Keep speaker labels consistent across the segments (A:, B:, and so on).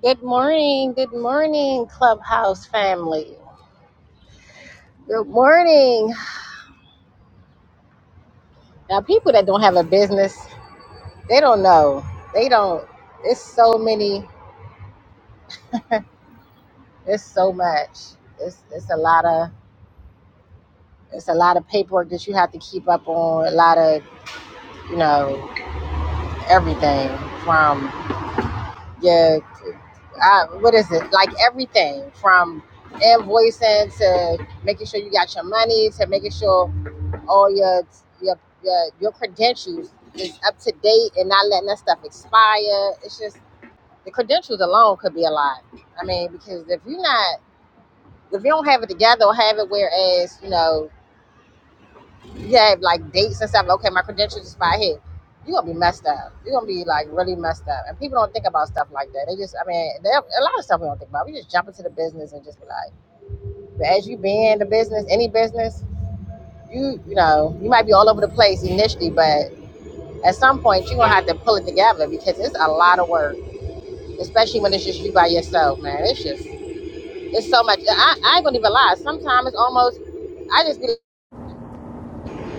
A: Good morning, good morning, Clubhouse family. Good morning. Now, people that don't have a business, they don't know. They don't. It's so many. It's so much. It's it's a lot of it's a lot of paperwork that you have to keep up on. A lot of you know everything from your uh, what is it like everything from invoicing to making sure you got your money to making sure all your your your, your credentials is up to date and not letting that stuff expire. It's just the credentials alone could be a lot. I mean, because if you're not if you don't have it together or have it whereas, you know, you have like dates and stuff, like, okay, my credentials expire here. You're gonna be messed up. You're gonna be like really messed up. And people don't think about stuff like that. They just I mean, they, a lot of stuff we don't think about. We just jump into the business and just be like but as you be in the business, any business, you you know, you might be all over the place initially, but At some point, you're gonna have to pull it together because it's a lot of work, especially when it's just you by yourself, man. It's just it's so much. I, I ain't gonna even lie. Sometimes it's almost I just be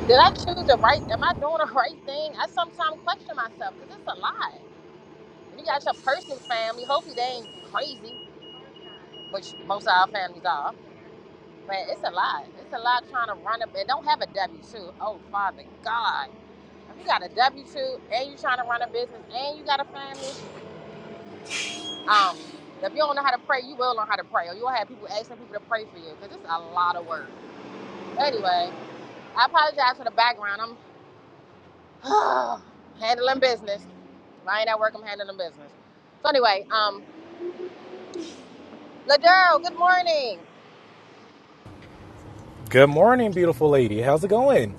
A: did I choose the right? Am I doing the right thing? I sometimes question myself because it's a lot. you got your personal family, hopefully they ain't crazy, which most of our families are. But it's a lot. It's a lot trying to run up and don't have a W two. Oh, Father God. If you got a W two and you trying to run a business and you got a family, Um, if you don't know how to pray, you will learn how to pray, or you'll have people asking people to pray for you because it's a lot of work. Anyway, I apologize for the background. I'm handling business. If I ain't at work, I'm handling business. So anyway, um, Ladero, good morning.
B: Good morning, beautiful lady. How's it going?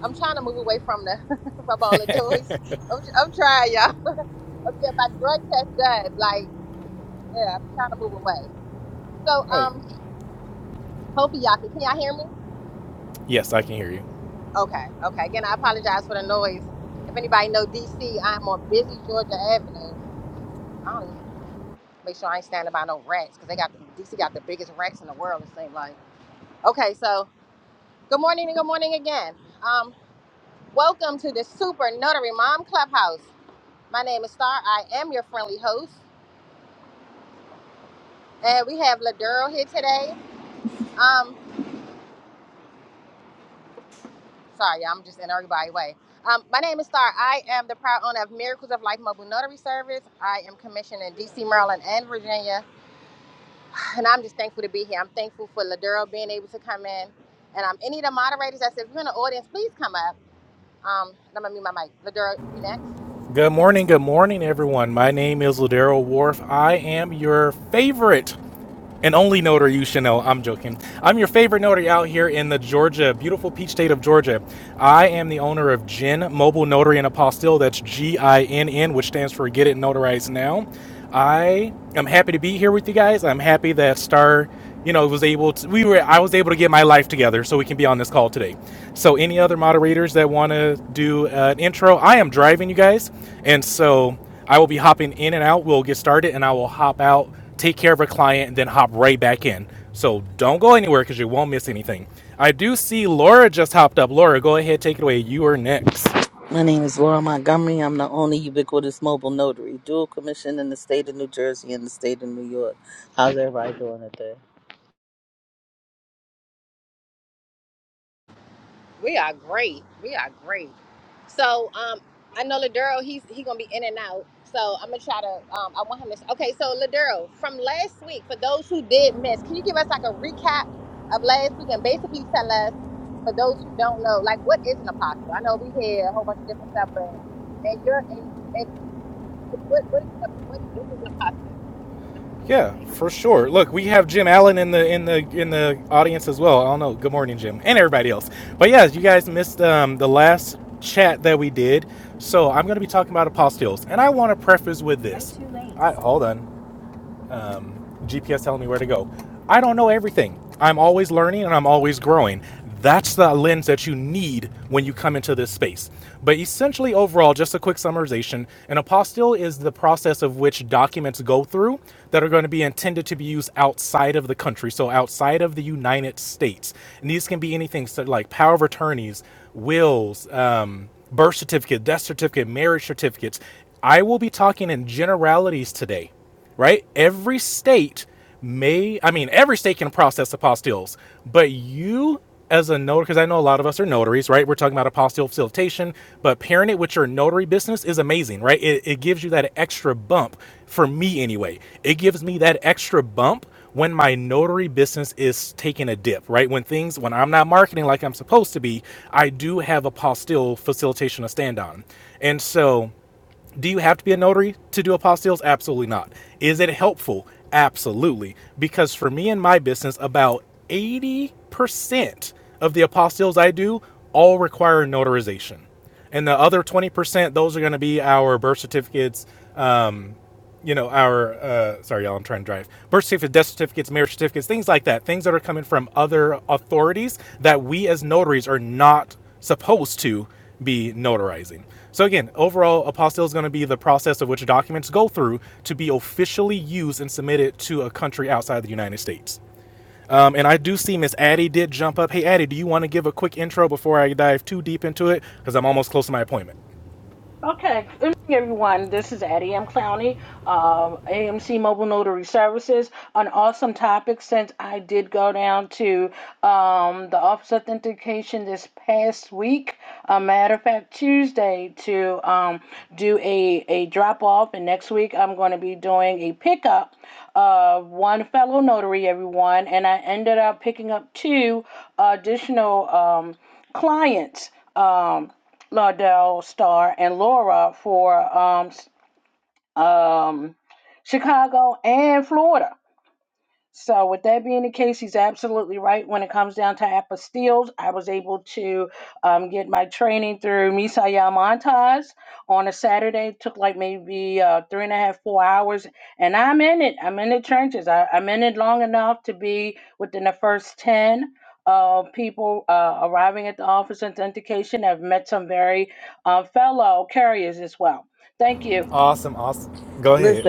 A: I'm trying to move away from the from all the noise. I'm, I'm trying, y'all. I'm getting my drug test done. Like, yeah, I'm trying to move away. So,
B: Hi.
A: um, hopefully y'all can. Can y'all hear me?
B: Yes, I can hear you.
A: Okay, okay. Again, I apologize for the noise. If anybody know DC, I'm on busy Georgia Avenue. I don't make sure I ain't standing by no rats because they got the, DC got the biggest rats in the world. It seems like. Okay, so good morning and good morning again. Um, welcome to the Super Notary Mom Clubhouse. My name is Star. I am your friendly host, and we have Ladurl here today. Um, sorry, y'all, I'm just in everybody's way. Um, my name is Star. I am the proud owner of Miracles of Life Mobile Notary Service. I am commissioned in DC, Maryland, and Virginia and I'm just thankful to be here. I'm thankful for Ladero being able to come in. And um, any of the moderators I said, if you're in the audience, please come up. Um, and I'm going to mute my mic. Ladero, you next.
B: Good morning, good morning, everyone. My name is Ladero Wharf. I am your favorite and only notary you should know. I'm joking. I'm your favorite notary out here in the Georgia, beautiful peach state of Georgia. I am the owner of Gin Mobile Notary and Apostille. That's G I N N, which stands for Get It Notarized Now. I am happy to be here with you guys. I'm happy that Star, you know, was able to. We were. I was able to get my life together so we can be on this call today. So, any other moderators that want to do uh, an intro? I am driving, you guys, and so I will be hopping in and out. We'll get started, and I will hop out, take care of a client, and then hop right back in. So don't go anywhere because you won't miss anything. I do see Laura just hopped up. Laura, go ahead, take it away. You are next.
A: We are great. We are great. So um, I know Ladero. He's he gonna be in and out. So I'm gonna try to. Um, I want him to. Okay, so Ladero, from last week, for those who did miss, can you give us like a recap of last week and basically tell us, for those who don't know, like what is an apostle? I know we hear a whole bunch of different stuff, but and you're and and what what is an ap- what is, what is an apostle? And I'm gonna just
B: Yeah,
A: mute my mic.
B: for sure. Look, we have Jim Allen in the in the in the audience as well. I don't know. Good morning, Jim, and everybody else. But yeah, you guys missed um, the last chat that we did, so I'm going to be talking about apostiles, and I want to preface with this. I hold on. GPS telling me where to go. I don't know everything. I'm always learning and I'm always growing. That's the lens that you need when you come into this space. But essentially, overall, just a quick summarization an apostille is the process of which documents go through that are going to be intended to be used outside of the country, so outside of the United States. And these can be anything so like power of attorneys, wills, um, birth certificate, death certificate, marriage certificates. I will be talking in generalities today right? Every state may, I mean, every state can process apostilles, but you as a notary, because I know a lot of us are notaries, right? We're talking about apostille facilitation, but pairing it with your notary business is amazing, right? It, it gives you that extra bump for me anyway. It gives me that extra bump when my notary business is taking a dip, right? When things, when I'm not marketing like I'm supposed to be, I do have apostille facilitation to stand on. And so, do you have to be a notary to do apostilles? Absolutely not. Is it helpful? Absolutely. Because for me and my business, about 80% of the apostilles I do all require notarization. And the other 20%, those are going to be our birth certificates, um, you know, our uh, sorry, y'all, I'm trying to drive birth certificates, death certificates, marriage certificates, things like that, things that are coming from other authorities that we as notaries are not supposed to be notarizing. So again, overall, apostille is going to be the process of which documents go through to be officially used and submitted to a country outside the United States. Um, and I do see Miss Addie did jump up. Hey, Addie, do you want to give a quick intro before I dive too deep into it? Because I'm almost close to my appointment.
C: Okay, good evening, everyone. This is Addie M. Clowney, um, AMC Mobile Notary Services. An awesome topic since I did go down to um, the Office of Authentication this past week. A matter of fact, Tuesday to um, do a, a drop off, and next week I'm going to be doing a pickup of one fellow notary, everyone. And I ended up picking up two additional um, clients. Um, Lardell Starr and Laura for um, um, Chicago and Florida. So, with that being the case, he's absolutely right. When it comes down to apostilles, I was able to um, get my training through Misaya Montaz on a Saturday. It took like maybe uh, three and a half, four hours. And I'm in it. I'm in the trenches. I, I'm in it long enough to be within the first 10 of people uh, arriving at the office of authentication. I've met some very uh, fellow carriers as well. Thank you.
B: Awesome, awesome. Go ahead.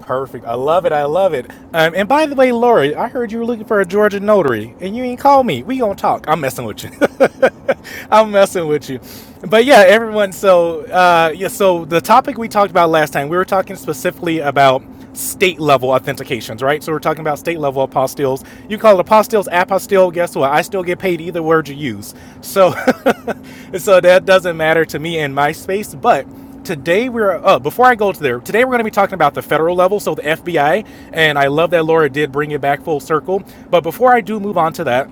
B: Perfect. I love it. I love it. Um, and by the way, Lori, I heard you were looking for a Georgia notary, and you ain't called me. We gonna talk. I'm messing with you. I'm messing with you. But yeah, everyone. So uh, yeah, so the topic we talked about last time, we were talking specifically about state level authentications, right? So we're talking about state level apostilles. You call it apostilles, apostille. Guess what? I still get paid either word you use. So so that doesn't matter to me in my space. But today we're uh, before I go to there. Today we're going to be talking about the federal level, so the FBI. And I love that Laura did bring it back full circle. But before I do move on to that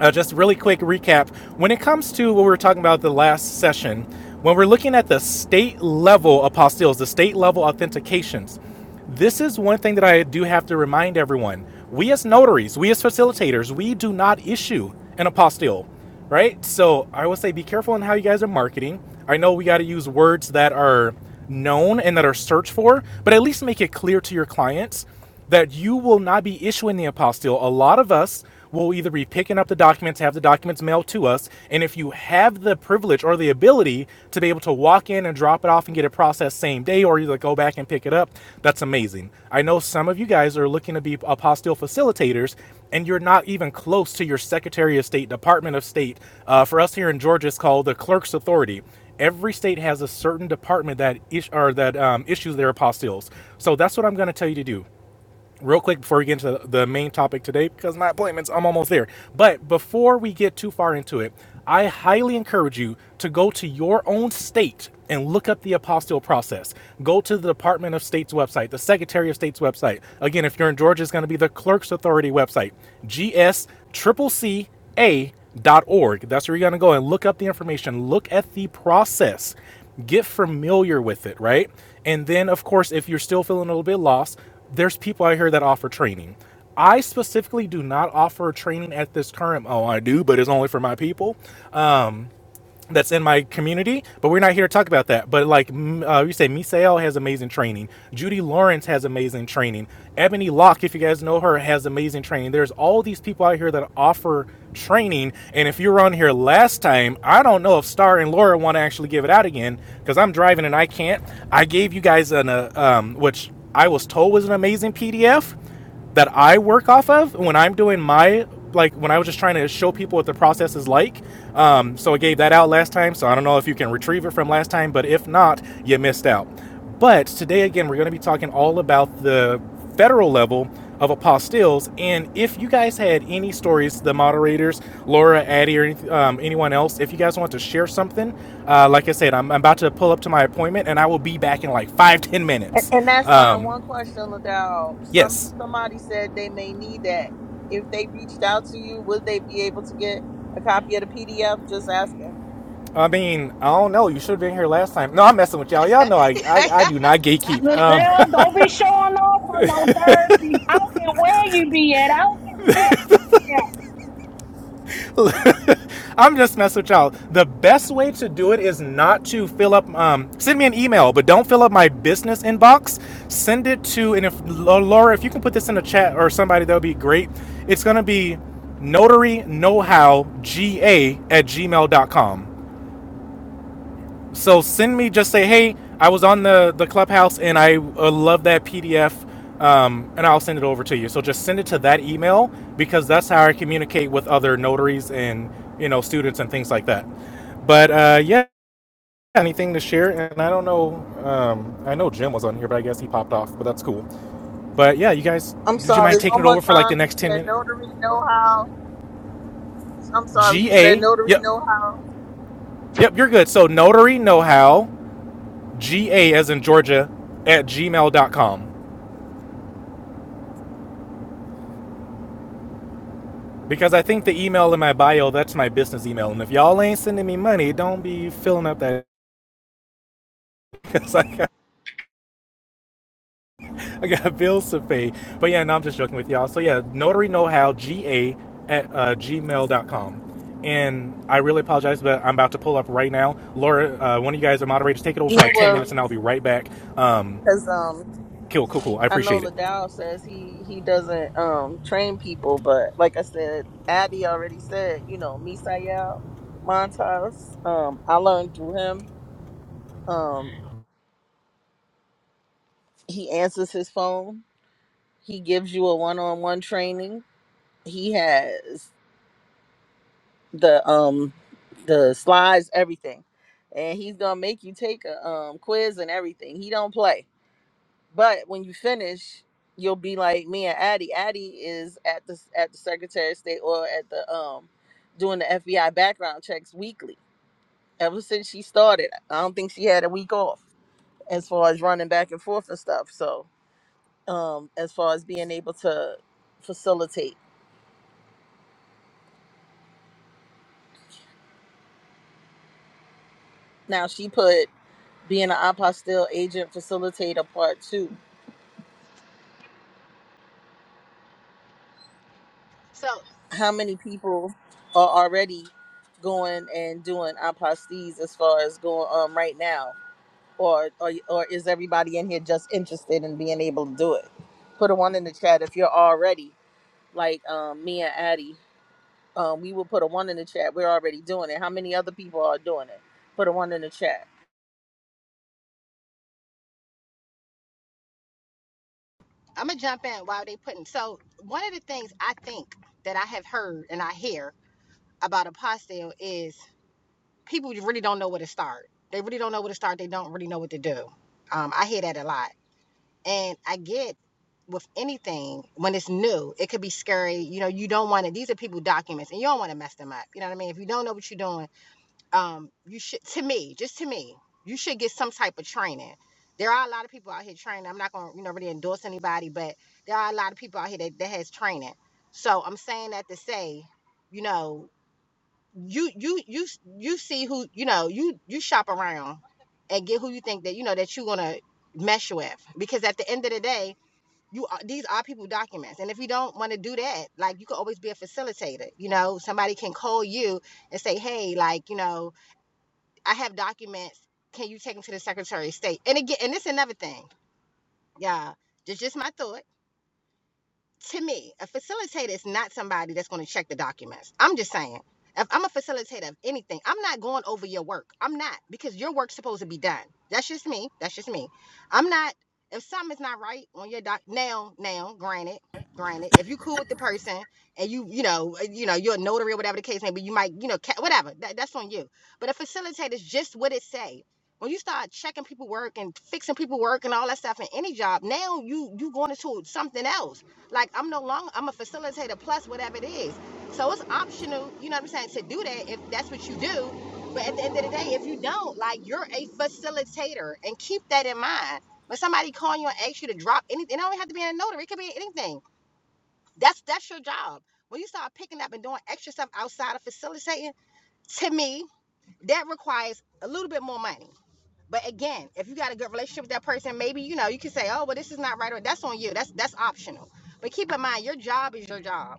B: uh, just really quick recap. When it comes to what we were talking about the last session, when we're looking at the state level apostilles, the state level authentications, this is one thing that I do have to remind everyone. We as notaries, we as facilitators, we do not issue an apostille, right? So I would say be careful in how you guys are marketing. I know we got to use words that are known and that are searched for, but at least make it clear to your clients that you will not be issuing the apostille. A lot of us will either be picking up the documents, have the documents mailed to us, and if you have the privilege or the ability to be able to walk in and drop it off and get it processed same day or either go back and pick it up, that's amazing. I know some of you guys are looking to be apostille facilitators and you're not even close to your Secretary of State, Department of State. Uh, for us here in Georgia, it's called the Clerk's Authority every state has a certain department that is, or that um, issues their apostilles. So that's what I'm going to tell you to do real quick before we get into the, the main topic today because my appointments i'm almost there but before we get too far into it i highly encourage you to go to your own state and look up the apostille process go to the department of state's website the secretary of state's website again if you're in georgia it's going to be the clerk's authority website gs.cca.org. That's where you're going to go and look up the information. Look at the process get familiar with it, right? And then, of course, if you're still feeling a little bit lost, there's people out here that offer training. I specifically do not offer training at this current. Oh, I do, but it's only for my people Um, that's in my community, but we're not here to talk about that. But like uh, you say, Misael has amazing training. Judy Lawrence has amazing training. Ebony Locke, if you guys know her, has amazing training. There's all these people out here that offer training. And if you were on here last time, I don't know if Star and Laura want to actually give it out again because I'm driving and I can't. I gave you guys an uh, um, which I was told was an amazing PDF that I work off of when I'm doing my like when I was just trying to show people what the process is like. Um, so I gave that out last time. So I don't know if you can retrieve it from last time, but if not, you missed out. But today again, we're going to be talking all about the federal level of apostilles. And if you guys had any stories, the moderators, Laura, Addie, or anyth- um, anyone else, if you guys want to share something, uh, like I said, I'm, I'm about to pull up to my appointment, and I will be back in like five ten minutes. Um, yes. I mean, I don't know. You should have been here last time. No, I'm messing with y'all. Y'all know I I, I do not gatekeep. Um,
C: Lizelle, don't be showing off on no Thursday. I don't care where you be. Yeah.
B: I'm just messing with y'all. The best way to do it is not to fill up. Um, send me an email, but don't fill up my business inbox. Send it to and if Laura, if you can put this in the chat or somebody, that would be great. It's gonna be notary know how ga at Gmail dot com. So send me just say, hey, I was on the the clubhouse and I uh, love that PDF, um, and I'll send it over to you. So just send it to that email because that's how I communicate with other notaries and you know students and things like that. But uh, yeah, anything to share? And I don't know. Um, I know Jim was on here, but I guess he popped off. But that's cool. But yeah, you guys, would you mind taking it over for like the next ten minutes? G A. Yep. Yep. You're good. So notary know how. G A as in Georgia at gmail dot com. Because I think the email in my bio, that's my business email. And if y'all ain't sending me money, don't be filling up that because I got, I got bills to pay. But yeah, no, I'm just joking with y'all. So yeah, notary know how ga at uh, gmail dot com. And I really apologize, but I'm about to pull up right now. Laura, uh, one of you guys are moderators. Take it over for like 10 minutes and I'll be right back. Um, cool, cool, cool. I appreciate it.
A: So I'm gonna jump in while they putting. So one of the things I think that I have heard and I hear about apostle is people really don't know where to start. They really don't know where to start. They don't really know what to do. Um, I hear that a lot, and I get with anything when it's new, it could be scary. You know, you don't want to. These are people documents, and you don't want to mess them up. You know what I mean? If you don't know what you're doing, um, you should. To me, just to me, you should get some type of training. There are a lot of people out here training. I'm not gonna, you know, really endorse anybody, but there are a lot of people out here that, that has training. So I'm saying that to say, you know, you you you you see who you know you you shop around and get who you think that you know that you're gonna mesh with because at the end of the day you are, these are people documents and if you don't want to do that like you can always be a facilitator you know somebody can call you and say hey like you know i have documents can you take them to the secretary of state and again and it's another thing yeah just just my thought to me, a facilitator is not somebody that's going to check the documents. I'm just saying. If I'm a facilitator of anything, I'm not going over your work. I'm not because your work's supposed to be done. That's just me. That's just me. I'm not. If something's not right on your doc, now, now, granted, granted, if you cool with the person and you, you know, uh, you know, you're a notary or whatever the case may be, you might, you know, whatever. That, that's on you. But a facilitator's just what it say when you start checking people work and fixing people work and all that stuff in any job, now you you going into something else. Like I'm no longer I'm a facilitator plus whatever it is. So it's optional, you know what I'm saying, to do that if that's what you do. But at the end of the day, if you don't, like you're a facilitator and keep that in mind. When somebody call you and ask you to drop anything, it don't have to be in a notary, it could be anything. That's that's your job. When you start picking up and doing extra stuff outside of facilitating, to me, that requires a little bit more money. But again, if you got a good relationship with that person, maybe you know you can say, "Oh, well, this is not right," or "That's on you." That's that's optional. But keep in mind, your job is your job.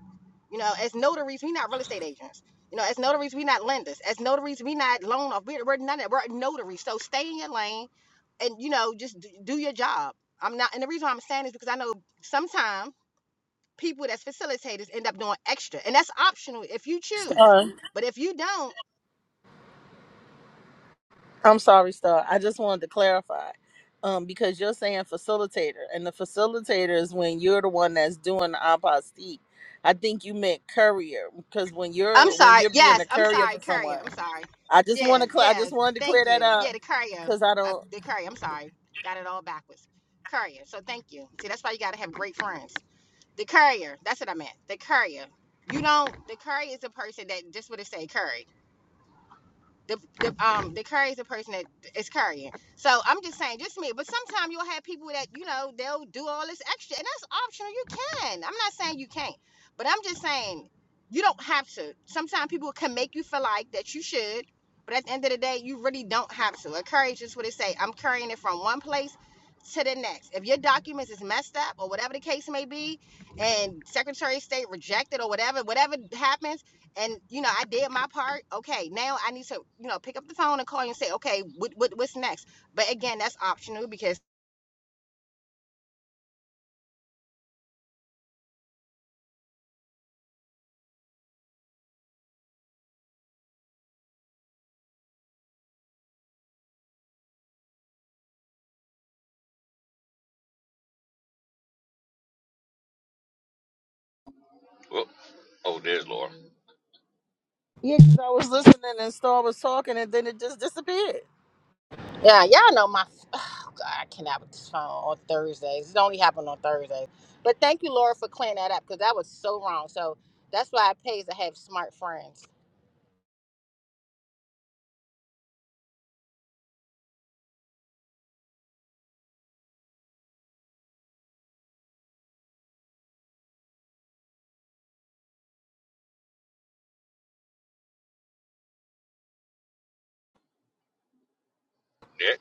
A: You know, as notaries, we're not real estate agents. You know, as notaries, we're not lenders. As notaries, we're not loan off. We're, we're none of that. we're notaries. So stay in your lane, and you know, just do your job. I'm not, and the reason why I'm saying this is because I know sometimes people that's facilitators end up doing extra, and that's optional if you choose. But if you don't, I'm sorry. Yes, I'm sorry, courier. I'm sorry. Yeah, yeah. Thank you. Yeah, the courier. Uh, uh, the courier. I'm sorry. Got it all backwards. Courier. So thank you. See, that's why you gotta have great friends. The courier. That's what I meant. The courier. You don't. The courier is a person that just would have said courier the the um the carries the person that is carrying. So I'm just saying, just me. But sometimes you'll have people that you know they'll do all this extra, and that's optional. You can. I'm not saying you can't, but I'm just saying you don't have to. Sometimes people can make you feel like that you should, but at the end of the day, you really don't have to. A carry is just what they say. I'm carrying it from one place to the next. If your documents is messed up or whatever the case may be, and Secretary of State rejected or whatever, whatever happens and you know i did my part okay now i need to you know pick up the phone and call you and say okay what, what what's next but again that's optional because
D: Oh, oh, there's Laura.
A: Yeah, y'all know my. Oh God, I cannot with this phone on Thursdays. It only happened on Thursdays. But thank you, Laura, for clearing that up because that was so wrong. So that's why it pays to have smart friends.
D: There,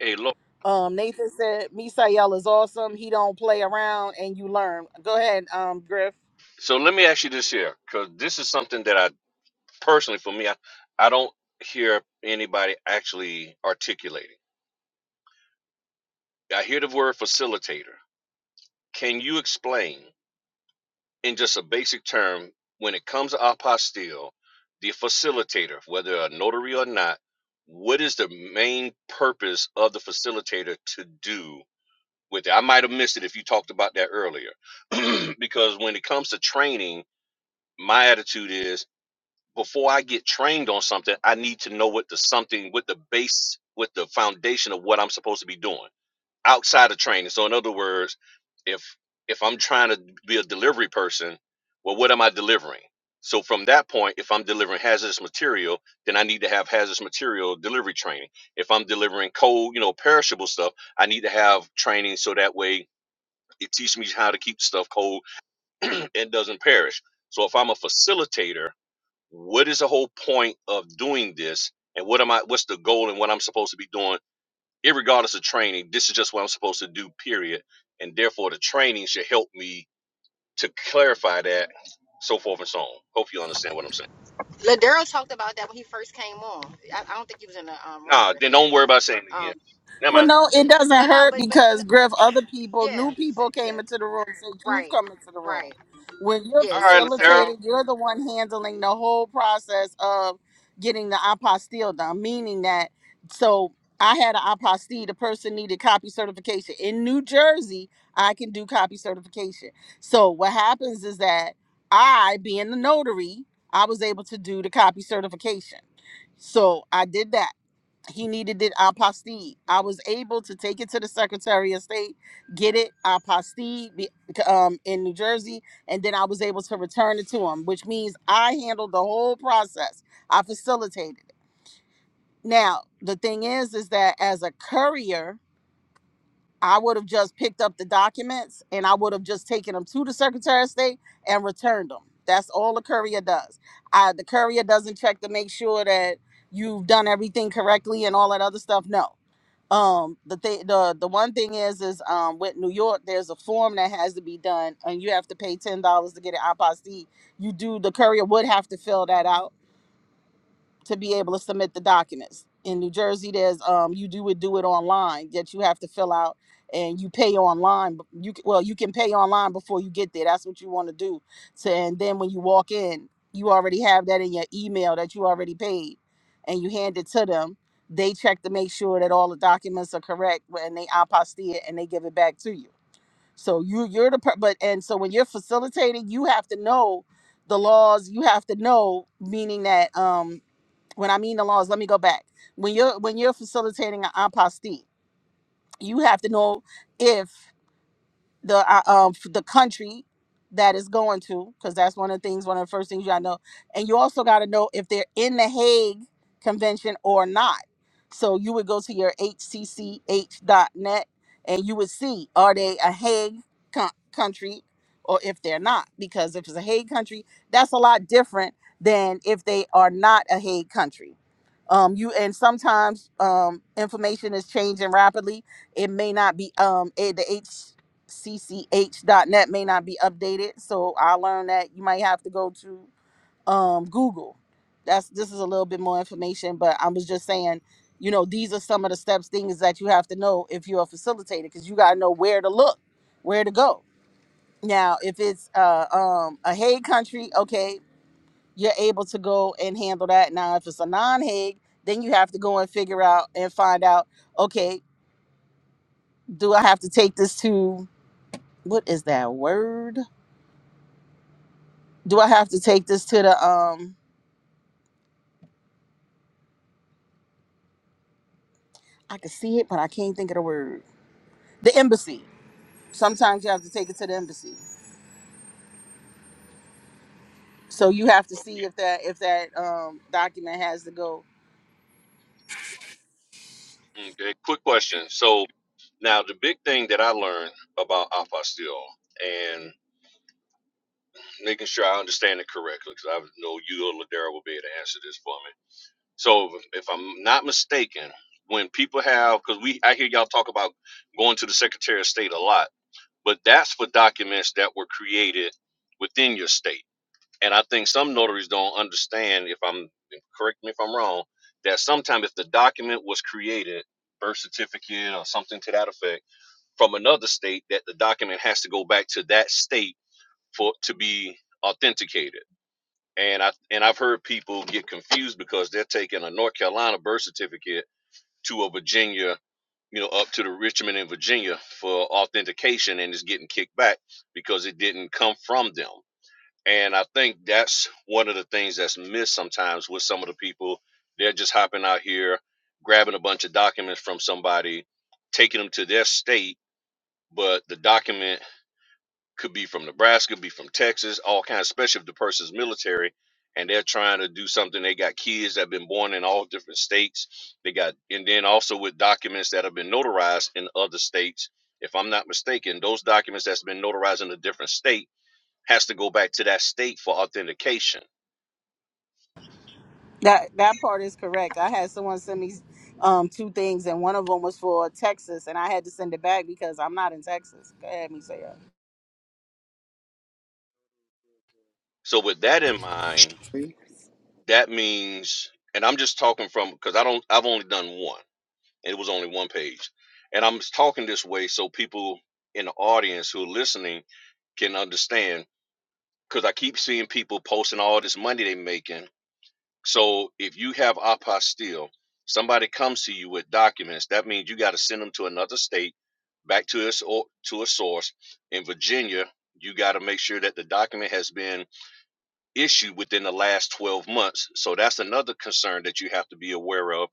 D: hey, Laura. So let me ask you this here, because this is something that I personally, for me, I, I don't hear anybody actually articulating. I hear the word facilitator. Can you explain in just a basic term when it comes to apostille, the facilitator, whether a notary or not, what is the main purpose of the facilitator to do with it? I might have missed it if you talked about that earlier, because when it comes to training my attitude is before I get trained on something, I need to know what the something, what the base, what the foundation of what I'm supposed to be doing outside of training. So in other words, if if I'm trying to be a delivery person, well, what am I delivering? So from that point, if I'm delivering hazardous material, then I need to have hazardous material delivery training. If I'm delivering cold, you know, perishable stuff, I need to have training so that way it teaches me how to keep stuff cold and doesn't perish. So if I'm a facilitator what is the whole point of doing this and what am i what's the goal and what i'm supposed to be doing irregardless of training this is just what i'm supposed to do period and therefore the training should help me to clarify that so forth and so on hope you understand what i'm saying
A: ladero talked about that when he first came on i, I don't think he was in the um, room
D: nah
A: griff
D: then
A: yet
D: don't worry about saying it
A: um
D: again never mind
A: but no but but yeah yeah right right yeah
D: all
A: yeah
D: right
A: so
D: daryl okay quick question so now the big thing that i learned about apostille and making sure i understand it correctly because i know you or ladera will be able to answer this for me So if, if I'm not mistaken, when people have because we I hear y'all talk about going to the Secretary of State a lot, but that's for documents that were created within your state. And I think some notaries don't understand if I'm correct me if I'm wrong, that sometimes if the document was created, birth certificate or something to that effect, from another state, that the document has to go back to that state for to be authenticated and I and I've heard people get confused because they're taking a North Carolina birth certificate to a Virginia, you know, up to the Richmond in Virginia for authentication and it's getting kicked back because it didn't come from them. And I think that's one of the things that's missed sometimes with some of the people. They're just hopping out here, grabbing a bunch of documents from somebody, taking them to their state, but the document could be from Nebraska, be from Texas, all kinds, especially if the person's military and they're trying to do something. They got kids that have been born in all different states. They got, and then also with documents that have been notarized in other states. If I'm not mistaken, those documents that's been notarized in a different state has to go back to that state for authentication. So with that in mind,
E: Reese?
D: that means, and I'm just talking from because I don't, I've only done one. It was only one page. And I'm talking this way so people in the audience who are listening can understand because I keep seeing people posting all this money they're making. So if you have apostille, somebody comes to you with documents, that means you got to send them to another state, back to us or to a source. In Virginia, you got to make sure that the document has been issue within the last 12 months. So that's another concern that you have to be aware of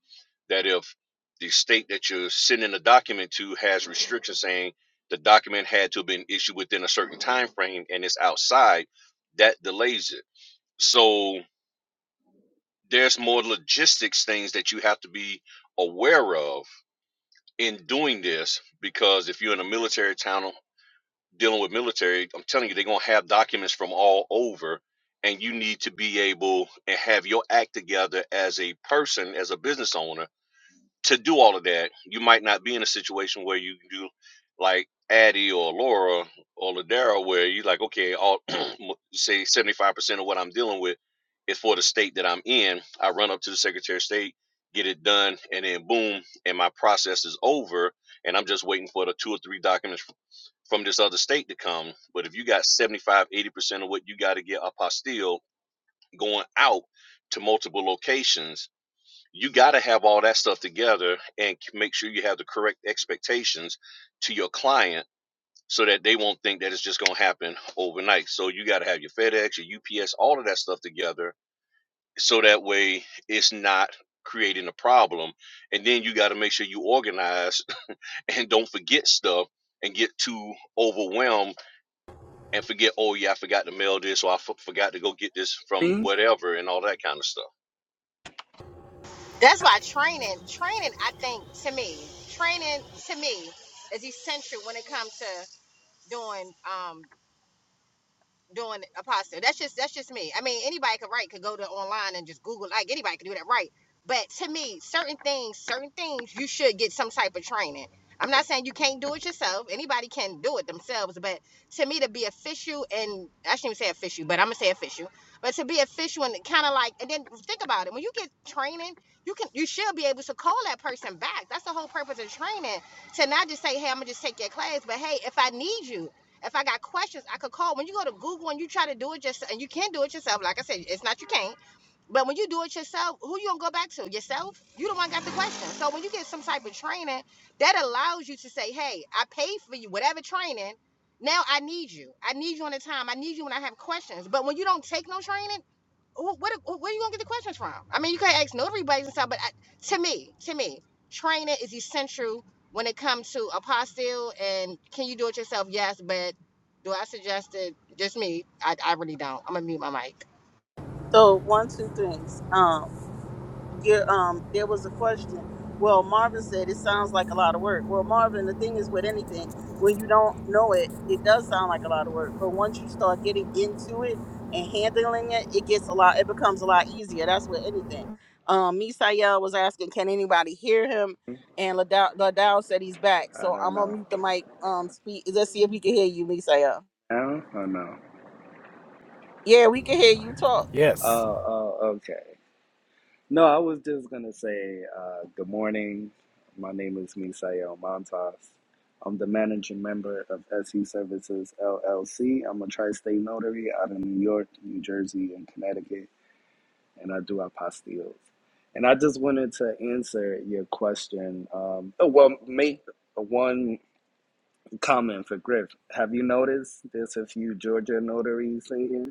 D: that if the state that you're sending a document to has restrictions saying the document had to have been issued within a certain time frame and it's outside, that delays it. So there's more logistics things that you have to be aware of in doing this because if you're in a military town dealing with military, I'm telling you, they're gonna have documents from all over, and you need to be able and have your act together as a person, as a business owner, to do all of that. You might not be in a situation where you do like Addie or Laura or Ladera, where you like, okay, all say 75% of what I'm dealing with is for the state that I'm in. I run up to the Secretary of State, get it done, and then boom, and my process is over, and I'm just waiting for the two or three documents from this other state to come. But if you got seventy-five, eighty percent of what you got to get apostille going out to multiple locations, you got to have all that stuff together and make sure you have the correct expectations to your client so that they won't think that it's just going to happen overnight. So you got to have your FedEx, your UPS, all of that stuff together so that way it's not creating a problem. And then you got to make sure you organize and don't forget stuff and get too overwhelmed and forget, oh yeah, I forgot to mail this or I f- forgot to go get this from
E: Me?
D: whatever and all that kind of stuff.
A: That's why training, training, I think to me, training to me is essential when it comes to doing um doing apostle. That's just that's just me. I mean, anybody could write, could go to online and just Google. Like anybody could do that, right? But to me, certain things, certain things, you should get some type of training. I'm not saying you can't do it yourself. Anybody can do it themselves, but to me, to be official and I shouldn't even say official, but I'm gonna say official. But to be official and kind of like, and then think about it. When you get training, you can you should be able to call that person back. That's the whole purpose of training. To not just say, hey, I'm gonna just take your class, but hey, if I need you, if I got questions, I could call. When you go to Google and you try to do it yourself, and you can do it yourself, like I said, it's not you can't. But when you do it yourself, who you gonna go back to? Yourself? You the one got the question. So when you get some type of training, that allows you to say, hey, I paid for you, whatever training. Now I need you. I need you on the time. I need you when I have questions. But when you don't take no training, who, what, where are you gonna get the questions from? I mean, you can't ask notary buddies and stuff, but I, to me, to me, training is essential when it comes to apostille and can you do it yourself? Yes, but do I suggest it? Just me, I, I really don't. I'm gonna mute my mic.
E: I don't know. Count or no?
B: Yes.
E: Oh, oh, okay. No, I was just gonna say uh, good morning. My name is Misael Montas. I'm the managing member of SE Services LLC. I'm a tri-state notary out of New York, New Jersey, and Connecticut, and I do apostilles. And I just wanted to answer your question. Um, oh, well, make one comment for Griff. Have you noticed there's a few Georgia notaries in here?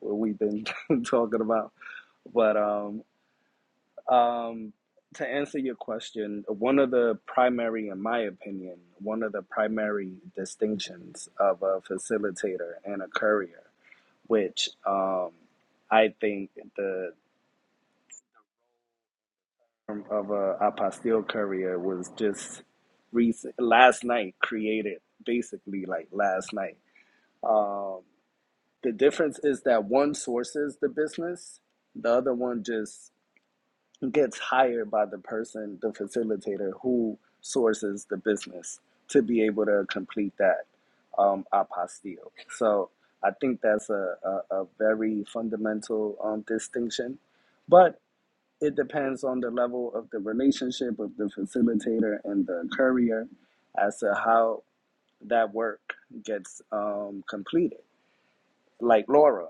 E: what we've been talking about. But um, um, to answer your question, one of the primary, in my opinion, one of the primary distinctions of a facilitator and a courier, which um, I think the term of a apostille courier was just recent, last night created, basically like last night. Um, the difference is that one sources the business, the other one just gets hired by the person, the facilitator who sources the business to be able to complete that um, apostille. So I think that's a, a, a very fundamental um, distinction. But it depends on the level of the relationship of the facilitator and the courier as to how that work gets um, completed. Like Laura,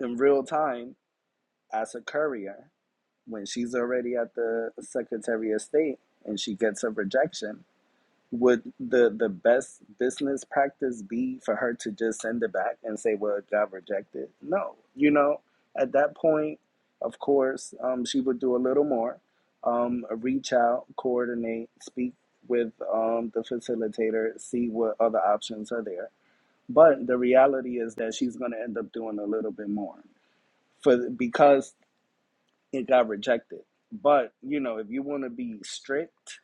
E: in real time, as a courier. when she's already at the Secretary of State and she gets a rejection, would the the best business practice be for her to just send it back and say, "Well, it got rejected"? No, you know, at that point, of course, um, she would do a little more, um, reach out, coordinate, speak with um, the facilitator, see what other options are there. But the reality is that she's going to end up doing a little bit more for because it got rejected. But you know, if you want to be strict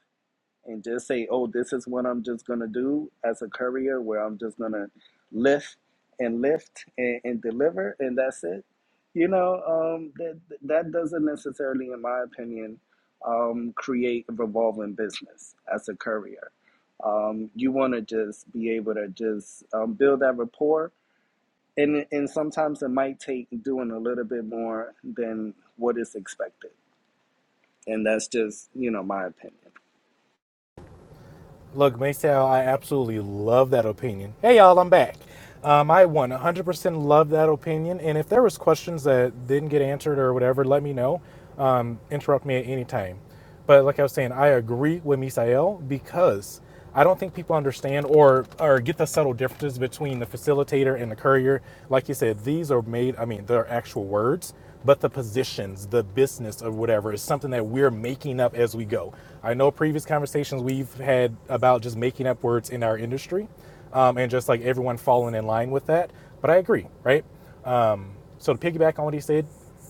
E: and just say, "Oh, this is what I'm just gonna do as a courier, where I'm just gonna lift and lift and, and deliver, and that's it," you know, um, that that doesn't necessarily, in my opinion, um, create a revolving business as a courier. Um, you want to just be able to just um, build that rapport, and and sometimes it might take doing a little bit more than what is expected and that's just you know my opinion.
B: Look, Maysal, I absolutely love that opinion. Hey, y'all, I'm back. Um, I 100% love that opinion, and if there was questions that didn't get answered or whatever, let me know. Um, interrupt me at any time. But like I was saying, I agree with Misael because I don't think people understand or or get the subtle differences between the facilitator and the courier. Like you said, these are made. I mean, they're actual words, but the positions, the business of whatever is something that we're making up as we go. I know previous conversations we've had about just making up words in our industry, um, and just like everyone falling in line with that. But I agree, right? Um, so to piggyback on what he said,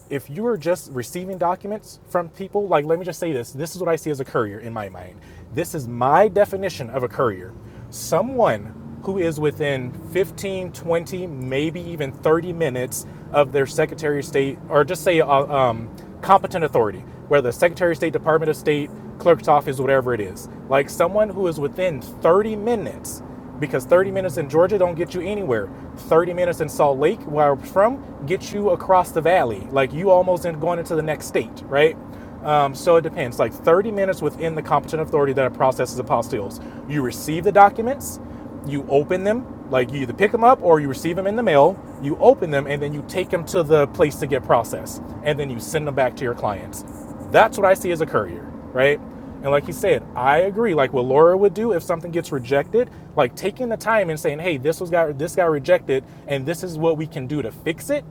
B: if you are just receiving documents from people, like let me just say this this is what I see as a courier in my mind. This is my definition of a courier someone who is within 15, 20, maybe even 30 minutes of their Secretary of State, or just say uh, um, competent authority, whether Secretary of State, Department of State, clerk's office, whatever it is. Like someone who is within 30 minutes because 30 minutes in Georgia don't get you anywhere. 30 minutes in Salt Lake, where I'm from, gets you across the valley. Like you almost in going into the next state, right? Um, so it depends. Like 30 minutes within the competent authority that processes apostilles. You receive the documents you open them, like you either pick them up or you receive them in the mail, you open them, and then you take them to the place to get processed, and then you send them back to your clients. That's what I see as a courier, right? And like you said, I agree. Like what Laura would do if something gets rejected, like taking the time and saying, "Hey, this was got this got rejected, and this is what we can do to fix it."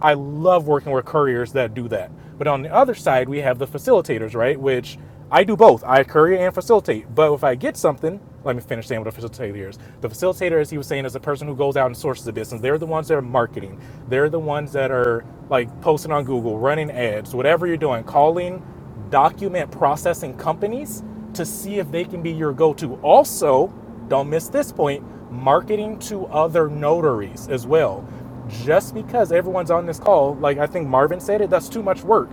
B: I love working with couriers that do that. But on the other side, we have the facilitators, right? Which I do both. I courier and facilitate. But if I get something, let me finish saying what a facilitator is. The facilitator, as he was saying, is the person who goes out and sources the business. They're the ones that are marketing. They're the ones that are like posting on Google, running ads, whatever you're doing, calling document processing companies to see if they can be your go to. Also, don't miss this point marketing to other notaries as well. Just because everyone's on this call, like I think Marvin said it, that's too much work.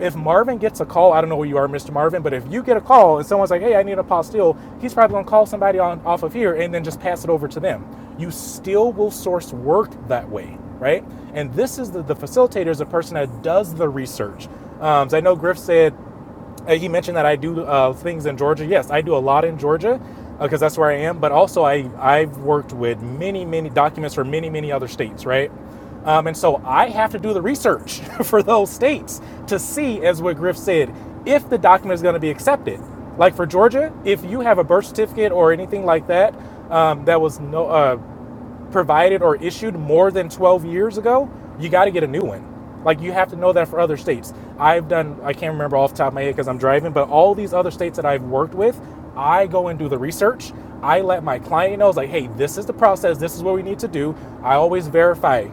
B: If Marvin gets a call, I don't know where you are, Mr. Marvin, but if you get a call and someone's like, hey, I need a postille, he's probably gonna call somebody on off of here and then just pass it over to them. You still will source work that way, right? And this is the, the facilitator is a person that does the research um, so I know Griff said uh, he mentioned that I do uh, things in Georgia. Yes, I do a lot in Georgia because uh, that's where I am. But also, I I've worked with many many documents for many many other states, right? Um, and so I have to do the research for those states to see, as what Griff said, if the document is going to be accepted. Like for Georgia, if you have a birth certificate or anything like that um, that was no uh, provided or issued more than 12 years ago, you got to get a new one. Like you have to know that for other states. I've done, I can't remember off the top of my head because I'm driving, but all these other states that I've worked with, I go and do the research. I let my client know, it's like, hey, this is the process. This is what we need to do. I always verify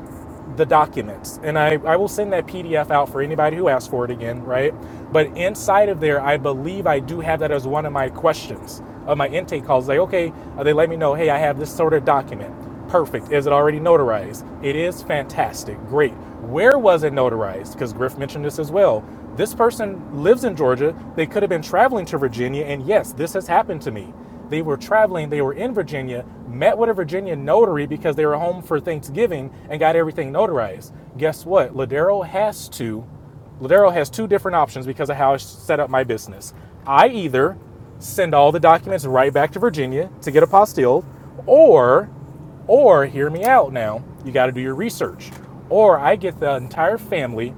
B: the documents and I, I will send that pdf out for anybody who asks for it again right but inside of there i believe i do have that as one of my questions of my intake calls like okay uh, they let me know hey i have this sort of document perfect is it already notarized it is fantastic great where was it notarized because griff mentioned this as well this person lives in georgia they could have been traveling to virginia and yes this has happened to me they were traveling, they were in Virginia, met with a Virginia notary because they were home for Thanksgiving and got everything notarized. Guess what? Ladero has to, Ladero has two different options because of how I set up my business. I either send all the documents right back to Virginia to get apostilled, or, or hear me out now, you got to do your research, or I get the entire family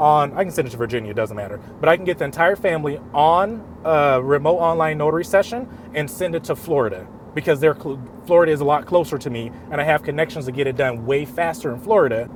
B: on, I can send it to Virginia, it doesn't matter, but I can get the entire family on a remote online notary session and send it to Florida because they're Florida is a lot closer to me and I have connections to get it done way faster in Florida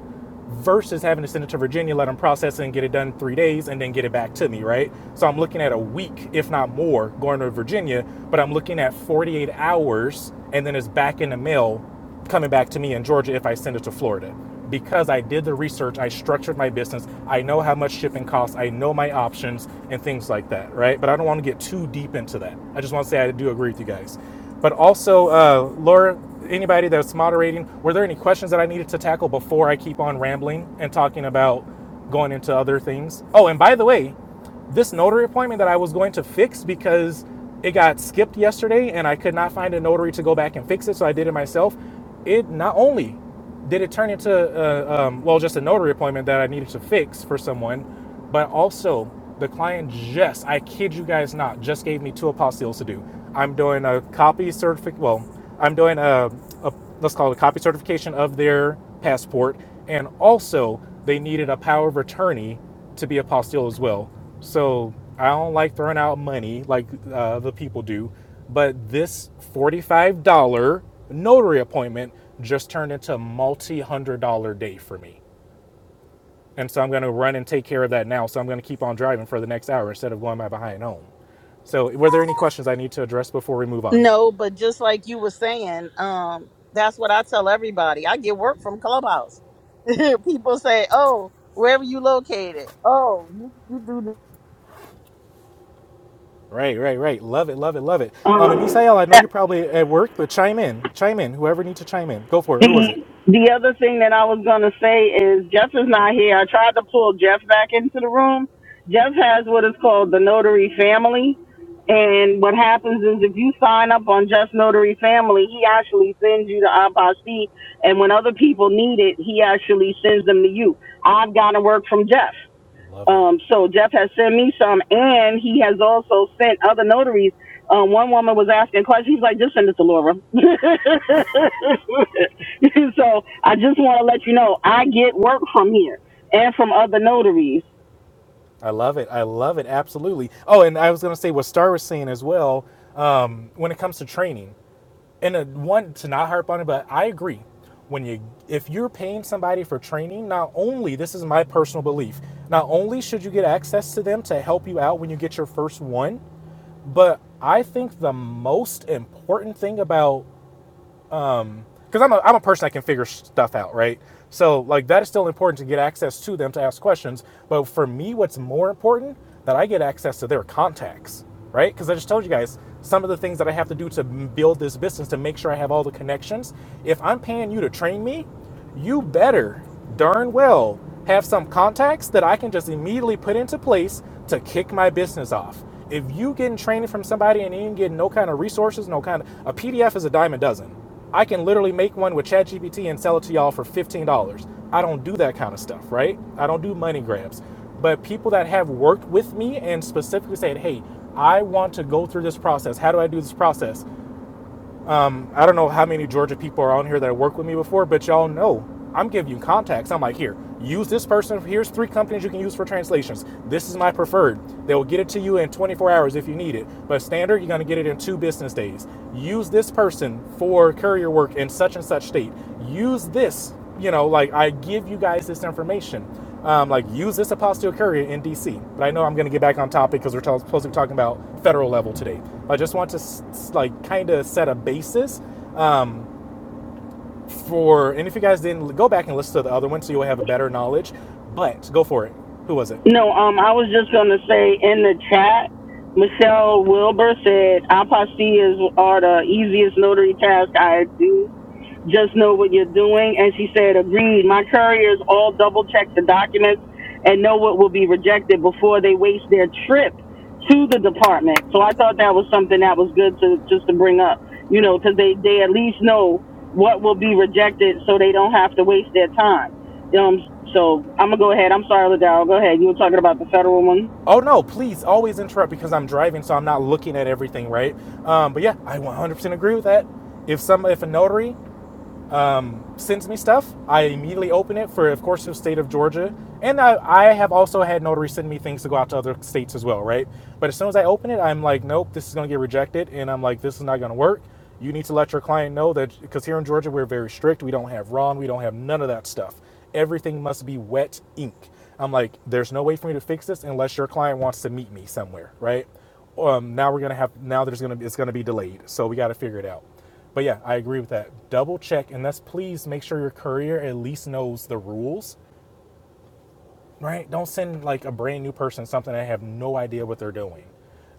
B: versus having to send it to Virginia, let them process it and get it done in three days and then get it back to me, right? So I'm looking at a week, if not more, going to Virginia, but I'm looking at 48 hours and then it's back in the mail coming back to me in Georgia if I send it to Florida. Because I did the research, I structured my business, I know how much shipping costs, I know my options and things like that, right? But I don't want to get too deep into that. I just want to say I do agree with you guys. But also, uh, Laura, anybody that's moderating, were there any questions that I needed to tackle before I keep on rambling and talking about going into other things? Oh, and by the way, this notary appointment that I was going to fix because it got skipped yesterday and I could not find a notary to go back and fix it, so I did it myself. It not only did it turn into uh, um, well just a notary appointment that I needed to fix for someone, but also the client just I kid you guys not just gave me two apostilles to do. I'm doing a copy certificate. Well, I'm doing a, a let's call it a copy certification of their passport, and also they needed a power of attorney to be apostille as well. So I don't like throwing out money like uh, the people do, but this forty-five dollar notary appointment just turned into a multi-hundred dollar day for me, and so I'm going to run and take care of that now. So I'm going to keep on driving for the next hour instead of going my behind home. So were there any questions I need to address before we move on? Right, right, right. Love it, love it, love it. Um, and Misael, I know you're probably at work, but chime in, chime in. Whoever needs to chime in, go for it. Who was it? Love it. I love it. I love it. Absolutely. Oh, and I was going to say what Star was saying as well um, when it comes to training. And uh, one, to not harp on it, but I agree. When you, if you're paying somebody for training, not only, this is my personal belief, not only should you get access to them to help you out when you get your first one, but I think the most important thing about because I'm a, I'm a person that can figure stuff out, right? So like that is still important to get access to them to ask questions. But for me, what's more important that I get access to their contacts, right? Because I just told you guys some of the things that I have to do to build this business to make sure I have all the connections. If I'm paying you to train me, you better darn well have some contacts that I can just immediately put into place to kick my business off. If you getting training from somebody and you ain't getting no kind of resources, no kind of a PDF is a dime a dozen I can literally make one with ChatGPT and sell it to y'all for $15. I don't do that kind of stuff, right? I don't do money grabs. But people that have worked with me and specifically said, hey, I want to go through this process. How do I do this process? I don't know how many Georgia people are on here that have worked with me before, but y'all know I'm giving you contacts. I'm like, here, use this person. Here's three companies you can use for translations. This is my preferred. They will get it to you in 24 hours if you need it. But standard, you're going to get it in two business days. Use this person for courier work in such and such state. Use this, you know, like I give you guys this information um, like use this apostille courier in DC. But I know I'm going to get back on topic because we're t- supposed to be talking about federal level today. I just want to s- like kind of set a basis um, for, and if you guys didn't go back and listen to the other one, so you'll have a better knowledge. But go for it. Who was it?
F: can Juries all double check the minutes and know what will be rejected before they their trip to
B: Oh no! Please always interrupt because I'm driving, so I'm not looking at everything, right? Um, but yeah, I 100% agree with that. If some, if a notary um, sends me stuff. I immediately open it for, of course, the state of Georgia. And I, I have also had notaries send me things to go out to other states as well, right? But as soon as I open it, I'm like, nope, this is going to get rejected. And I'm like, this is not going to work. You need to let your client know that, because here in Georgia, we're very strict. We don't have RON, we don't have none of that stuff. Everything must be wet ink. I'm like, there's no way for me to fix this unless your client wants to meet me somewhere, right? Um, now we're gonna have now there's gonna be it's gonna be delayed, so we got to figure it out. But yeah, I agree with that. Double check, and that's please make sure your courier at least knows the rules, right? Don't send like a brand new person something I have no idea what they're doing.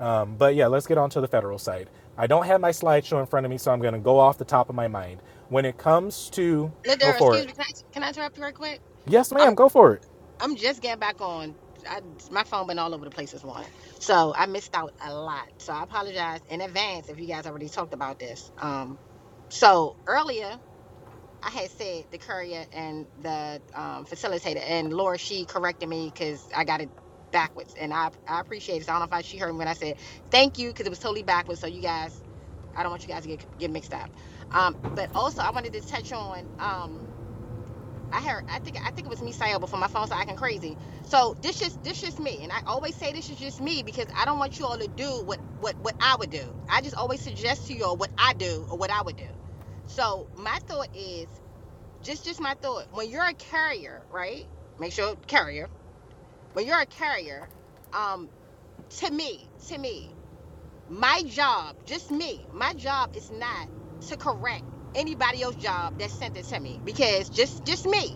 B: Um, but yeah, let's get on to the federal side. I don't have my slideshow in front of me, so I'm going to go off the top of my mind. When it comes to, go
A: Ladera,
B: for
A: excuse
B: it.
A: me, can I, can I interrupt you right quick?
B: Yes,
A: I'm
B: ma'am, go for it.
A: I'm just getting back on. I, my phone been all over the place this morning, so I missed out a lot. So I apologize in advance if you guys already talked about this. Um, so earlier I had said the courier and the um, facilitator, and Laura, she corrected me because I got it backwards, and I I appreciate it. So I don't know if I, she heard me when I said thank you because it was totally backwards. So you guys, I don't want you guys to get get mixed up. Um, but also I wanted to touch on um. I heard. I think. I think it was me, saying before my phone started acting crazy. So this just this just me, and I always say this is just me because I don't want you all to do what what what I would do. I just always suggest to you all what I do or what I would do. So my thought is just just my thought when you're a carrier right make sure carrier when you're a carrier um to me to me my job just me my job is not to correct anybody else's job that sent it to me because just just me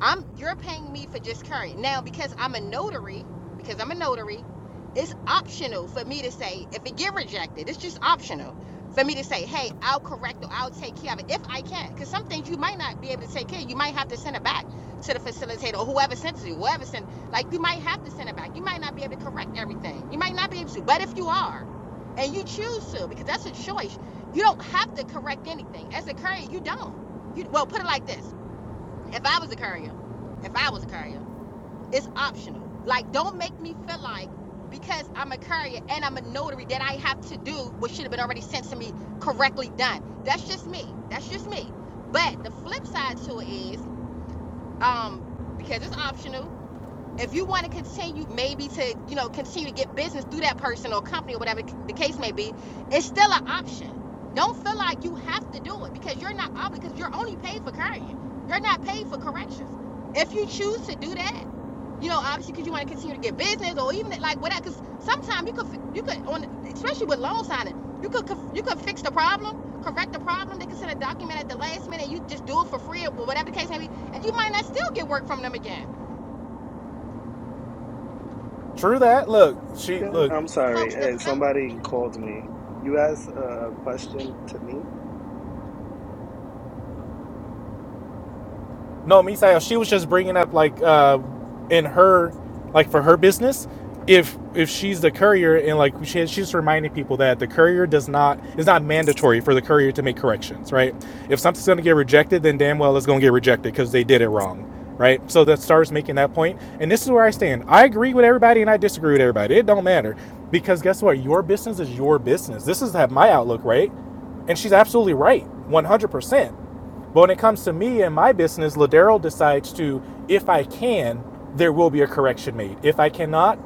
A: I'm you're paying me for just current. Now because I'm a notary, because I'm a notary, it's optional for me to say if it get rejected, it's just optional for me to say, "Hey, I'll correct or I'll take care of it if I can." Cuz some things you might not be able to take care. of. You might have to send it back to the facilitator or whoever sent it to you. Whoever sent like you might have to send it back. You might not be able to correct everything. You might not be able to. But if you are, and you choose to because that's a choice. You don't have to correct anything. As a courier. you don't. You well, put it like this if I was a courier, if I was a courier, it's optional. Like, don't make me feel like because I'm a courier and I'm a notary that I have to do what should have been already sent to me correctly done. That's just me. That's just me. But the flip side to it is, um, because it's optional, if you want to continue maybe to you know continue to get business through that person or company or whatever the case may be it's still an option don't feel like you have to do it because you're not obligated because you're only paid for carrying you're not paid for corrections if you choose to do that you know obviously because you want to continue to get business or even like whatever because sometimes you could you could on especially with loan signing you could you could fix the problem correct the problem they could send a document at the last minute you just do it for free or whatever the case may be and you might not still get work from them again
B: True that. Look, she
E: Yeah,
B: look.
E: I'm sorry.
A: folks to
E: Eh,
A: Philip
E: Somebody called me. You asked a question to me.
B: No, Misael, she was just bringing up like uh in her like for her business if if she's the courier and like she, she's reminding people that the courier does not is not mandatory for the courier to make corrections, right? If something's going to get rejected, then damn well it's going to get rejected because they did it wrong, right? So that starts making that point, point. and this is where I stand. I agree with everybody and I disagree with everybody. It don't matter because guess what? Your business is your business. This is my outlook, right? And she's absolutely right, one hundred percent but when it comes to me and my business, Ladero decides to, if I can, there will be a correction made. If I cannot,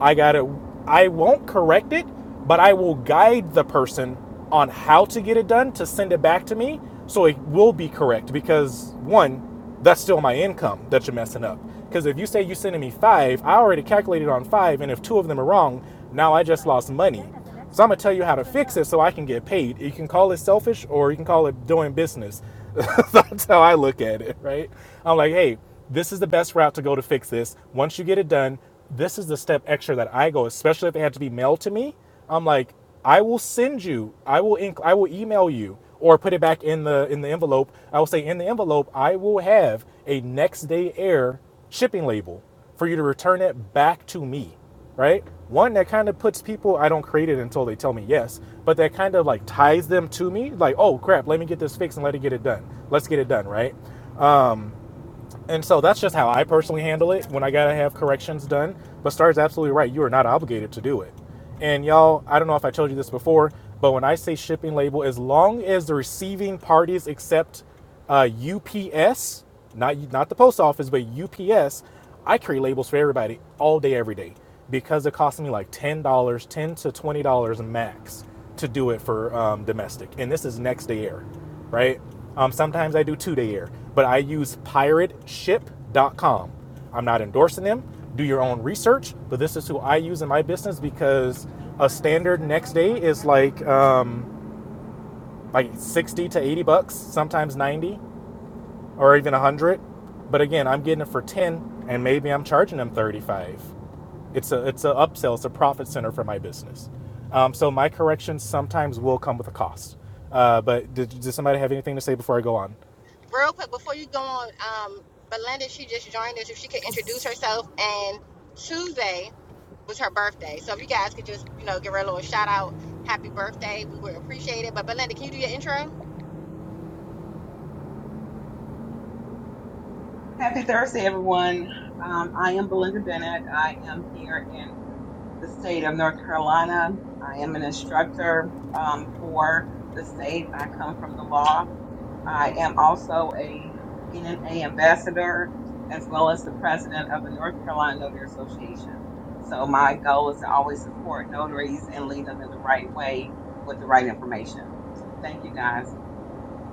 B: I gotta, I won't correct it, but I will guide the person on how to get it done to send it back to me so it will be correct because one, that's still my income that you're messing up. Because if you say you're sending me five, I already calculated on five, and if two of them are wrong, now I just lost money. So I'm gonna tell you how to fix it so I can get paid. You can call it selfish or you can call it doing business. That's how I look at it, right? I'm like, hey, this is the best route to go to fix this. Once you get it done, this is the step extra that I go, especially if it had to be mailed to me. I'm like, I will send you, I will inc- I will email you or put it back in the in the envelope. I will say in the envelope, I will have a next day air shipping label for you to return it back to me right? One that kind of puts people, I don't create it until they tell me yes, but that kind of like ties them to me, like, oh crap, let me get this fixed and let it get it done. Let's get it done, right? And so that's just how I personally handle it when I gotta have corrections done. But Star's absolutely right. You are not obligated to do it. And y'all, I don't know if I told you this before, but when I say shipping label, as long as the receiving parties accept uh, UPS, not not the post office, but UPS, I create labels for everybody all day, every day, because it costs me like ten dollars, ten to twenty dollars max to do it for um, domestic, and this is next day air, right? Um, sometimes I do two day air, but I use Pirate Ship dot com. I'm not endorsing them. Do your own research, but this is who I use in my business because a standard next day is like um, like sixty to eighty bucks, sometimes ninety or even a hundred. But again, I'm getting it for 10 and maybe I'm charging them 35. It's a it's an upsell. It's a profit center for my business. Um, so my corrections sometimes will come with a cost. Uh, but did, does somebody have anything to say before I go on?
A: real quick before you go on. Um, Belinda, she just joined us. If she could introduce herself, and Tuesday was her birthday, so if you guys could just you know give her a little shout out, happy birthday, we would appreciate it. But Belinda, can you do your intro?
G: Happy Thursday, everyone. Um, I am Belinda Bennett. I am here in the state of North Carolina. I am an instructor um, for the state. I come from the law. I am also a NNA ambassador, as well as the president of the North Carolina Notary Association. So my goal is to always support notaries and lead them in the right way with the right information. Thank you, guys.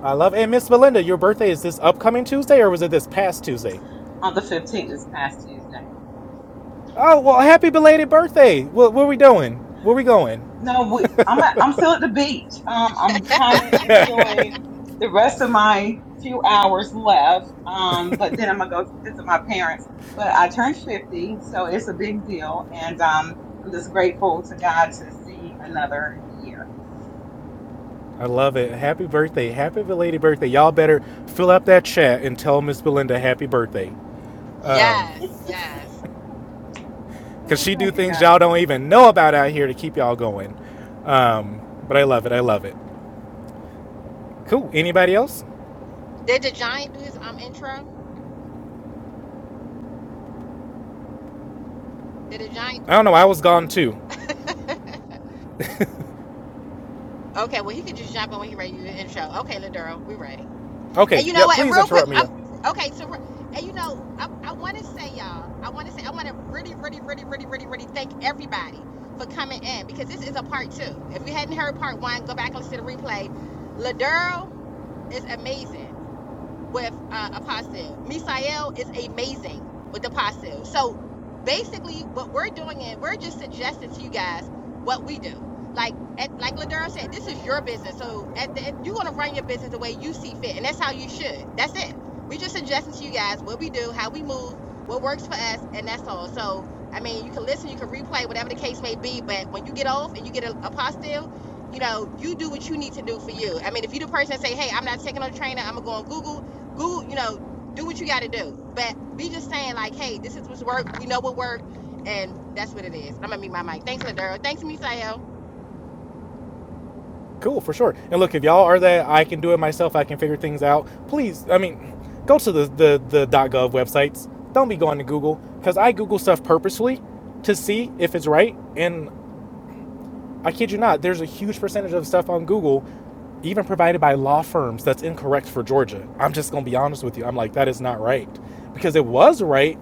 B: I love. it. Hey, Miss Belinda, your birthday is this upcoming Tuesday or was it this past Tuesday?
G: On the 15th, this past Tuesday.
B: Oh well, happy belated birthday. What, what are we doing? Where are we going?
G: No, we, I'm at, I'm still at the beach. Um, I'm trying to enjoy the rest of my few hours left. Um, but then I'm gonna go visit my parents. But I turned 50, so it's a big deal, and um, I'm just grateful to God to see another year.
B: I love it. Happy birthday. Happy belated birthday. Y'all better fill up that chat and tell Miss Belinda happy birthday.
A: Yes, yes.
B: Cause
G: Oh,
B: she do
G: Thank you,
B: things
G: guys.
B: y'all don't even know about out here to keep y'all going. Um, but I love it. I love it. Cool. Anybody else?
A: Did the giant do his um intro? Did the giant?
B: I don't know. I was gone too.
A: Okay, well he could just jump in when he ready to do the intro. Okay, Laduro, we ready. And
B: Okay.
A: you know
B: Yeah.
A: what? And
B: Please
A: real quick,
B: interrupt me.
A: I'm,
B: yeah.
A: okay. So, re- and you know, I, I want to say, y'all, I want to say, I want to really, really, really, really, really, really thank everybody for coming in because this is a part two. If you hadn't heard part one, go back and listen to the replay. Ladurl is amazing with uh, Apostle. Misael is amazing with Apostle. So basically, what we're doing is we're just suggesting to you guys what we do. Like at, like Ladera said, this is your business. So at the, you're gonna run your business the way you see fit, and that's how you should. That's it. We just suggesting to you guys what we do, how we move, what works for us, and that's all. So I mean, you can listen, you can replay, whatever the case may be. But when you get off and you get a apostle, you know, you do what you need to do for you. I mean, if you the person that say, hey, I'm not taking no trainer, I'm gonna go on Google Google, you know, do what you got to do. But we just saying like, hey, this is what's work. We know what worked, and that's what it is. I'm gonna meet my mic. Thanks, Ladero. Thanks, Misael.
B: Cool for sure. And look, if y'all are that I can do it myself. I can figure things out. Please. I mean, go to the the the .gov websites. Don't be going to Google because I Google stuff purposefully to see if it's right. And I kid you not, there's a huge percentage of stuff on Google, even provided by law firms, that's incorrect for Georgia. I'm just gonna be honest with you. I'm like, that is not right because it was right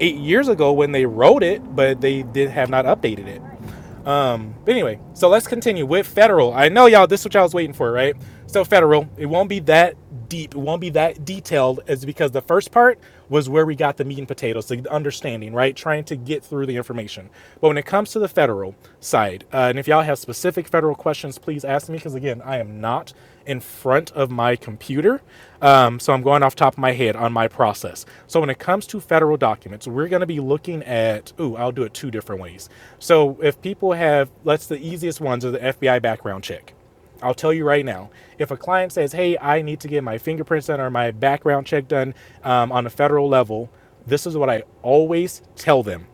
B: eight years ago when they wrote it, but they did have not updated it. Um, but anyway, so let's continue with federal. I know y'all, this is what y'all was waiting for, right? So federal, it won't be that deep, it won't be that detailed, as because the first part was where we got the meat and potatoes, the understanding, right? Trying to get through the information. But when it comes to the federal side, uh, and if y'all have specific federal questions, please ask me, because again, I am not in front of my computer. Um, so I'm going off top of my head on my process. So when it comes to federal documents, we're going to be looking at. Ooh, I'll do it two different ways. So if people have, let's the easiest ones are the FBI background check. I'll tell you right now, if a client says, "Hey, I need to get my fingerprints done or my background check done um, on a federal level," this is what I always tell them.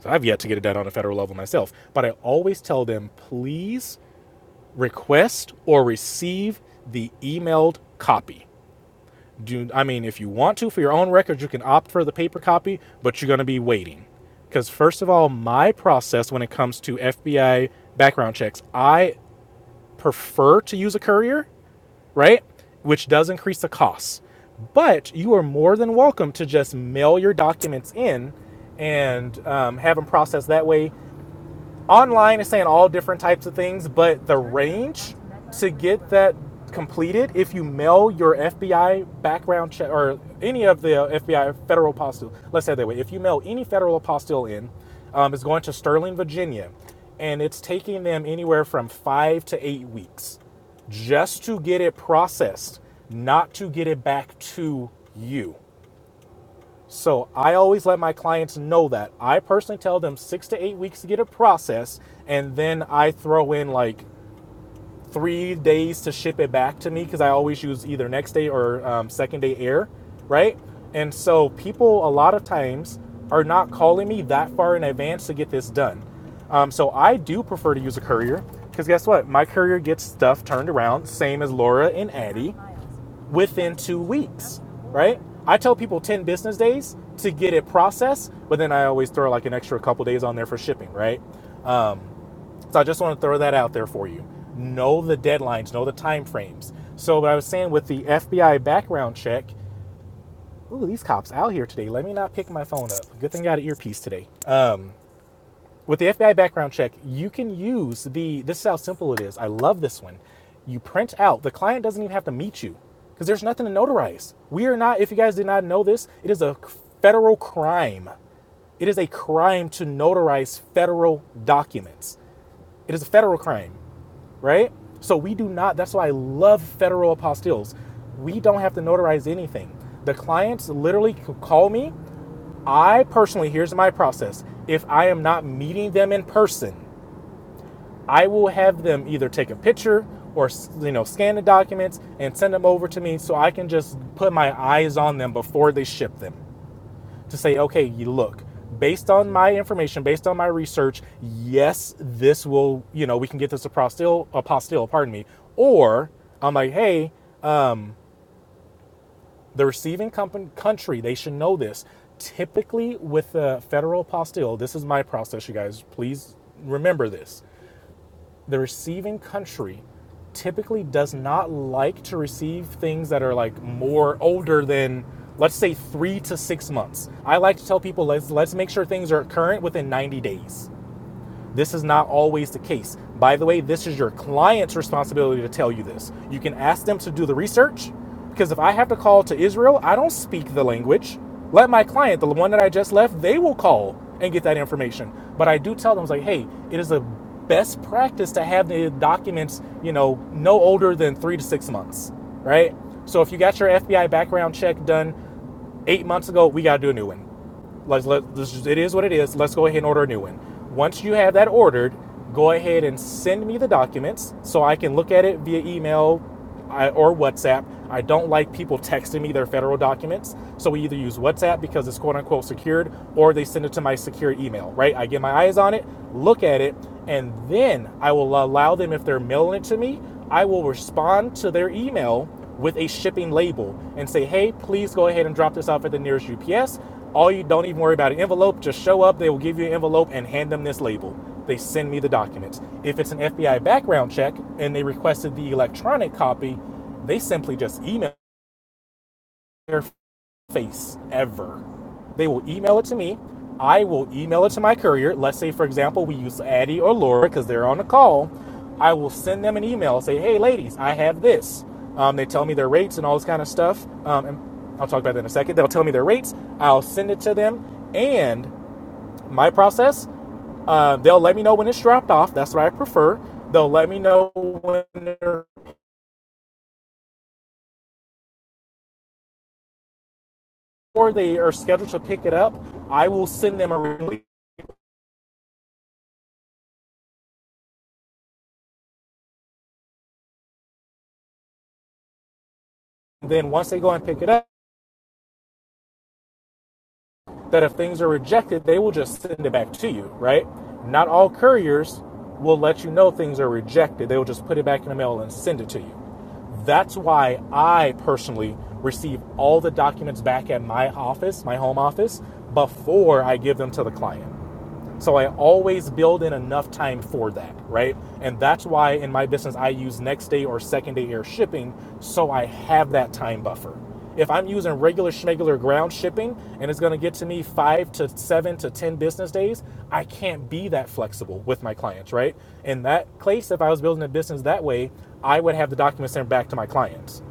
B: So I've yet to get it done on a federal level myself, but I always tell them, please request or receive the emailed copy. Do I mean if you want to for your own records, you can opt for the paper copy, but you're going to be waiting. Because first of all, my process when it comes to FBI background checks, I prefer to use a courier, right? Which does increase the costs. But you are more than welcome to just mail your documents in and um, have them processed that way online is saying all different types of things, but the range to get that completed, if you mail your FBI background check or any of the FBI federal apostille, let's say it that way, if you mail any federal apostille in, um, it's going to Sterling, Virginia, and it's taking them anywhere from five to eight weeks just to get it processed, not to get it back to you. So I always let my clients know that. I personally tell them six to eight weeks to get a process, and then I throw in like three days to ship it back to me because I always use either next day or um, second day air, right? And so people a lot of times are not calling me that far in advance to get this done. Um, so I do prefer to use a courier because guess what? My courier gets stuff turned around, same as Laura and Addie, within two weeks, right? I tell people 10 business days to get it processed, but then I always throw like an extra couple days on there for shipping, right? So I just want to throw that out there for you. Know the deadlines, know the time frames. So what I was saying with the FBI background check, ooh, these cops out here today. Let me not pick my phone up. Good thing I got an earpiece today. Uh, with the FBI background check, you can use the. This is how simple it is. I love this one. You print out. The client doesn't even have to meet you because there's nothing to notarize. We are not. If you guys did not know this, it is a federal crime. It is a crime to notarize federal documents. It is a federal crime. right? So we do not, that's why I love federal apostilles. We don't have to notarize anything. The clients literally c- call me. I personally, here's my process. If I am not meeting them in person, I will have them either take a picture or you know scan the documents and send them over to me so I can just put my eyes on them before they ship them to say, okay, you look, based on my information, based on my research, yes, this will, you know, we can get this a apostille, apostille, pardon me. Or I'm like, hey, the receiving company, country, they should know this. Typically with a federal apostille, this is my process, you guys, please remember this the receiving country typically does not like to receive things that are like more older than let's say three to six months. I like to tell people let's let's make sure things are current within 90 days. This is not always the case. By the way, this is your client's responsibility to tell you this. You can ask them to do the research because if I have to call to Israel, I don't speak the language. Let my client, the one that I just left, they will call and get that information. But I do tell them, like, hey, it is a best practice to have the documents, you know, no older than three to six months, right? So if you got your FBI background check done eight months ago, we got to do a new one. Let's let this is- it is what it is. Let's go ahead and order a new one. Once you have that ordered, go ahead and send me the documents so I can look at it via email or WhatsApp. I don't like people texting me their federal documents, so we either use WhatsApp because it's quote unquote secured, or they send it to my secured email. Right? I get my eyes on it, look at it, and then I will allow them if they're mailing it to me. I will respond to their email with a shipping label and say, hey, please go ahead and drop this off at the nearest UPS. All you don't even worry about an envelope, just show up, they will give you an envelope and hand them this label. They send me the documents. If it's an FBI background check and they requested the electronic copy, they simply just email their face ever. They will email it to me. I will email it to my courier. Let's say, for example, we use Addie or Laura because they're on the call. I will send them an email, say, hey, ladies, I have this. Um, they tell me their rates and all this kind of stuff. Um, and I'll talk about that in a second. They'll tell me their rates. I'll send it to them. And my process, uh, they'll let me know when it's dropped off. That's what I prefer. They'll let me know when they're, or they are scheduled to pick it up. I will send them a release then once they go and pick it up, that if things are rejected, they will just send it back to you, right? Not all couriers will let you know things are rejected. They will just put it back in the mail and send it to you. That's why I personally receive all the documents back at my office, my home office, before I give them to the client. So I always build in enough time for that, right? And that's why in my business I use next day or second day air shipping so I have that time buffer. If I'm using regular schmegular ground shipping and it's going to get to me 5 to 7 to 10 business days, I can't be that flexible with my clients, right? In that case if I was building a business that way, I would have the documents sent back to my clients.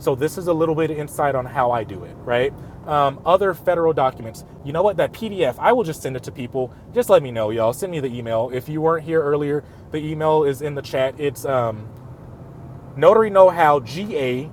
B: So this is a little bit of insight on how I do it, right? Um, other federal documents. You know what? That PDF, I will just send it to people. Just let me know, y'all. Send me the email. If you weren't here earlier, the email is in the chat. It's um, notary know how ga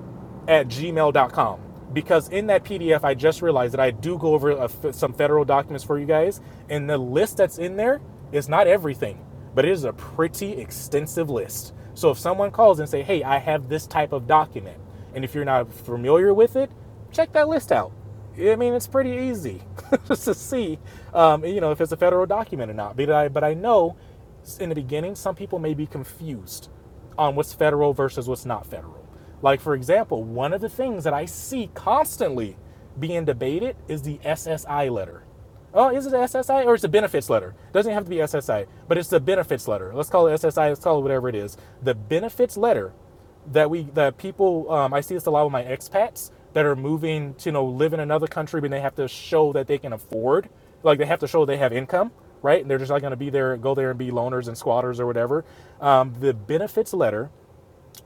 B: at gmail.com because in that pdf i just realized that i do go over a f some federal documents for you guys and the list that's in there is not everything but it is a pretty extensive list so if someone calls and say hey i have this type of document and if you're not familiar with it check that list out I mean, it's pretty easy just to see, um, you know, if it's a federal document or not. But I, but I know in the beginning, some people may be confused on what's federal versus what's not federal. Like, for example, one of the things that I see constantly being debated is the SSI letter. Oh, is it a SSI or it's a benefits letter? It Doesn't have to be SSI, but it's the benefits letter. Let's call it SSI. Let's call it whatever it is. The benefits letter that we that people um, I see this a lot with my expats that are moving to you know live in another country, but they have to show that they can afford, like they have to show they have income, right? And they're just not going to be there, go there and be loners and squatters or whatever. Um, the benefits letter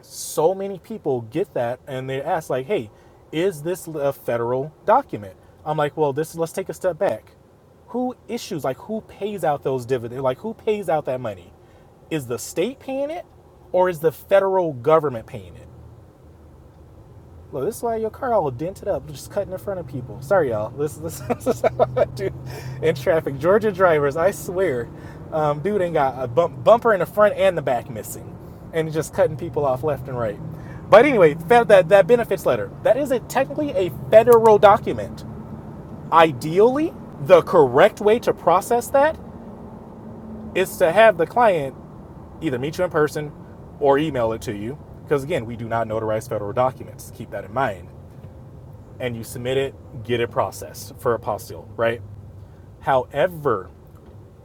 B: so many people get that and they ask like hey is this a federal document i'm like well this let's take a step back who issues like who pays out those dividends like who pays out that money is the state paying it or is the federal government paying it Look, this is why your car all dented up, just cutting in front of people. Sorry, y'all. This, this, this is how I do in traffic. Georgia drivers, I swear, um, dude ain't got a bump, bumper in the front and the back missing, and just cutting people off left and right. But anyway, that, that benefits letter that is a, technically a federal document. Ideally, the correct way to process that is to have the client either meet you in person or email it to you, because again, we do not notarize federal documents. Keep that in mind and you submit it, get it processed for apostille, right? However,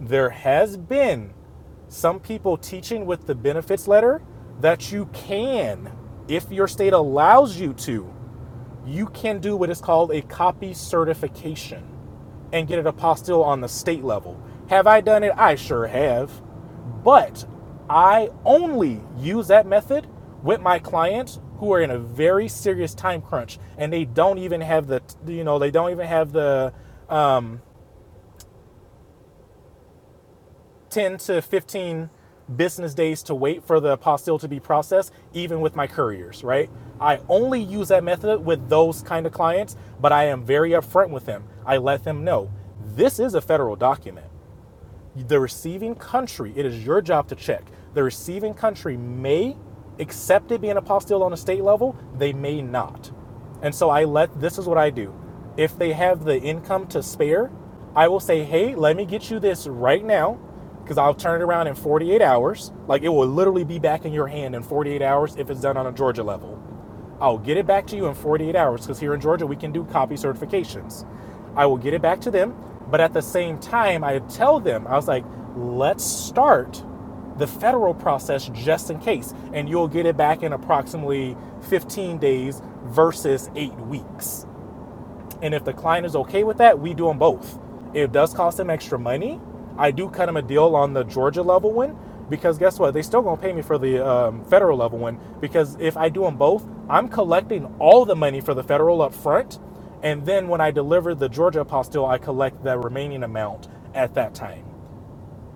B: there has been some people teaching with the benefits letter that you can, if your state allows you to, you can do what is called a copy certification and get an apostille on the state level. Have I done it? I sure have. But I only use that method with my clients who are in a very serious time crunch and they don't even have the you know they don't even have the um, 10 to 15 business days to wait for the apostille to be processed, even with my couriers, right? I only use that method with those kind of clients, but I am very upfront with them. I let them know this is a federal document the receiving country, it is your job to check. The receiving country may accept it being a apostille on a state level, they may not. And so I let this is what I do. If they have the income to spare, I will say, hey, let me get you this right now because I'll turn it around in 48 hours. Like it will literally be back in your hand in 48 hours if it's done on a Georgia level. I'll get it back to you in 48 hours because here in Georgia we can do copy certifications. I will get it back to them, but at the same time, I tell them, I was like, let's start the federal process just in case, and you'll get it back in approximately 15 days versus eight weeks. And if the client is okay with that, we do them both. It does cost them extra money. I do cut them a deal on the Georgia level one because guess what? They still gonna pay me for the um, federal level one because if I do them both, I'm collecting all the money for the federal up front, and then when I deliver the Georgia apostille, I collect the remaining amount at that time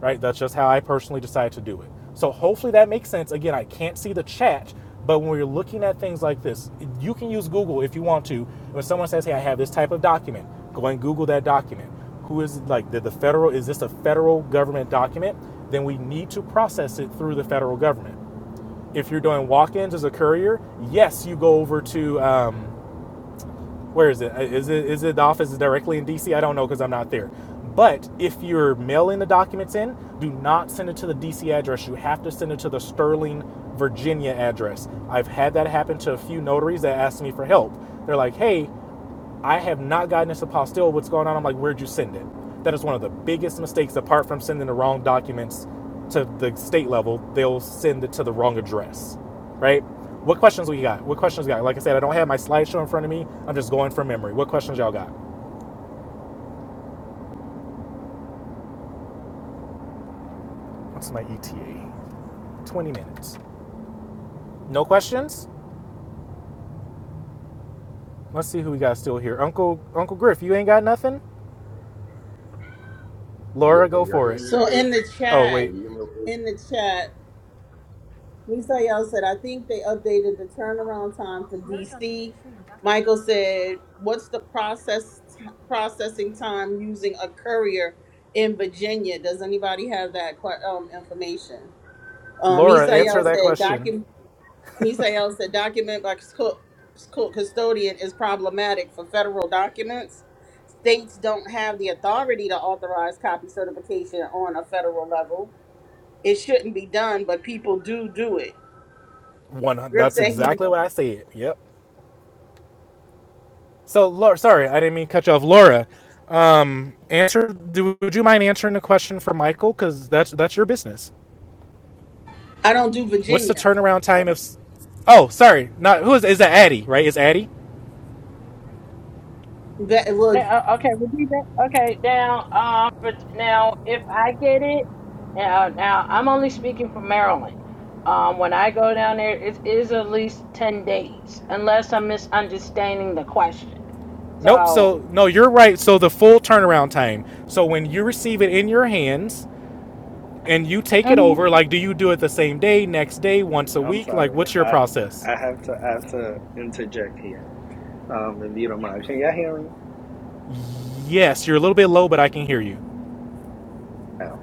B: right? That's just how I personally decide to do it. So hopefully that makes sense. Again, I can't see the chat, but when you're looking at things like this, you can use Google if you want to. When someone says, "Hey, I have this type of document," go and Google that document. Who is like the, the federal? Is this a federal government document? Then we need to process it through the federal government. If you're doing walk-ins as a courier, yes, you go over to. Um, where is it? Uh, Is it is it the office is directly in DC? I don't know because I'm not there. But if you're mailing the documents in, do not send it to the DC address. You have to send it to the Sterling, Virginia address. I've had that happen to a few notaries that asked me for help. They're like, "Hey, I have not gotten this apostille. What's going on? I'm like, where'd you send it? That is one of the biggest mistakes, apart from sending the wrong documents to the state level, they'll send it to the wrong address, right? What questions we got? What questions we got? Like I said, I don't have my slideshow in front of me. I'm just going from memory. What questions y'all got? What's my ETA? 20 minutes. No questions? Let's see who we got still here. Uncle Uncle Griff, you ain't got nothing?
D: Yeah,
B: Laura, go
D: can y'all
B: for
D: hear
B: it.
D: me okay?
B: Oh
D: Can
B: wait.
D: you hear me okay?
B: Laura, answer that question. One that's exactly what I said. Yep. So, Laura, sorry, I didn't mean to cut you off. Laura, um, answer. Do, would you mind answering the question for Michael? Because that's that's your business. What's the turnaround time of? Oh, sorry, not who is is that? Addie, right? Is Addie?
C: Now, uh, okay, repeat that. Okay, now, um, but now if I get it, now, now I'm only speaking for Maryland. Um, when I go down there, it is at least ten days, unless I'm misunderstanding the question.
B: Nope.
C: So,
B: So no, you're right. So the full turnaround time. So when you receive it in your hands and you take it
C: mhm.
B: over, like, do you do it the same day, next day, once a
E: I'm
B: week? Like,
E: sorry.
B: what's your
E: I
B: process?
E: I have to I have to interject here. Um, if you don't mind, can y'all hear me
B: Yes, you're a little bit low, but I can hear you.
E: now?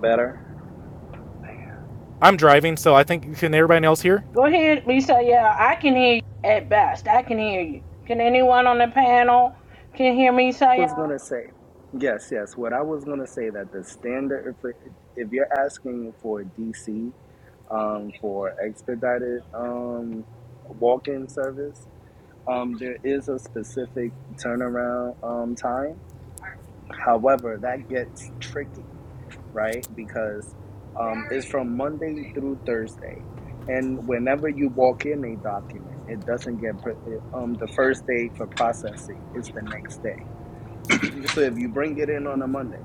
E: Better. Man, I
B: I'm driving, so I think can everybody else hear?
C: go ahead, Lisa. Yeah, I can hear you at best. I can hear you. Can anyone on the panel can hear me, Saya?
E: was gonna say yes, yes. What I was gonna say that the standard if it, if you're asking for DC, um, for expedited um walk-in service Um, there is a specific turnaround um, time. However, that gets tricky, right? Because um, it's from Monday through Thursday. And whenever you walk in a document, it doesn't get pr- it- um, the first day for processing is the next day. so if you bring it in on a Monday,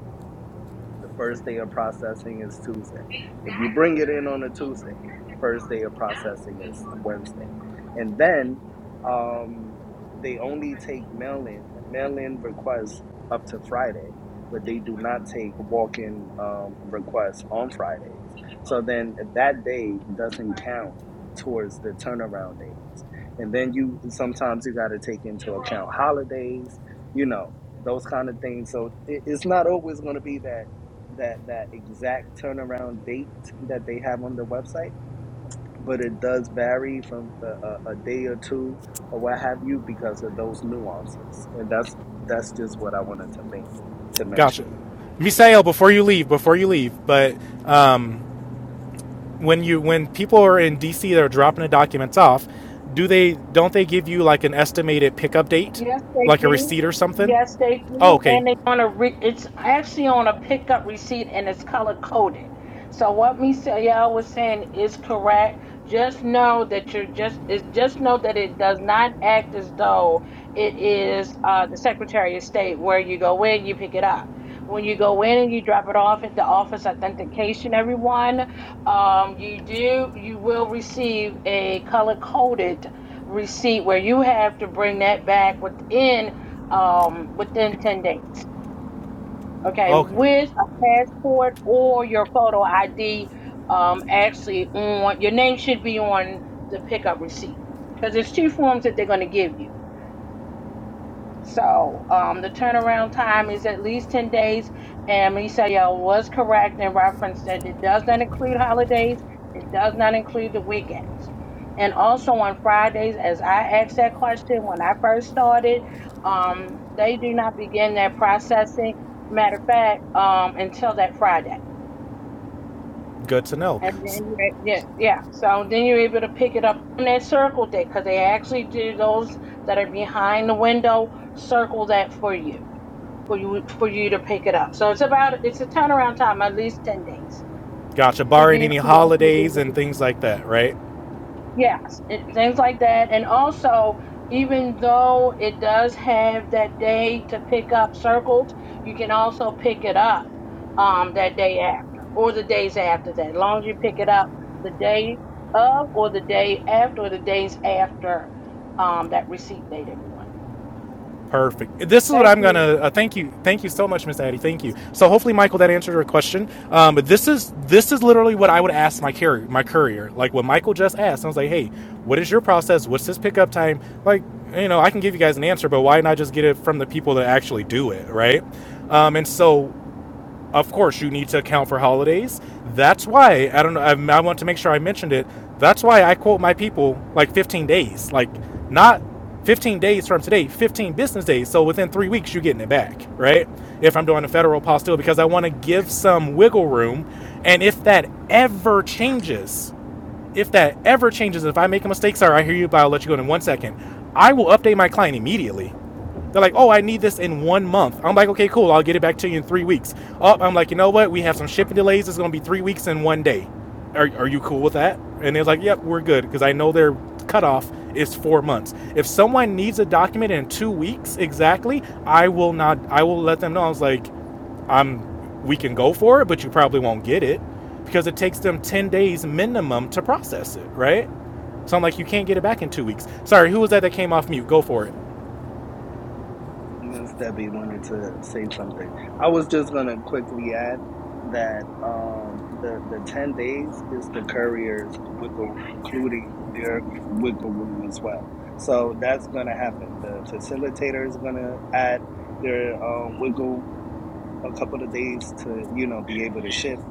E: the first day of processing is Tuesday. If you bring it in on a Tuesday, first day of processing is Wednesday. And then um, they only take mail in, mail in requests up to Friday, but they do not take walk in um, requests on Fridays. So then that day doesn't count towards the turnaround days. And then you sometimes you got to take into account holidays, you know, those kind of things. So it, it's not always going to be that that that exact turnaround date that they have on the website, but it does vary from a, a, a day or two or what have you because of those nuances, and that's that's just what I wanted to make to mention.
B: Gotcha.
E: Yeah.
B: Misael, before you leave, before you leave, but um, when you when people are in DC, they're dropping the documents off. Do they don't they give you like an estimated pickup date,
C: Yes, they
B: like a
C: do.
B: receipt or something?
C: Yes, they
B: Oh,
C: do.
B: okay,
C: And they on a re- it's actually on a pickup receipt and it's color coded. So what me say y'all was saying is correct. Just know that you're just is just know that it does not act as though it is uh, the Secretary of State where you go in, you pick it up when you go in and you drop it off at the office authentication everyone um, you do you will receive a color coded receipt where you have to bring that back within um, within 10 days okay
B: okay,
C: with a passport or your photo id um, actually on your name should be on the pickup receipt because there's two forms that they're going to give you so um, the turnaround time is at least 10 days. And Misael was correct in reference that it does not include holidays, it does not include the weekends. And also on Fridays, as I asked that question when I first started, um, they do not begin their processing. Matter of fact, um, until that Friday.
B: good to know.
C: And then, you're- yeah, yeah. So then you're able to pick it up on that circle day because they actually do those that are behind the window circle that for you for you for you to pick it up. So it's about it's a turnaround time, at least ten days
B: Gotcha.
C: for
B: Barring
C: you
B: any holidays
C: to
B: and things like that, right?
C: yes, it, things like that. And also, even though it does have that day to pick up circled, you can also pick it up um that day after or the days after that. As long as you pick it up the day of or the day after or the days after um that receipt date, everyone.
B: Perfect. This is what
C: Thank
B: I'm gonna. Uh, thank you. Thank you so much, Miss Addie. Thank you. So hopefully, Michael, that answered your question. Um, but this is this is literally what I would ask my carrier, my courier. Like what Michael just asked. I was like, hey, what is your process? What's this pickup time? Like, you know, I can give you guys an answer, but why not just get it from the people that actually do it, right? Um, and so of course you need to account for holidays. That's why I don't know. I, I want to make sure I mentioned it. That's why I quote my people like 15 days, like not 15 days from today, 15 business days. So within three weeks, you're getting it back, right? If I'm doing a federal pause still, because I want to give some wiggle room. And if that ever changes, if that ever changes, if I make a mistake, sorry, I hear you, but I'll let you go in one second. I will update my client immediately. They're like, oh, I need this in one month. I'm like, okay, cool. I'll get it back to you in three weeks. Oh, I'm like, you know what? We have some shipping delays. It's going to be three weeks and one day. Are, are you cool with that? And they're like, yep, we're good because I know their cutoff is four months. If someone needs a document in two weeks exactly, I will not. I will let them know. I was like, I'm we can go for it, but you probably won't get it because it takes them 10 days minimum to process it, right? So I'm like, you can't get it back in two weeks. Sorry, who was that that came off mute? Go for it.
E: Miss Debbie wanted to say something. I was just gonna quickly add that um, the the ten days is the courier's wiggle, including their wiggle room as well. So that's gonna happen. The facilitator is gonna add their um, wiggle a couple of days to you know be able to ship,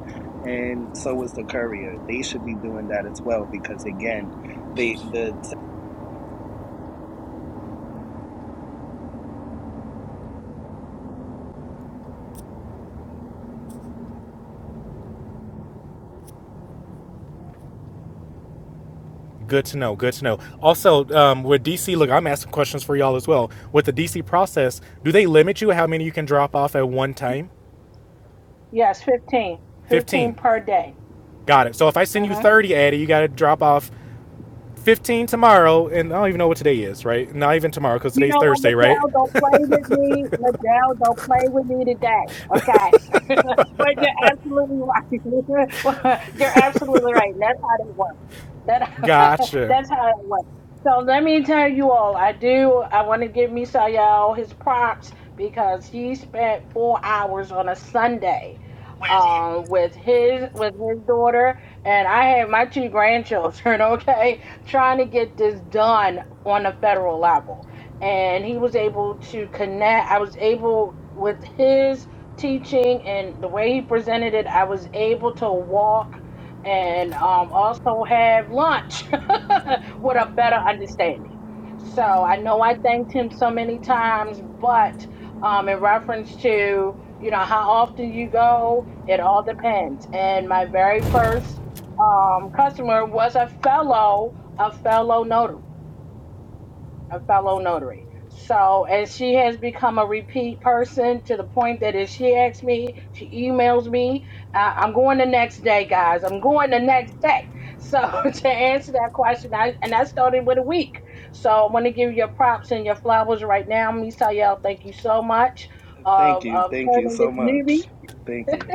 E: and so is the courier. They should be doing that as well because again, they the
B: Good to know. Good to know. Also, um, with DC, look, I'm asking questions for y'all as well. With the DC process, do they limit you how many you can drop off at one time?
C: yes, fifteen. Fifteen
B: 15.
C: per day.
B: Got it. So if I send you
C: Mhm.
B: 30, Addy, you got to drop off 15 tomorrow, and I don't even know what today is, right? Not even tomorrow because
C: You
B: today's
C: know what,
B: Thursday, right?
C: Liddell, don't play with me. Liddell, don't play with me today. Okay. But you're absolutely right. you're absolutely right. And that's how they work. That
B: Gotcha.
C: that's how it went. So let me tell you all, I do. I want to give Misael his props because he spent four hours on a Sunday, um, with his with his daughter, and I had my two grandchildren. Okay, trying to get this done on a federal level, and he was able to connect. I was able with his teaching and the way he presented it. I was able to walk and um, also have lunch with a better understanding. So I know I thanked him so many times, but um, in reference to you know how often you go, it all depends. And my very first um, customer was a fellow, a fellow notary a fellow notary. So, and she has become a repeat person to the point that if she asks me, she emails me, uh, I'm going the next day, guys. I'm going the next day. So, to answer that question, I, and I started with a week. So, I want to give you your props and your flowers right now. Miss Tayel, thank you so much
E: thank
C: of,
E: you,
C: of
E: thank you
C: turning this
E: so
C: newbie
E: much, thank you.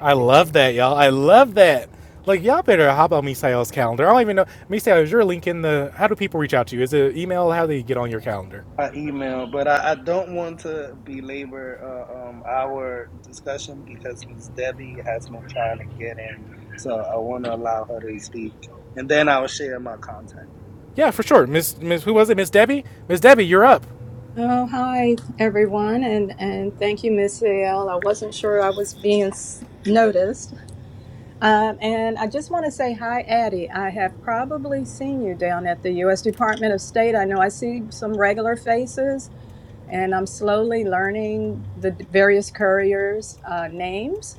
B: I love that, y'all. I love that. Like, y'all better hop on Misael's calendar. I don't even know. Misael, is your link in the. How do people reach out to you? Is it email? How do they get on your calendar?
E: by email, but I, I don't want to belabor uh, um, our discussion because Ms. Debbie has been trying to get in, so I want to allow her to speak, and then I'll share my contact.
B: Yeah, for sure. Miss, Miss who was it? Miss Debbie? Miss Debbie, you're up.
H: Oh, hi everyone, and and thank you, Miss L. I wasn't sure I was being s- noticed, um, and I just want to say hi, Addie. I have probably seen you down at the U.S. Department of State. I know I see some regular faces, and I'm slowly learning the d- various couriers' uh, names.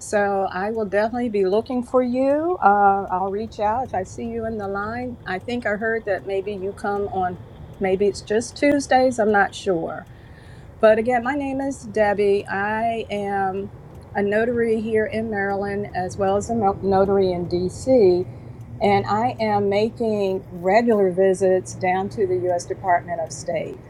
H: So I will definitely be looking for you. Uh, I'll reach out if I see you in the line. I think I heard that maybe you come on. Maybe it's just Tuesdays. I'm not sure but again, my name is Debbie. I am a notary here in Maryland as well as a no- notary in DC. And I am making regular visits down to the US Department of State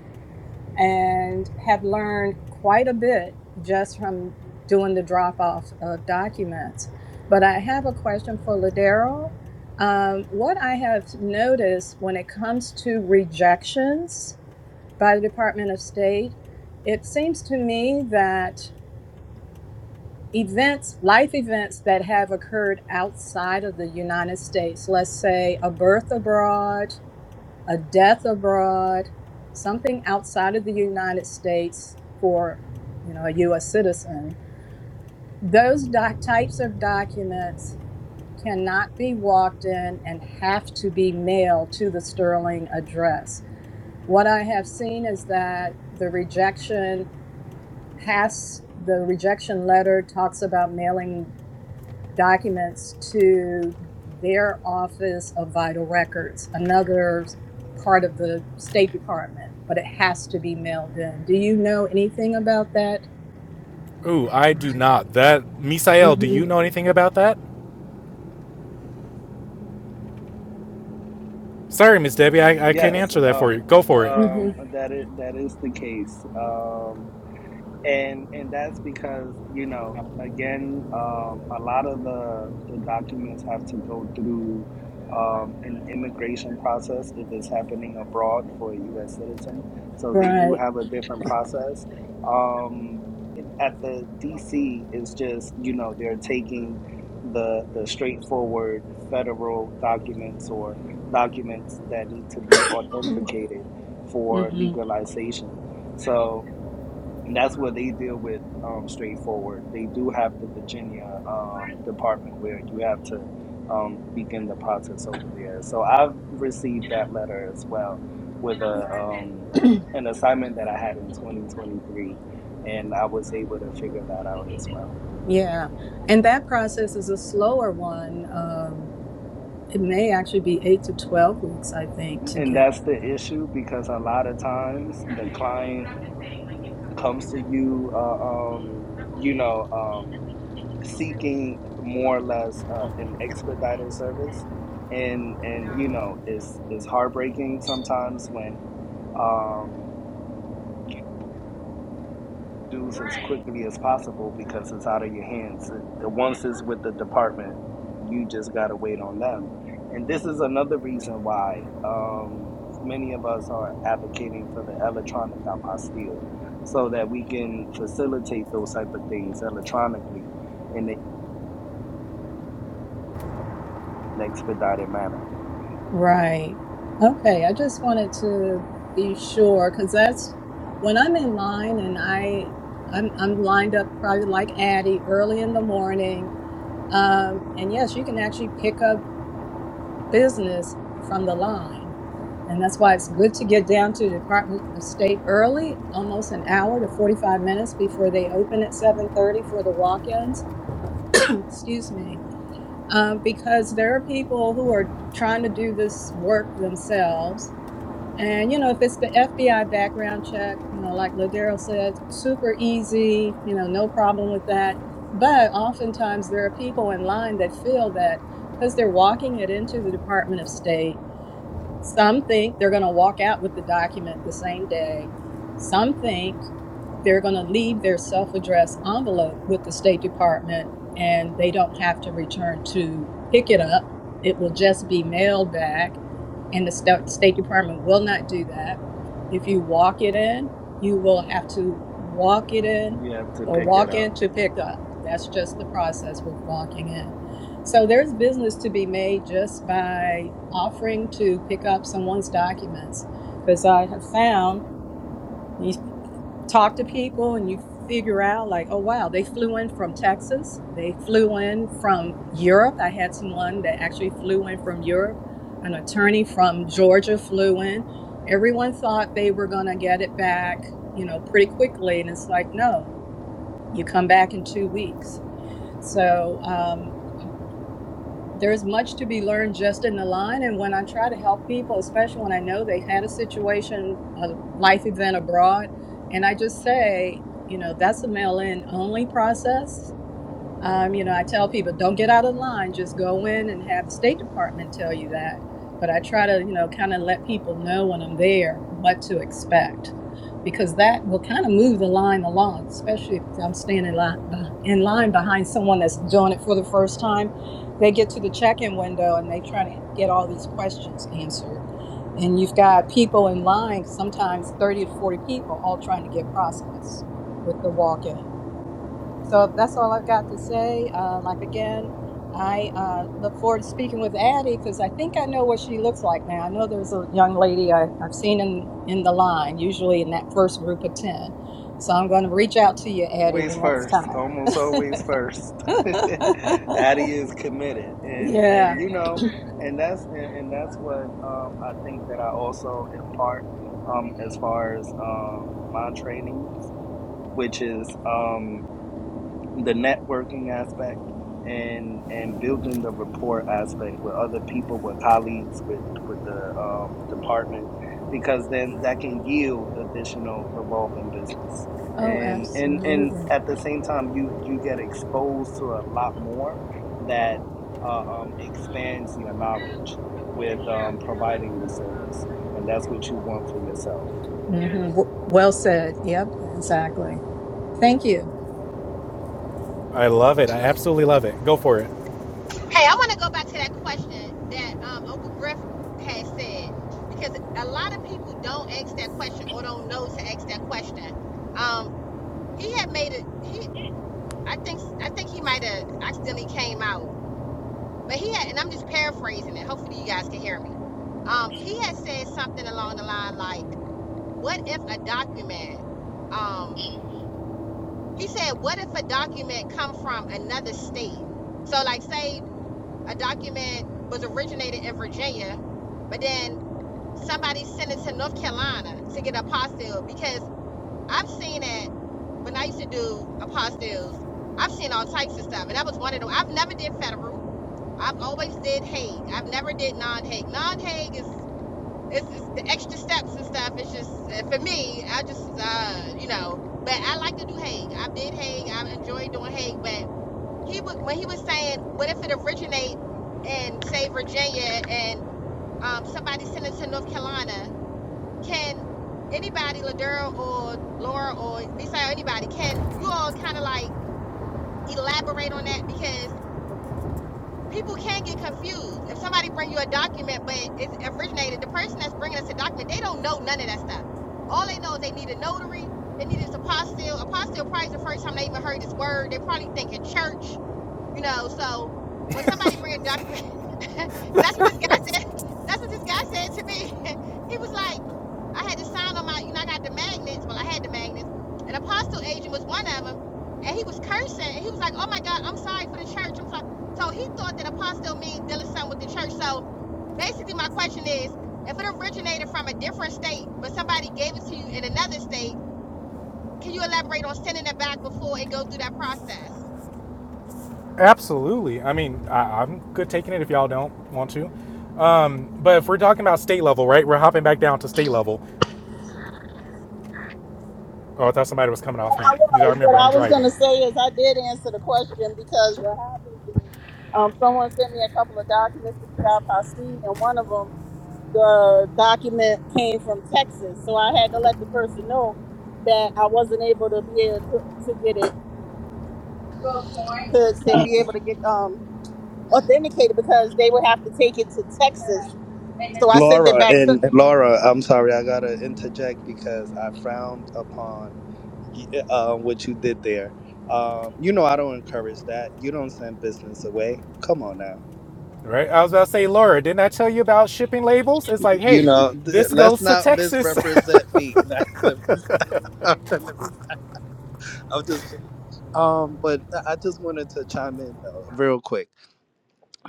H: and have learned quite a bit just from doing the drop off of documents. But I have a question for Ladero. Um, what I have noticed when it comes to rejections, by the Department of State, it seems to me that events, life events that have occurred outside of the United States, let's say a birth abroad, a death abroad, something outside of the United States for, you know, a US citizen, those doc- types of documents cannot be walked in and have to be mailed to the Sterling address. What I have seen is that the rejection has the rejection letter talks about mailing documents to their office of vital records, another part of the State Department, but it has to be mailed in. Do you know anything about that?
B: Ooh, I do not. That. Misael, do
H: hmm
B: you know anything about that? Sorry, Miss Debbie,
E: Yes,
B: I, I can't
E: yes,
B: answer that for
E: um,
B: you. Go for it.
H: hmm
E: um, that is that is the case. Um, and and that's because you know again um, a lot of the the documents have to go through um, an immigration process if it's happening abroad for a U.S. citizen. So they do
H: Right.
E: have a different process. Um, in- at the D.C. it's just you know they're taking the the straightforward federal documents or documents that need to be authenticated for
H: hmm
E: legalization. So and that's what they deal with um, straightforward. They do have the Virginia um, department where you have to um, begin the process over there. So I've received that letter as well with a um, an assignment that I had in 2023, and I was able to figure that out as well.
H: Yeah. And that process is a slower one. Um, it may actually be eight to 12 weeks, I think, to
E: And
H: get
E: that's the issue because a lot of times the client comes to you, uh, um, you know. Um, seeking more or less uh, an expedited service, and and you know it's it's heartbreaking sometimes when um, you do this as quickly as possible because it's out of your hands. The once it's with the department, you just gotta wait on them. And this is another reason why um, many of us are advocating for the electronic apostille, so that we can facilitate those type of things electronically, and they an expedited manner.
H: Right. Okay. I just wanted to be sure because that's when I'm in line and I I'm I'm lined up probably like Addie early in the morning. Um, and yes, you can actually pick up business from the line. And that's why it's good to get down to the Department of State early, almost an hour to 45 minutes before they open at 7:30 for the walk-ins. Excuse me. Um, because there are people who are trying to do this work themselves and you know, if it's the FBI background check, you know, like Ladero said, super easy, you know, no problem with that. But oftentimes there are people in line that feel that because they're walking it into the Department of State some think they're going to walk out with the document the same day. Some think they're going to leave their self addressed envelope with the State Department and they don't have to return to pick it up. It will just be mailed back, and the Sta- State Department will not do that. If you walk it in, you will have to walk it in
E: You have to
H: or
E: pick it
H: walk in
E: up.
H: to pick up. That's just the process with walking in. So there's business to be made just by offering to pick up someone's documents. Because I have found you talk to people and you figure out, like, oh, wow, they flew in from Texas, they flew in from Europe. I had someone that actually flew in from Europe, an attorney from Georgia flew in. Everyone thought they were going to get it back, you know, pretty quickly. And it's like, no, you come back in two weeks. So, um, there's much to be learned just in the line. And when I try to help people, especially when I know they've had a situation, a life event abroad, and I just say, you know, that's a mail in only process um, you know, I tell people don't get out of line, just go in and have the State Department tell you that. But I try to, you know, kind of let people know when I'm there what to expect because that will kind of move the line along, especially if I'm standing in line, in line behind someone that's doing it for the first time. They get to the check in window and they try to get all these questions answered. And you've got people in line, sometimes 30 to 40 people, all trying to get processed with the walk in. So that's all I've got to say. Uh, like again, I uh, look forward to speaking with Addie because I think I know what she looks like now. I know there's a young lady I, I've seen in in the line, usually in that first group of ten. So I'm going to reach out to you, Addie, the
E: Always
H: next
E: first,
H: time.
E: almost always first. Addie is committed, and
H: yeah.
E: and you know, and that's and, and that's what um, I think that I also impart um, as far as um, my training, which is um, the networking aspect and and building the rapport aspect with other people with colleagues with with the um, department because then that can yield additional revolving business
H: Oh,
E: and and and
H: absolutely.
E: at the same time you you get exposed to a lot more that uh, um, expands your knowledge with um, providing the service and that's what you want for yourself
H: hmm Well said. Yep. Exactly. Thank you.
B: I love it. I absolutely love it. Go for it.
A: Hey, I want to go back to that question that um, Uncle Griff had said because a lot of people don't ask that question or don't know to ask that question. Um, he had made it. He, I think, I think he might have accidentally came out, but he had, and I'm just paraphrasing it. Hopefully, you guys can hear me. Um, he had said something along the line like what if a document um he said what if a document come from another state so like say a document was originated in virginia but then somebody sent it to north carolina to get apostilled because i've seen it when i used to do apostilles i've seen all types of stuff and that was one of them i've never did federal i've always did hague i've never did non-hague non-hague is it's, it's the extra steps and stuff. It's just uh, for me. I just uh, you know, but I like to do Hague. I did Hague. I enjoyed doing Hague. But he would when he was saying, what if it originate in say Virginia and um, somebody sent it to North Carolina? Can anybody, Ladera or Laura or Misa or anybody, can you all kind of like elaborate on that because people can get confused. If somebody bring you a document, but it's originated, the person that's bringing us a document, they don't know none of that stuff. All they know is they need a notary, they need this apostille. Apostille probably is the first time they even heard this word. They probably thinking church, you know. So when somebody bring a document that's what this guy said. That's what this guy said to me. he was like, I had to sign on my, you know, I got the magnets. Well, I had the magnets. An apostle agent was one of them, and he was cursing. And he was like, Oh my God, I'm sorry for the church. I'm sorry. So he thought that apostle means dealing something with the church. So basically, my question is, if it originated from a different state, but somebody gave it to you in another state, can you elaborate on sending it back before it go through that process?
B: Absolutely. I mean, I, I'm good taking it if y'all don't want to. Um, but if we're talking about state level, right? We're hopping back down to state level. Oh, I thought somebody was coming off mute. You I remember I'm driving,
E: Laura and and Laura, I'm sorry, I gotta interject because I frowned upon y- uh, what you did there. Um, you know, I don't encourage that. You don't send business away. Come on now.
B: right? I was about to say, Laura, didn't I tell you about shipping labels? It's like,
E: You
B: hey,
E: know, th-
B: this
E: let's
B: goes to
E: not
B: Texas.
E: misrepresent me. Nah, let me stop. Let me stop. I'm just kidding. Um, but I I just wanted to chime in though, real quick.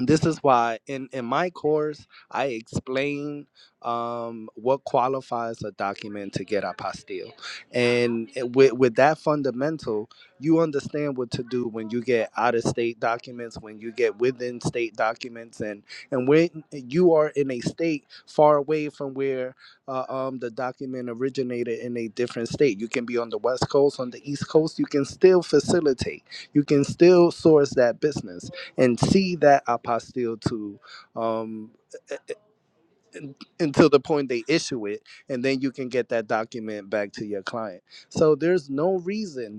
E: this is why in in my course i explain um what qualifies a document to get apostille and with with that fundamental you understand what to do when you get out of state documents when you get within state documents and and when you are in a state far away from where uh, um the document originated in a different state you can be on the west coast on the east coast you can still facilitate you can still source that business and see that apostille to um, un- until the point they issue it, and then you can get that document back to your client. So there's no reason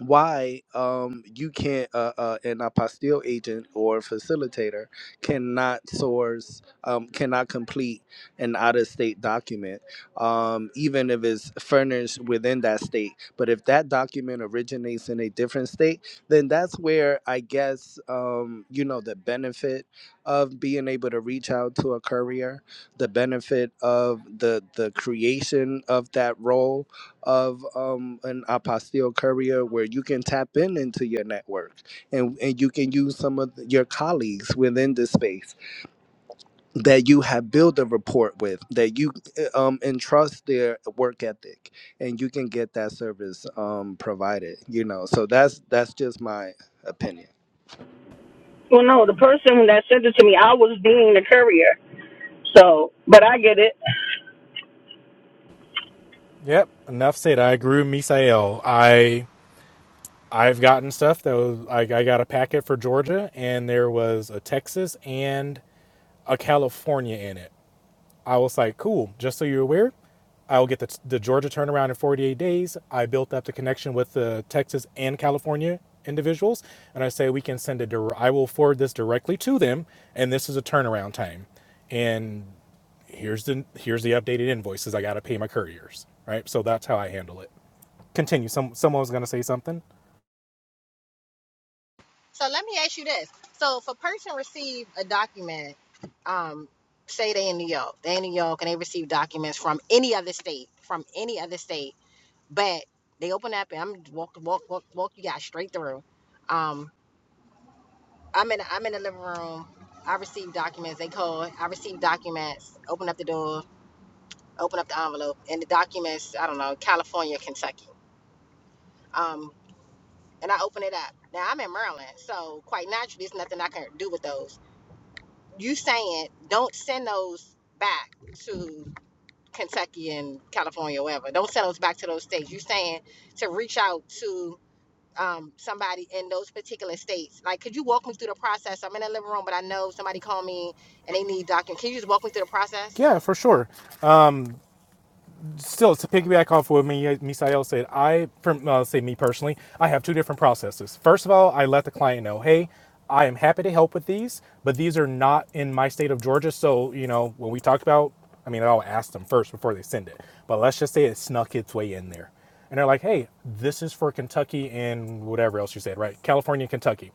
E: why um, you can't uh, uh, an apostille agent or facilitator cannot source um, cannot complete an out-of-state document um, even if it's furnished within that state but if that document originates in a different state then that's where i guess um, you know the benefit of being able to reach out to a courier the benefit of the the creation of that role of um, an apostille courier where you can tap in into your network and, and you can use some of your colleagues within the space that you have built a rapport with that you uh, um, entrust their work ethic and you can get that service um, provided you know so that's that's just my opinion
F: well no, the person that sent it to me, I was being the courier. So but I get it.
B: yep, enough said. I grew Misael. I I've gotten stuff that was I, I got a packet for Georgia, and there was a Texas and a California in it. I was like, cool, just so you're aware, I will get the, the Georgia turnaround in 48 days. I built up the connection with the Texas and California individuals, and I say we can send it. I will forward this directly to them, and this is a turnaround time. And here's the here's the updated invoices. I got to pay my couriers, right? So that's how I handle it. Continue. Some someone was gonna say something.
A: So let me ask you this. So if a person receive a document, um, say they in New York, they in New York and they receive documents from any other state, from any other state, but they open up and I'm walk walk walk walk you guys straight through. Um, I'm in I'm in the living room. I receive documents. They call. I receive documents. Open up the door. Open up the envelope. And the documents. I don't know. California, Kentucky. Um, and I open it up. Now I'm in Maryland, so quite naturally, there's nothing I can do with those. you saying don't send those back to Kentucky and California, wherever. Don't send those back to those states. You saying to reach out to um, somebody in those particular states. Like, could you walk me through the process? I'm in the living room, but I know somebody called me and they need documents. Can you just walk me through the process?
B: Yeah, for sure. still to piggyback off what Misael said, I from uh, say me personally, I have two different processes. First of all, I let the client know, hey, I am happy to help with these, but these are not in my state of Georgia. So you know when we talked about, I mean, I'll ask them first before they send it. But let's just say it snuck its way in there, and they're like, hey, this is for Kentucky and whatever else you said, right? California, and Kentucky.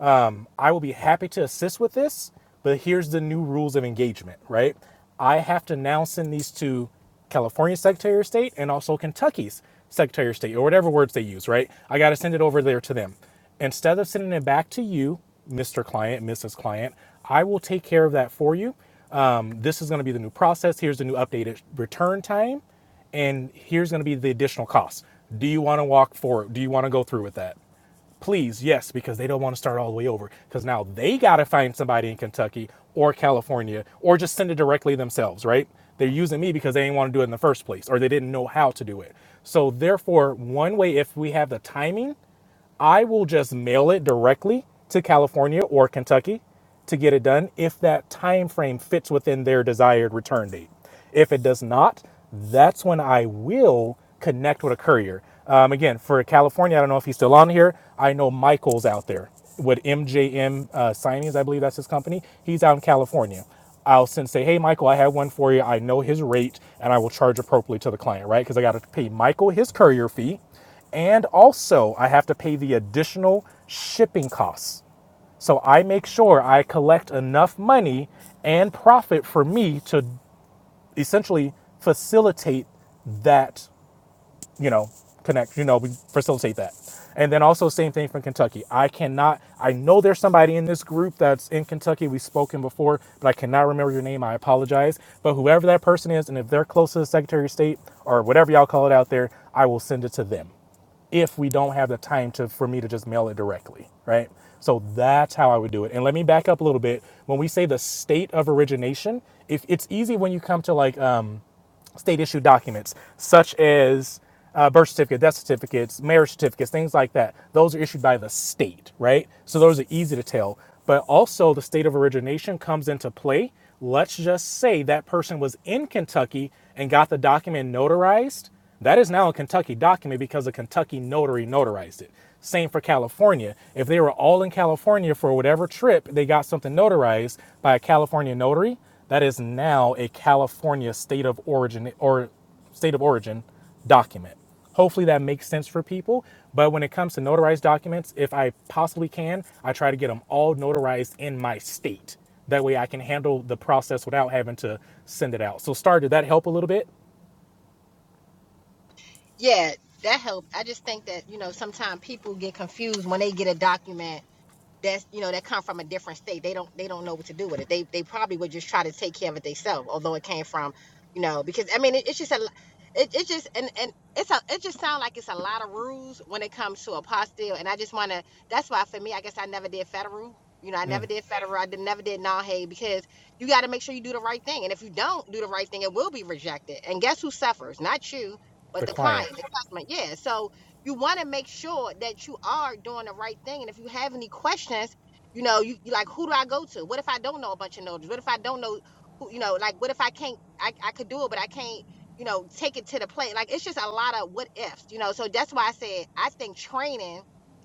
B: Um, I will be happy to assist with this, but here's the new rules of engagement, right? I have to now send these to California's Secretary of State and also Kentucky's Secretary of State, or whatever words they use, right? I got to send it over there to them. Instead of sending it back to you, Mr. Client, Mrs. Client, I will take care of that for you. Um, this is going to be the new process. Here's the new updated return time, and here's going to be the additional costs. Do you want to walk forward? Do you want to go through with that? Please, yes, because they don't want to start all the way over. Because now they got to find somebody in Kentucky or California or just send it directly themselves, right? They're using me because they didn't want to do it in the first place or they didn't know how to do it. So, therefore, one way, if we have the timing, I will just mail it directly to California or Kentucky to get it done if that time frame fits within their desired return date. If it does not, that's when I will connect with a courier. Um, again, for California, I don't know if he's still on here. I know Michael's out there with MJM uh, Signings, I believe that's his company. He's out in California. I'll send say, hey, Michael, I have one for you. I know his rate, and I will charge appropriately to the client, right? Because I got to pay Michael his courier fee. And also, I have to pay the additional shipping costs. So I make sure I collect enough money and profit for me to essentially facilitate that you know, connect, you know, we facilitate that. And then also same thing from Kentucky. I cannot I know there's somebody in this group that's in Kentucky. We've spoken before, but I cannot remember your name. I apologize. But whoever that person is, and if they're close to the Secretary of State or whatever y'all call it out there, I will send it to them. If we don't have the time to for me to just mail it directly, right? So that's how I would do it. And let me back up a little bit. When we say the state of origination, if it's easy when you come to like um state issued documents such as uh, birth certificate, death certificates, marriage certificates, things like that. Those are issued by the state, right? So those are easy to tell. But also, the state of origination comes into play. Let's just say that person was in Kentucky and got the document notarized. That is now a Kentucky document because a Kentucky notary notarized it. Same for California. If they were all in California for whatever trip, they got something notarized by a California notary. That is now a California state of origin or state of origin document. Hopefully that makes sense for people. But when it comes to notarized documents, if I possibly can, I try to get them all notarized in my state. That way I can handle the process without having to send it out. So, Star, did that help a little bit?
A: Yeah, that helped. I just think that you know sometimes people get confused when they get a document that's you know that come from a different state they don't they don't know what to do with it they they probably would just try to take care of it themselves although it came from you know because i mean it, it's just a it, it just and and it's a it just sounds like it's a lot of rules when it comes to apostille and i just want to that's why for me i guess i never did federal you know i never did federal i did, never did non-hay because you got to make sure you do the right thing and if you don't do the right thing it will be rejected and guess who suffers not you but
B: The
A: the client
B: client.
A: the customer yeah so you want to make sure that you are doing the right thing. And if you have any questions, you know, you, like, who do I go to? What if I don't know a bunch of notaries? What if I don't know who, you know, like, what if I can't, I, I could do it, but I can't, you know, take it to the plate? Like, it's just a lot of what ifs, you know? So that's why I said, I think training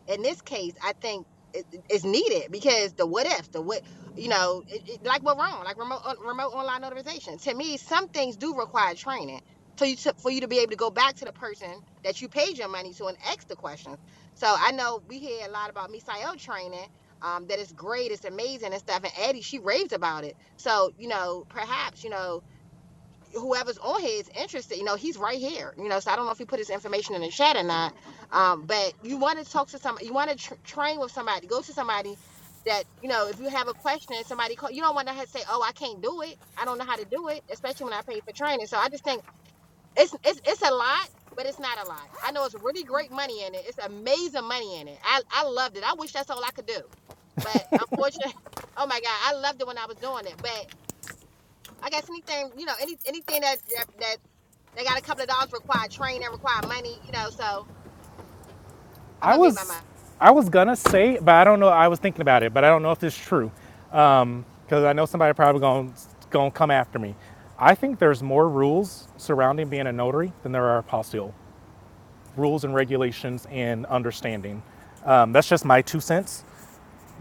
A: in this case, I think it- it- it's needed because the what ifs, the what, you know, it, it, like what wrong, like remote, on- remote online notarization. To me, some things do require training. So you, to, for you to be able to go back to the person that you paid your money to and asked the questions. So I know we hear a lot about Misael training, um, that it's great, it's amazing and stuff. And Eddie, she raves about it. So, you know, perhaps, you know, whoever's on here is interested, you know, he's right here. You know, so I don't know if he put his information in the chat or not. Um, but you want to talk to somebody, you want to tr- train with somebody, go to somebody that, you know, if you have a question and somebody call, you don't want to say, oh, I can't do it. I don't know how to do it, especially when I pay for training. So I just think it's it's it's a lot, but it's not a lot. I know it's really great money in it. It's amazing money in it. I I loved it. I wish that's all I could do, but unfortunately, oh my god, I loved it when I was doing it. But I guess anything you know, any anything that that that they got a couple of dollars require training, require money, you know. So I'm
B: I
A: gonna meet my
B: was
A: mind.
B: I was gonna say, but I don't know. I was thinking about it, but I don't know if it's true because um, I know somebody probably gonna gonna come after me. I think there's more rules surrounding being a notary than there are apostille rules and regulations and understanding. Um, that's just my two cents.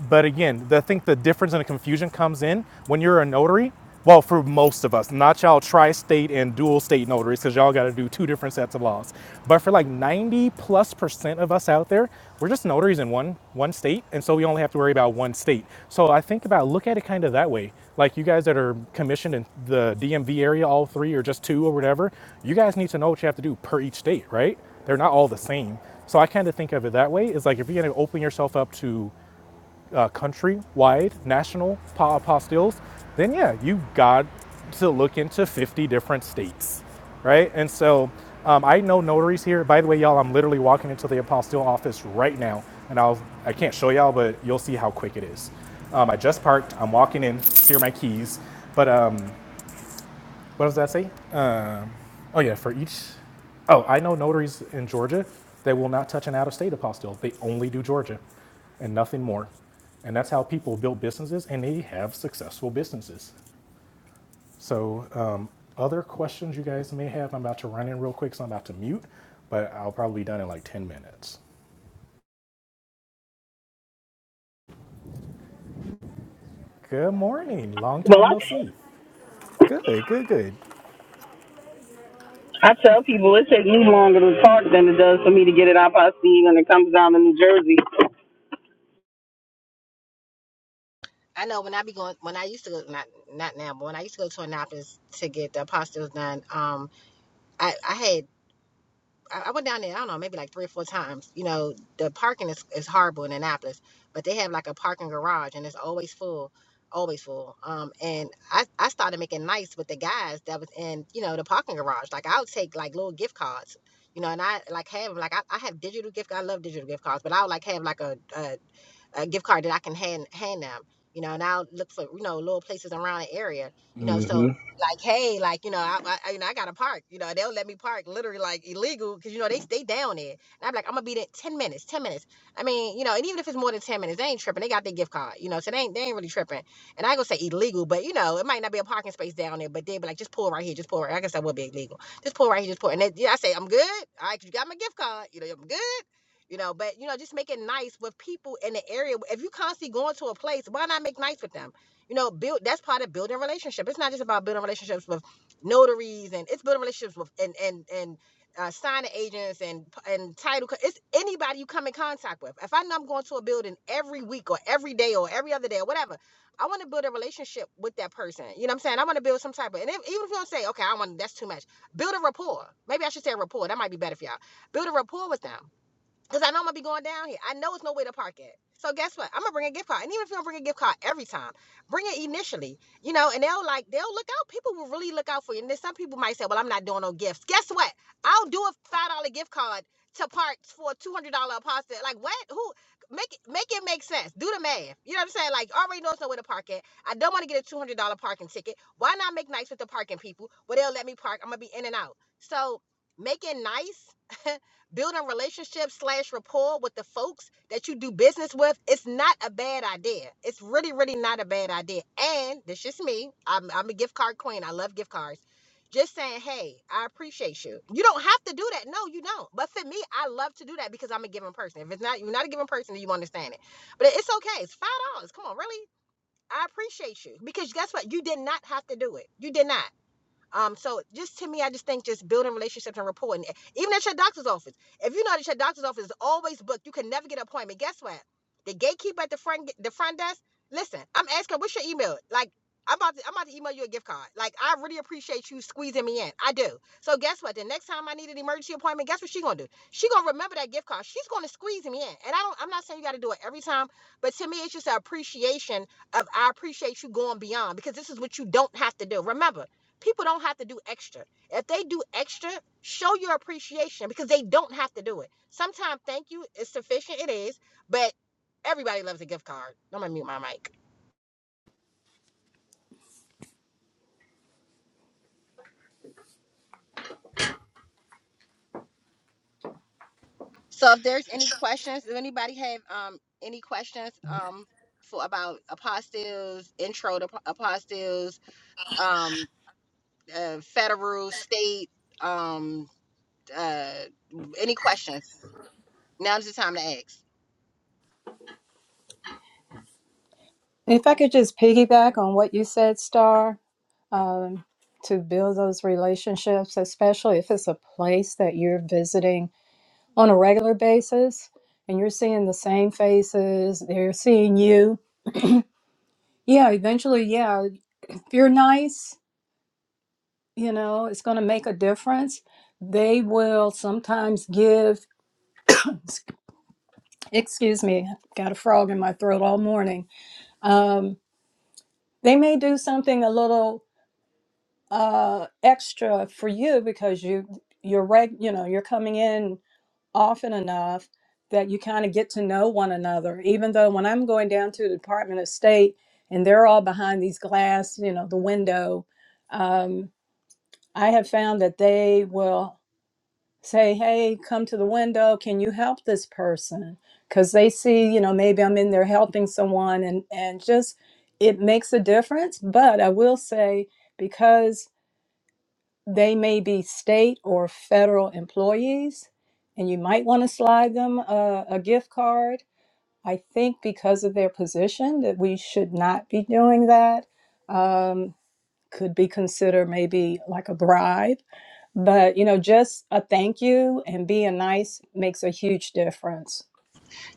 B: But again, I think the difference and the confusion comes in when you're a notary. Well, for most of us, not y'all tri-state and dual state notaries, because y'all got to do two different sets of laws. But for like 90 plus percent of us out there, we're just notaries in one one state, and so we only have to worry about one state. So I think about look at it kind of that way. Like you guys that are commissioned in the DMV area, all three or just two or whatever, you guys need to know what you have to do per each state, right? They're not all the same. So I kind of think of it that way. It's like if you're going to open yourself up to uh, country-wide national pa- apostilles, then yeah, you got to look into 50 different states, right? And so um, I know notaries here. By the way, y'all, I'm literally walking into the apostille office right now, and I'll I can't show y'all, but you'll see how quick it is. Um, I just parked. I'm walking in. Here are my keys. But um, what does that say? Um, oh yeah, for each. Oh, I know notaries in Georgia that will not touch an out-of-state apostille. They only do Georgia, and nothing more. And that's how people build businesses, and they have successful businesses. So, um, other questions you guys may have? I'm about to run in real quick, so I'm about to mute, but I'll probably be done in like 10 minutes. Good morning. Long
F: Well
B: time
F: I
B: no see. Good, good, good.
F: I tell people it takes me longer to talk than it does for me to get it out by sea when it comes down to New Jersey.
A: I know when I be going when I used to go not not now, but when I used to go to Annapolis to get the apostles done, um, I I had I went down there, I don't know, maybe like three or four times. You know, the parking is, is horrible in Annapolis, but they have like a parking garage and it's always full, always full. Um, and I, I started making nice with the guys that was in, you know, the parking garage. Like I'll take like little gift cards, you know, and I like have like I, I have digital gift. I love digital gift cards, but I'll like have like a, a a gift card that I can hand hand them. You know, and I'll look for you know little places around the area. You know, so like hey, like you know, I, I you know I got to park. You know, they'll let me park literally like illegal because you know they they down there. And I'm like I'm gonna be there ten minutes, ten minutes. I mean, you know, and even if it's more than ten minutes, they ain't tripping. They got their gift card. You know, so they ain't they ain't really tripping. And I ain't gonna say illegal, but you know, it might not be a parking space down there, but they be like just pull right here, just pull right. I guess that would be illegal. Just pull right here, just pull. And they, yeah, I say I'm good. All right, 'cause you got my gift card. You know, I'm good you know but you know just make it nice with people in the area if you constantly going to a place why not make nice with them you know build that's part of building relationship it's not just about building relationships with notaries and it's building relationships with and and and uh, signing agents and and title co- it's anybody you come in contact with if i know i'm going to a building every week or every day or every other day or whatever i want to build a relationship with that person you know what i'm saying i want to build some type of and if, even if you don't say okay i want that's too much build a rapport maybe i should say rapport that might be better for y'all build a rapport with them Cause I know I'm gonna be going down here. I know it's no way to park at. So guess what? I'm gonna bring a gift card. And even if you don't bring a gift card every time, bring it initially. You know, and they'll like they'll look out. People will really look out for you. And then some people might say, Well, I'm not doing no gifts. Guess what? I'll do a five dollar gift card to park for a two hundred dollar pasta. Like what? Who make it make it make sense. Do the math. You know what I'm saying? Like I already know it's nowhere to park at. I don't want to get a two hundred dollar parking ticket. Why not make nice with the parking people? where they'll let me park. I'm gonna be in and out. So making nice building relationships slash rapport with the folks that you do business with it's not a bad idea it's really really not a bad idea and this is me I'm, I'm a gift card queen i love gift cards just saying hey i appreciate you you don't have to do that no you don't but for me i love to do that because i'm a giving person if it's not you're not a giving person then you understand it but it's okay it's five dollars come on really i appreciate you because guess what you did not have to do it you did not um, so just to me, I just think just building relationships and rapport, and even at your doctor's office. If you know that your doctor's office is always booked, you can never get an appointment. Guess what? The gatekeeper at the front the front desk. Listen, I'm asking, what's your email? Like, I'm about to I'm about to email you a gift card. Like, I really appreciate you squeezing me in. I do. So guess what? The next time I need an emergency appointment, guess what she gonna do? She gonna remember that gift card. She's gonna squeeze me in. And I don't. I'm not saying you got to do it every time, but to me, it's just an appreciation of I appreciate you going beyond because this is what you don't have to do. Remember. People don't have to do extra. If they do extra, show your appreciation because they don't have to do it. Sometimes thank you is sufficient, it is, but everybody loves a gift card. I'm gonna mute my mic. So if there's any questions, does anybody have um any questions um for about apostilles, intro to apostilles, um uh, federal, state, um uh any questions? Now's the time to ask.
H: If I could just piggyback on what you said, Star, um, to build those relationships, especially if it's a place that you're visiting on a regular basis and you're seeing the same faces, they're seeing you. Yeah, eventually, yeah, if you're nice, you know, it's going to make a difference. They will sometimes give, excuse me, got a frog in my throat all morning. Um, they may do something a little uh extra for you because you you're reg you know you're coming in often enough that you kind of get to know one another even though when i'm going down to the department of state and they're all behind these glass you know the window um, i have found that they will say hey come to the window can you help this person because they see you know maybe i'm in there helping someone and and just it makes a difference but i will say because they may be state or federal employees, and you might want to slide them a, a gift card. I think because of their position that we should not be doing that. Um, could be considered maybe like a bribe, but you know, just a thank you and being nice makes a huge difference.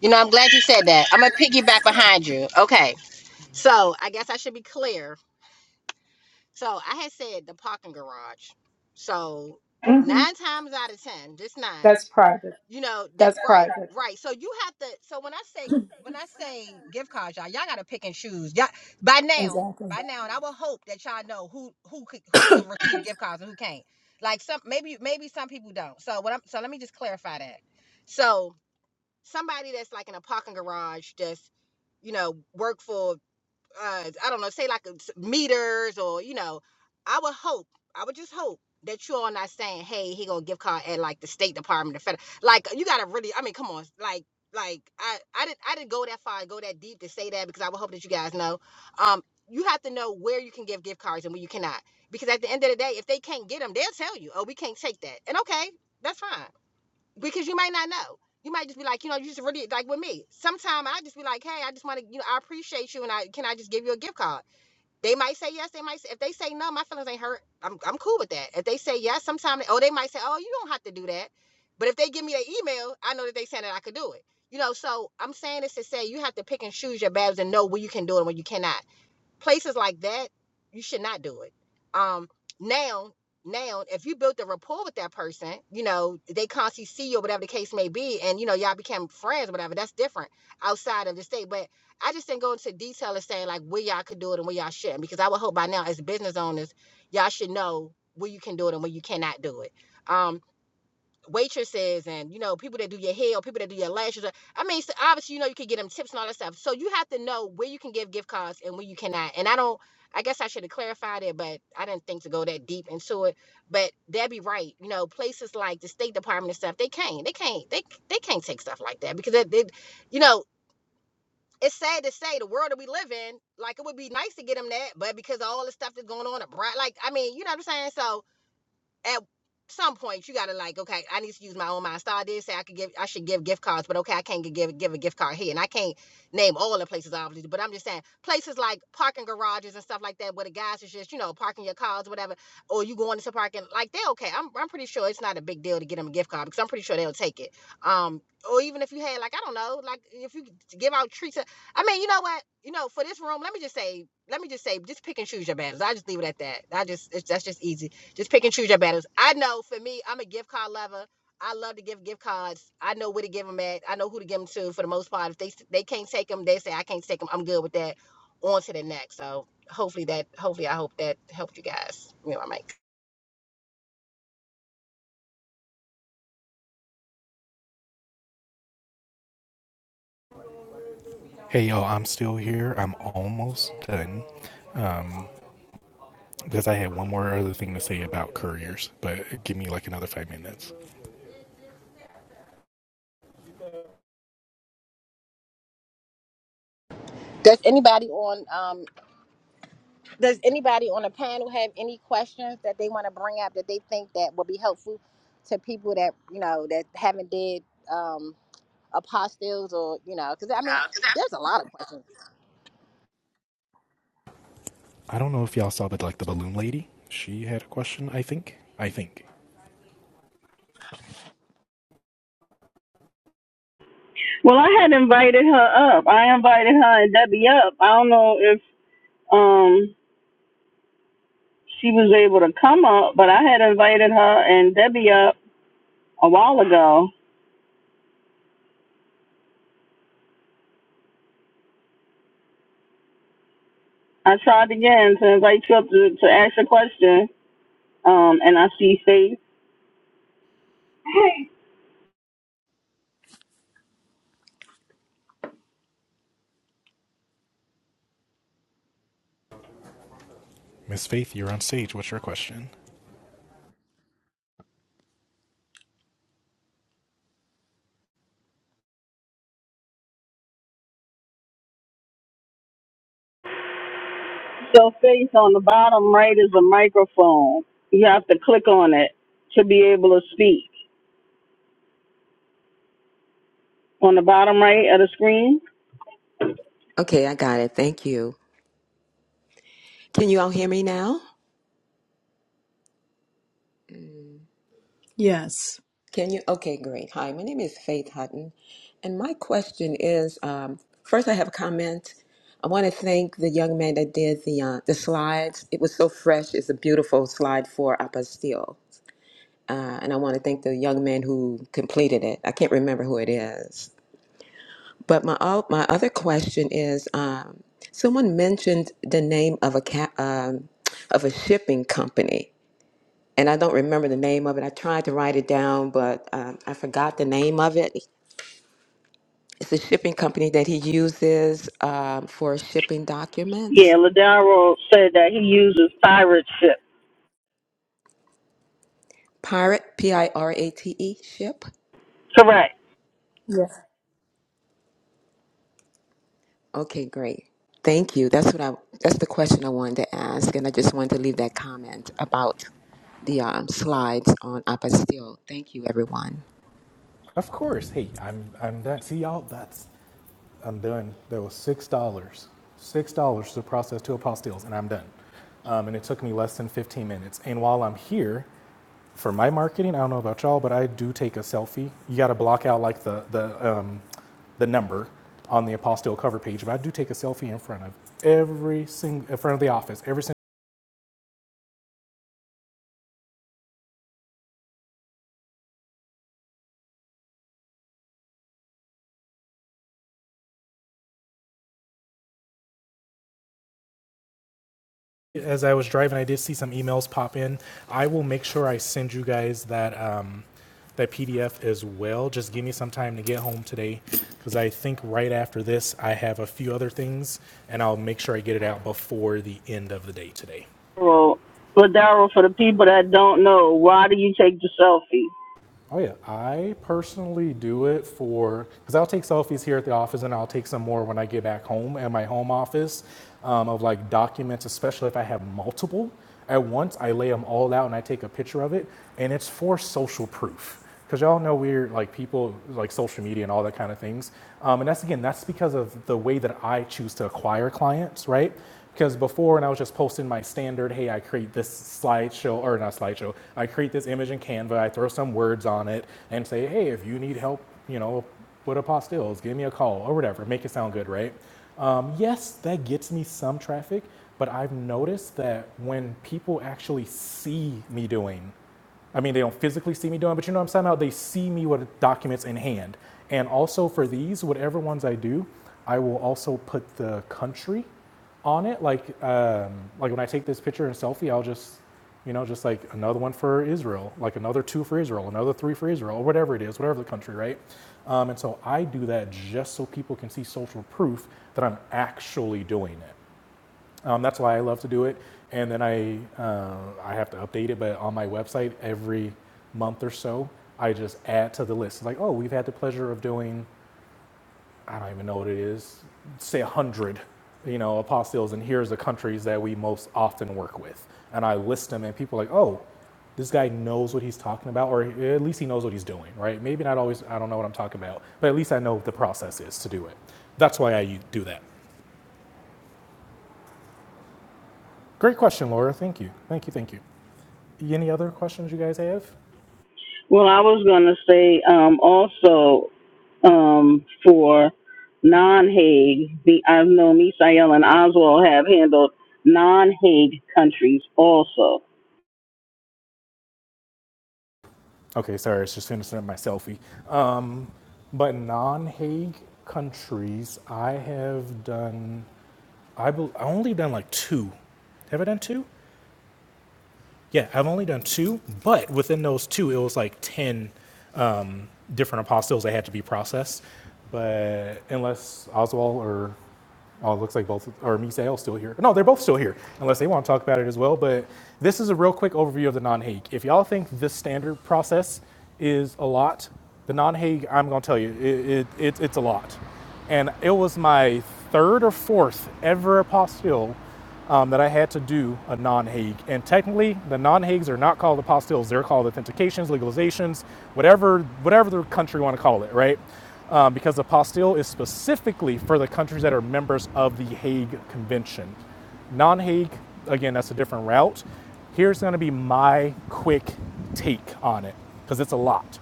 A: You know, I'm glad you said that. I'm gonna piggyback behind you. Okay. So I guess I should be clear. So I had said the parking garage. So Mhm.
H: hmm
A: nine times out of ten, just nine,
H: That's
A: That's
H: private.
A: you know that
H: That's
A: right,
H: private.
A: right. So you have to. So when I say when I say gift cards, y'all, y'all gotta pick and choose. Y'all by now,
H: Exactly.
A: by now, and I will hope that y'all know who who could who could receive gift cards and who can't. Like some maybe maybe some people don't. So what I'm so let me just clarify that. So somebody that's like in a parking garage that's you know work for uh, I don't know, say like a s- meters or you know, I would hope, I would just hope that you all not saying, hey, he gonna give card at like the State Department or federal. Like you gotta really, I mean, come on, like like I I didn't I didn't go that far, go that deep to say that because I would hope that you guys know. Um, you have to know where you can give gift cards and where you cannot because at the end of the day, if they can't get them, they'll tell you, oh, we can't take that, and okay, that's fine because you might not know. You might just be like, you know, you just really like with me. Sometimes I just be like, hey, I just want to, you know, I appreciate you, and I can I just give you a gift card. They might say yes. They might say if they say no, my feelings ain't hurt. I'm I'm cool with that. If they say yes, sometimes oh they might say oh you don't have to do that, but if they give me their email, I know that they saying that I could do it. You know, so I'm saying this to say you have to pick and choose your battles and know when you can do it and when you cannot places like that, you should not do it. Um, now, now, if you built a rapport with that person, you know, they constantly see you or whatever the case may be, and you know, y'all became friends or whatever, that's different outside of the state. But I just didn't go into detail of saying like where y'all could do it and where y'all shouldn't, because I would hope by now, as business owners, y'all should know where you can do it and where you cannot do it. Um, waitresses and you know people that do your hair people that do your lashes. I mean, so obviously you know you can get them tips and all that stuff. So you have to know where you can give gift cards and where you cannot. And I don't. I guess I should have clarified it, but I didn't think to go that deep into it. But that'd be right. You know, places like the State Department and stuff, they can't. They can't. They they can't take stuff like that because they, they you know. It's sad to say the world that we live in, like it would be nice to get them that, but because of all the stuff that's going on abroad, like I mean, you know what I'm saying? So at some point you gotta like, okay, I need to use my own mind. Star did say I could give I should give gift cards, but okay, I can't give give a gift card here. And I can't name all the places obviously, but I'm just saying places like parking garages and stuff like that where the guys are just, you know, parking your cars or whatever, or you going into parking, like they're okay. I'm I'm pretty sure it's not a big deal to get them a gift card because I'm pretty sure they'll take it. Um or even if you had like I don't know, like if you give out treats. I mean, you know what? You know, for this room, let me just say, let me just say, just pick and choose your battles. I just leave it at that. I just it's, that's just easy just pick and choose your battles. I know for me, I'm a gift card lover. I love to give gift cards. I know where to give them at. I know who to give them to for the most part. If they they can't take them, they say I can't take them. I'm good with that. On to the next. So hopefully that hopefully I hope that helped you guys. You know, my mic.
B: Hey, yo, I'm still here. I'm almost done. because I had one more other thing to say about couriers, but give me like another five minutes.
A: Does anybody on um does anybody on the panel have any questions that they want to bring up that they think that will be helpful to people that you know that haven't did um apostilles or you know because I mean there's a lot of questions.
B: I don't know if y'all saw, but like the balloon lady, she had a question. I think. I think.
F: Well I had invited her up. I invited her and Debbie up. I don't know if um she was able to come up, but I had invited her and Debbie up a while ago I tried again to invite you up to, to ask a question, um, and I see face.
B: Miss Faith, you're on stage. What's your question?
F: So face on the bottom right is a microphone. You have to click on it to be able to speak. On the bottom right of the screen,
I: Okay, I got it. Thank you. Can you all hear me now?
H: Yes.
I: Can you? Okay, great. Hi, my name is Faith Hutton, and my question is: um, first, I have a comment. I want to thank the young man that did the uh, the slides. It was so fresh. It's a beautiful slide for apostille, uh, and I want to thank the young man who completed it. I can't remember who it is, but my o- my other question is: um, someone mentioned the name of a ca- um, of a shipping company and I don't remember the name of it. I tried to write it down, but um, I forgot the name of it. It's a shipping company that he uses um, for shipping
F: yeah,
I: documents.
F: Ladaro said that he uses pirate ship.
I: Pirate, P I R A T E, ship.
F: Correct.
H: Yes.
I: Okay, great. Thank you. That's what I. That's the question I wanted to ask, and I just wanted to leave that comment about the um, slides on apostille. Thank you, everyone.
B: Of course. Hey, I'm I'm done. See y'all. That's I'm done. There was six dollars, six dollars to process two apostilles, and I'm done. Um, and it took me less than 15 minutes. And while I'm here, for my marketing, I don't know about y'all, but I do take a selfie. You got to block out like the the um, the number on the apostille cover page, but I do take a selfie in front of every single in front of the office. Every single as I was driving, I did see some emails pop in. I will make sure I send you guys that um, that PDF as well. Just give me some time to get home today, because I think right after this I have a few other things, and I'll make sure I get it out before the end of the day today.
F: Ladaro, Ladaro, for the people that don't know, why do you take the selfie?
B: Oh yeah, I personally do it for because I'll take selfies here at the office, and I'll take some more when I get back home at my home office um, of like documents, especially if I have multiple at once. I lay them all out and I take a picture of it, and it's for social proof because y'all know we're like people like social media and all that kind of things, um, and that's again that's because of the way that I choose to acquire clients, right? Because before, when I was just posting my standard, hey, I create this slideshow, or not slideshow, I create this image in Canva, I throw some words on it, and say, hey, if you need help, you know, with apostilles, give me a call, or whatever, make it sound good, right? Um, yes, that gets me some traffic, but I've noticed that when people actually see me doing I mean, they don't physically see me doing, but you know what I'm saying? How they see me with documents in hand. And also for these, whatever ones I do, I will also put the country on it. Like um, like when I take this picture and selfie, I'll just you know just like another one for Israel, like another two for Israel, another three for Israel, or whatever it is, whatever the country, right? Um, and so I do that just so people can see social proof that I'm actually doing it. Um, that's why I love to do it. And then I uh, I have to update it, but on my website every month or so, I just add to the list. It's Like, oh, we've had the pleasure of doing I don't even know what it is, say 100, you know, apostles, and here's the countries that we most often work with. And I list them, and people are like, oh, this guy knows what he's talking about, or at least he knows what he's doing, right? Maybe not always, I don't know what I'm talking about, but at least I know what the process is to do it. That's why I do that. Great question, Laura. Thank you. Thank you. Thank you. Any other questions you guys have?
F: Well, I was going to say um, also um, for non-Hague, the, I know Misael and Oswald have handled non-Hague countries also.
B: Okay, sorry, it's just finishing up my selfie. Um, but non Hague countries, I have done I bel I only done like two. Have I done two? Yeah, I've only done two, but within those two, it was like ten different apostles that had to be processed. But unless Oswald or oh, it looks like both or Misael still here. No, they're both still here, unless they want to talk about it as well. But this is a real quick overview of the non-Hague. If y'all think this standard process is a lot, the non-Hague, I'm gonna tell you, it, it, it it's a lot and it was my third or fourth ever apostille um, that I had to do a non-Hague. And technically, the non-Hagues are not called apostilles; they're called authentications, legalizations, whatever whatever the country want to call it, right? Um, because the apostille is specifically for the countries that are members of the Hague Convention. Non-Hague, again, that's a different route. Here's going to be my quick take on it because it's a lot.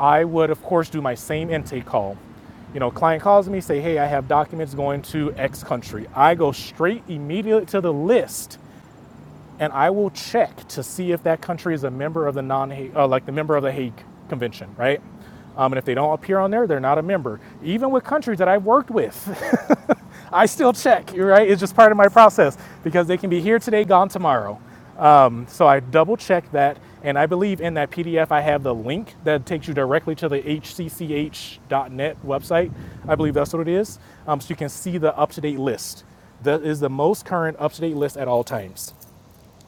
B: I would, of course, do my same intake call. You know, client calls me, say, hey, I have documents going to X country. I go straight immediately to the list and I will check to see if that country is a member of the non uh, like the member of the Hague Convention, right? Um, and if they don't appear on there, they're not a member. Even with countries that I've worked with, I still check, you're right? It's just part of my process because they can be here today, gone tomorrow. Um, so I double check that. And I believe in that PDF, I have the link that takes you directly to the hcch.net website. I believe that's what it is. Um, so you can see the up to date list. That is the most current up to date list at all times.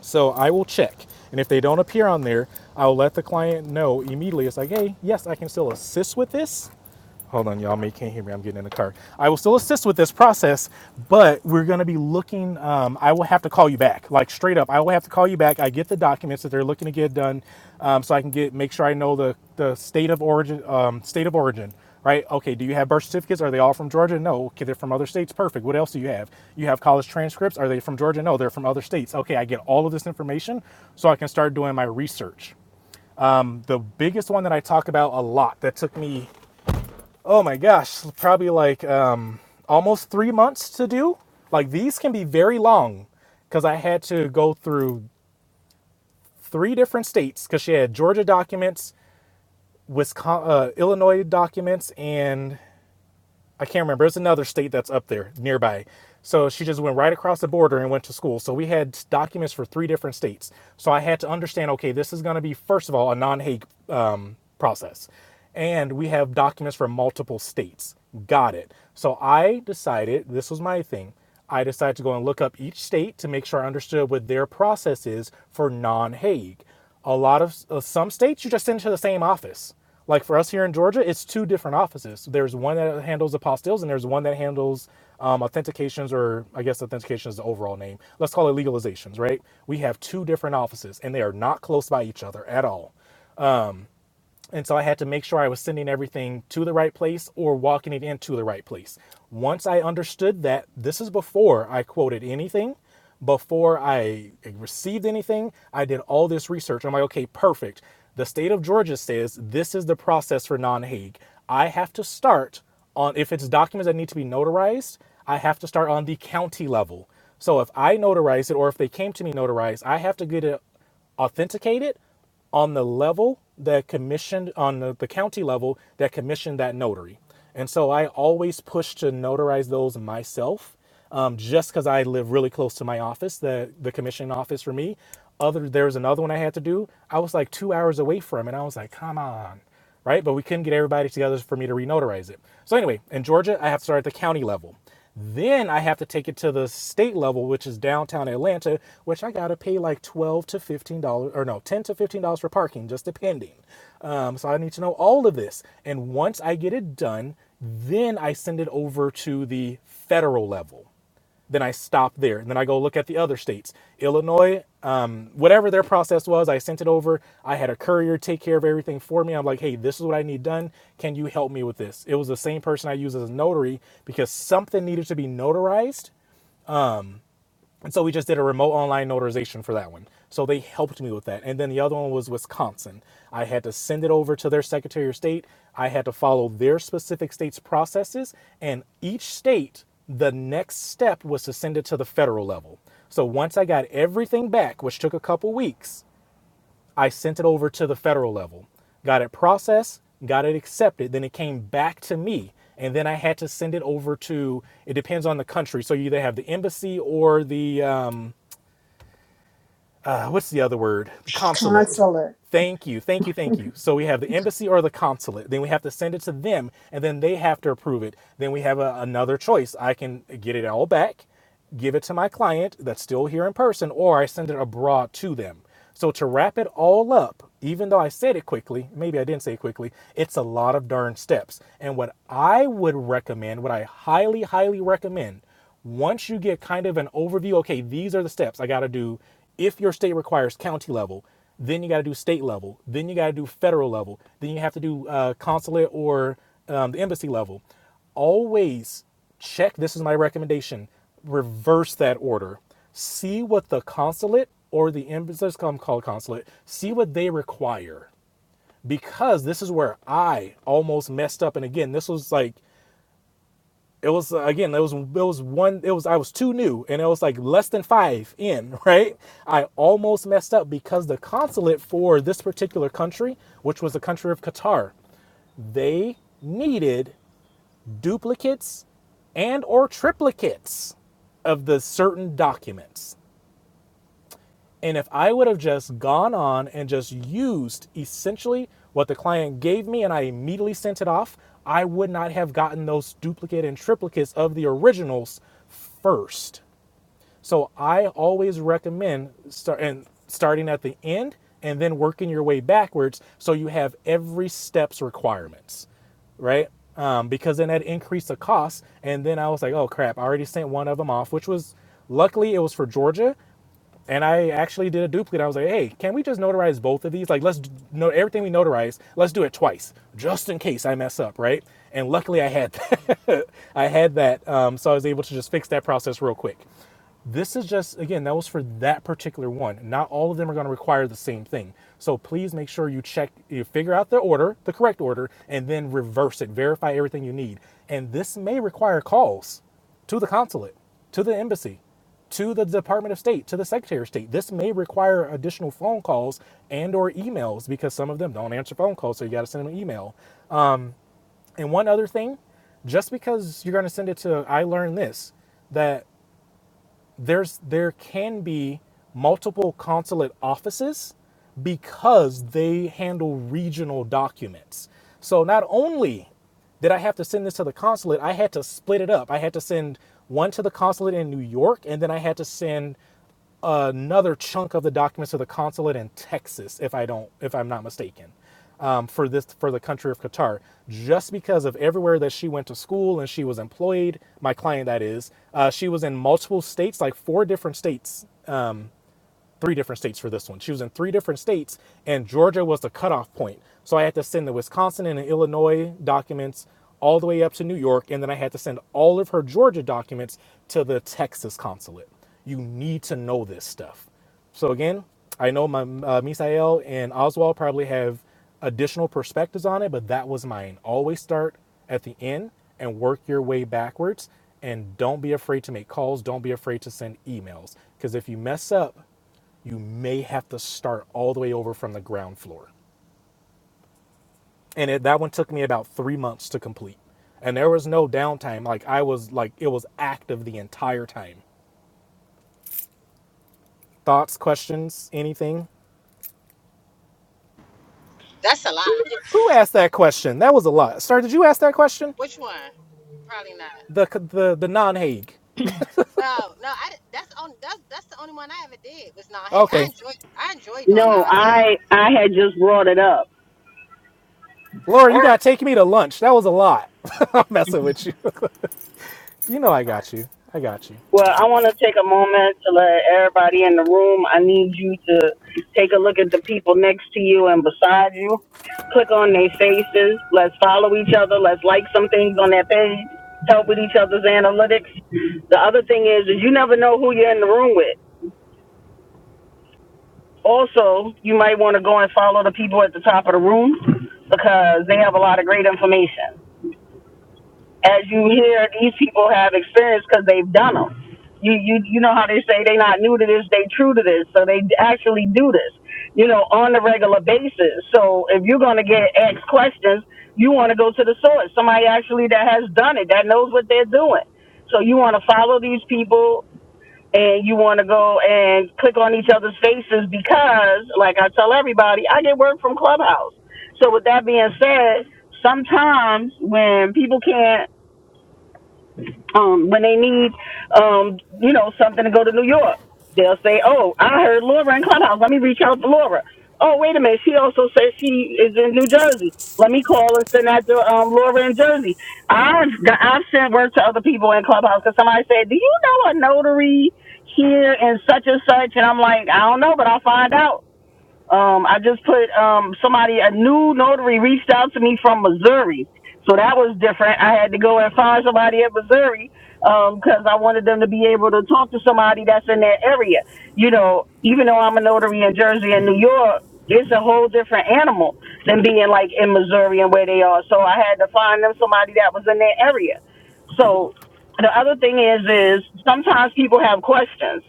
B: So I will check. And if they don't appear on there, I'll let the client know immediately. It's like, hey, yes, I can still assist with this Hold on, y'all. May can't hear me. I'm getting in the car. I will still assist with this process, but we're going to be looking. Um, I will have to call you back, like straight up. I will have to call you back. I get the documents that they're looking to get done, um, so I can get make sure I know the the state of origin. Um, state of origin, right? Okay. Do you have birth certificates? Are they all from Georgia? No. Okay, they're from other states. Perfect. What else do you have? You have college transcripts? Are they from Georgia? No, they're from other states. Okay, I get all of this information, so I can start doing my research the biggest one that I talk about a lot that took me oh my gosh, probably like um, almost three months to do. Like these can be very long because I had to go through three different states because she had Georgia documents, Wisconsin, uh, Illinois documents, and I can't remember. It's another state that's up there nearby. So she just went right across the border and went to school. So we had documents for three different states. So I had to understand okay, this is going to be, first of all, a non Hague um, process. And we have documents for multiple states. Got it. So I decided, this was my thing. I decided to go and look up each state to make sure I understood what their process is for non Hague. A lot of uh, some states, you just send to the same office. Like for us here in Georgia, it's two different offices. There's one that handles apostilles, and there's one that handles um, authentications, or I guess authentication is the overall name. Let's call it legalizations, right? We have two different offices, and they are not close by each other at all. And so I had to make sure I was sending everything to the right place or walking it into the right place. Once I understood that, this is before I quoted anything, before I received anything, I did all this research. I'm like, okay, perfect. The state of Georgia says this is the process for non Hague. I have to start on, if it's documents that need to be notarized, I have to start on the county level. So if I notarize it or if they came to me notarized, I have to get it authenticated on the level that commissioned on the, the county level that commissioned that notary and so i always push to notarize those myself um, just because i live really close to my office the the commission office for me other there's another one i had to do i was like two hours away from it i was like come on right? But we couldn't get everybody together for me to renotarize it. So anyway, in Georgia, I have to start at the county level. Then I have to take it to the state level, which is downtown Atlanta, which I gotta pay like twelve to fifteen dollars, or no, ten to fifteen dollars for parking, just depending. Um, so I need to know all of this, and once I get it done, then I send it over to the federal level then I stop there. And then I go look at the other states. Illinois, um, whatever their process was, I sent it over. I had a courier take care of everything for me. I'm like, hey, this is what I need done. Can you help me with this? It was the same person I used as a notary because something needed to be notarized and so we just did a remote online notarization for that one. So they helped me with that. And then the other one was Wisconsin. I had to send it over to their Secretary of State. I had to follow their specific state's processes. And each state, the next step was to send it to the federal level. So once I got everything back, which took a couple weeks, I sent it over to the federal level, got it processed, got it accepted, then it came back to me. And then I had to send it over to, it depends on the country. So you either have the embassy or the, um, uh, what's the other word? The consulate.
H: Consulate.
B: Thank you, thank you, thank you. So we have the embassy or the consulate. Then we have to send it to them, and then they have to approve it. Then we have a, another choice. I can get it all back, give it to my client that's still here in person, or I send it abroad to them. So to wrap it all up, even though I said it quickly, maybe I didn't say it quickly, it's a lot of darn steps. And what I would recommend, what I highly, highly recommend once you get kind of an overview, okay, these are the steps I got to do. If your state requires county level, then you got to do state level, then you got to do federal level, then you have to do uh, consulate or um, the embassy level. Always check this is my recommendation reverse that order see what the consulate or the embassy let's call call it consulate see what they require because this is where i almost messed up and again this was like it was uh, again it was it was one it was i was too new and it was like less than five in right i almost messed up because the consulate for this particular country which was the country of qatar they needed duplicates and or triplicates of the certain documents and if I would have just gone on and just used essentially what the client gave me and I immediately sent it off, I would not have gotten those duplicate and triplicates of the originals first. So I always recommend start and starting at the end and then working your way backwards so you have every steps requirements right? Um, because then that increased the cost. And then I was like, oh crap, I already sent one of them off, which was luckily it was for Georgia. And I actually did a duplicate. I was like, hey, can we just notarize both of these? Like, let's know everything we notarize. Let's do it twice, just in case I mess up, right? And luckily, I had that. I had that, um, so I was able to just fix that process real quick. This is just again, that was for that particular one. Not all of them are going to require the same thing. So please make sure you check, you figure out the order, the correct order, and then reverse it. Verify everything you need. And this may require calls to the consulate, to the embassy, to the Department of State, to the Secretary of State. This may require additional phone calls and or emails because some of them don't answer phone calls, so you got to send them an email. And one other thing, just because you're going to send it to I learned this, that there's there can be multiple consulate offices because they handle regional documents. So not only did I have to send this to the consulate, I had to split it up. I had to send one to the consulate in New York, and then I had to send another chunk of the documents to the consulate in Texas, if I don't, if I'm not mistaken, um, for this for the country of Qatar, just because of everywhere that she went to school and she was employed. My client, that is, uh, she was in multiple states, like four different states three different states for this one. She was in three different states, and Georgia was the cutoff point. So I had to send the Wisconsin and the Illinois documents all the way up to New York, and then I had to send all of her Georgia documents to the Texas consulate. You need to know this stuff. So again, I know my uh, Misael and Oswald probably have additional perspectives on it, but that was mine. Always start at the end and work your way backwards. And don't be afraid to make calls. Don't be afraid to send emails. Because if you mess up, you may have to start all the way over from the ground floor. And it, that one took me about three months to complete. And there was no downtime. Like I was like it was active the entire time. Thoughts, questions, anything?
A: That's a lot.
B: Who asked that question? That was a lot. Sir, did you ask that question?
A: Which one? Probably not.
B: The the the non Hague.
A: No, no. I that's the only that's that's the only one I ever did was non hate. I
B: Okay,
A: enjoy I enjoy doing
F: No,
A: non
F: I I had just brought it up.
B: Laura, you gotta take me to lunch. That was a lot. I'm messing with you. You know I got you. I got you.
F: Well, I want to take a moment to let everybody in the room. I need you to take a look at the people next to you and beside you. Click on their faces. Let's follow each other. Let's like some things on their page. Help with each other's analytics. The other thing is, is you never know who you're in the room with. Also, you might want to go and follow the people at the top of the room because they have a lot of great information. as you hear these people have experience because they've done them. You, you you know how they say they not new to this, they true to this, so they actually do this, you know, on a regular basis. So if you're gonna get asked questions, you want to go to the source, somebody actually that has done it, that knows what they're doing. So you want to follow these people, and you want to go and click on each other's faces because, like I tell everybody, I get work from Clubhouse. So with that being said, sometimes when people can't um, when they need, um, you know, something to go to New York. They'll say, "Oh, I heard Laura in Clubhouse. Let me reach out to Laura." Oh, wait a minute. She also says she is in New Jersey. Let me call and send that to um, Laura in Jersey. I've got, I've sent word to other people in Clubhouse because somebody said, "Do you know a notary here in such and such?" And I'm like, "I don't know, but I'll find out." Um, I just put um, somebody, a new notary reached out to me from Missouri. So that was different. I had to go and find somebody in Missouri because I wanted them to be able to talk to somebody that's in that area. You know, even though I'm a notary in Jersey and New York, it's a whole different animal than being like in Missouri and where they are. So I had to find them somebody that was in that area. So the other thing is, is sometimes people have questions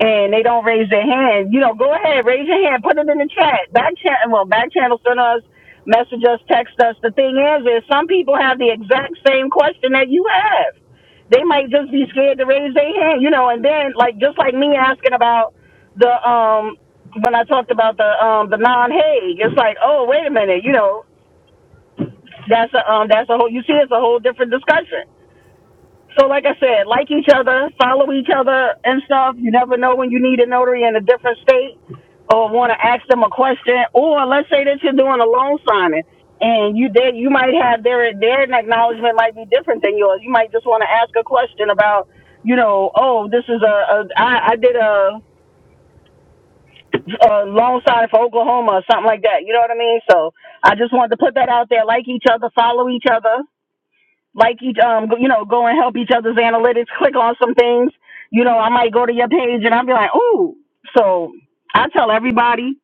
F: and they don't raise their hand, you know, go ahead, raise your hand, put it in the chat. Back chat, well, back channel, send us, message us, text us. The thing is, is some people have the exact same question that you have. They might just be scared to raise their hand, you know. And then, like, just like me asking about the um when I talked about the um the non Hague, it's like, oh, wait a minute, you know, that's a um that's a whole. You see, it's a whole different discussion so, like I said, like each other, follow each other and stuff. You never know when you need a notary in a different state or want to ask them a question. Or let's say that you're doing a loan signing and you did, you might have their their acknowledgement might be different than yours. You might just want to ask a question about, you know, oh, this is a, a I, I did a, a loan sign for Oklahoma or something like that. You know what I mean? So I just wanted to put that out there. Like each other, follow each other like each um you know go and help each other's analytics click on some things you know i might go to your page and i'll be like ooh so i tell everybody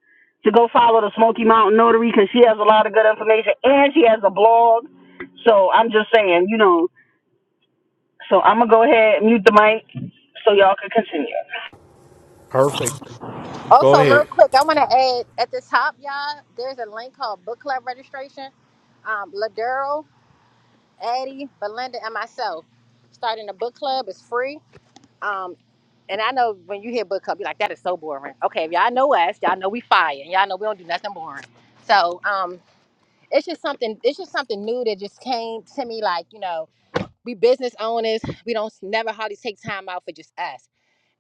F: to go follow the smoky mountain notary because she has a lot of good information and she has a blog so i'm just saying you know so i'm gonna go ahead and mute the mic so y'all can continue
B: Perfect.
A: hate.
B: Go
A: Also, real
B: ahead.
A: quick, I want to add at the top, y'all, there's a link called Book Club Registration. Um, Ladero, Addie, Belinda, and myself starting a book club is free. Um, and I know when you hear book club, you're like, that is so boring. Okay, if y'all know us, y'all know we fire, and y'all know we don't do nothing boring. So um, it's just something. It's just something new that just came to me, like you know. we business owners, we don't never hardly take time out for just us.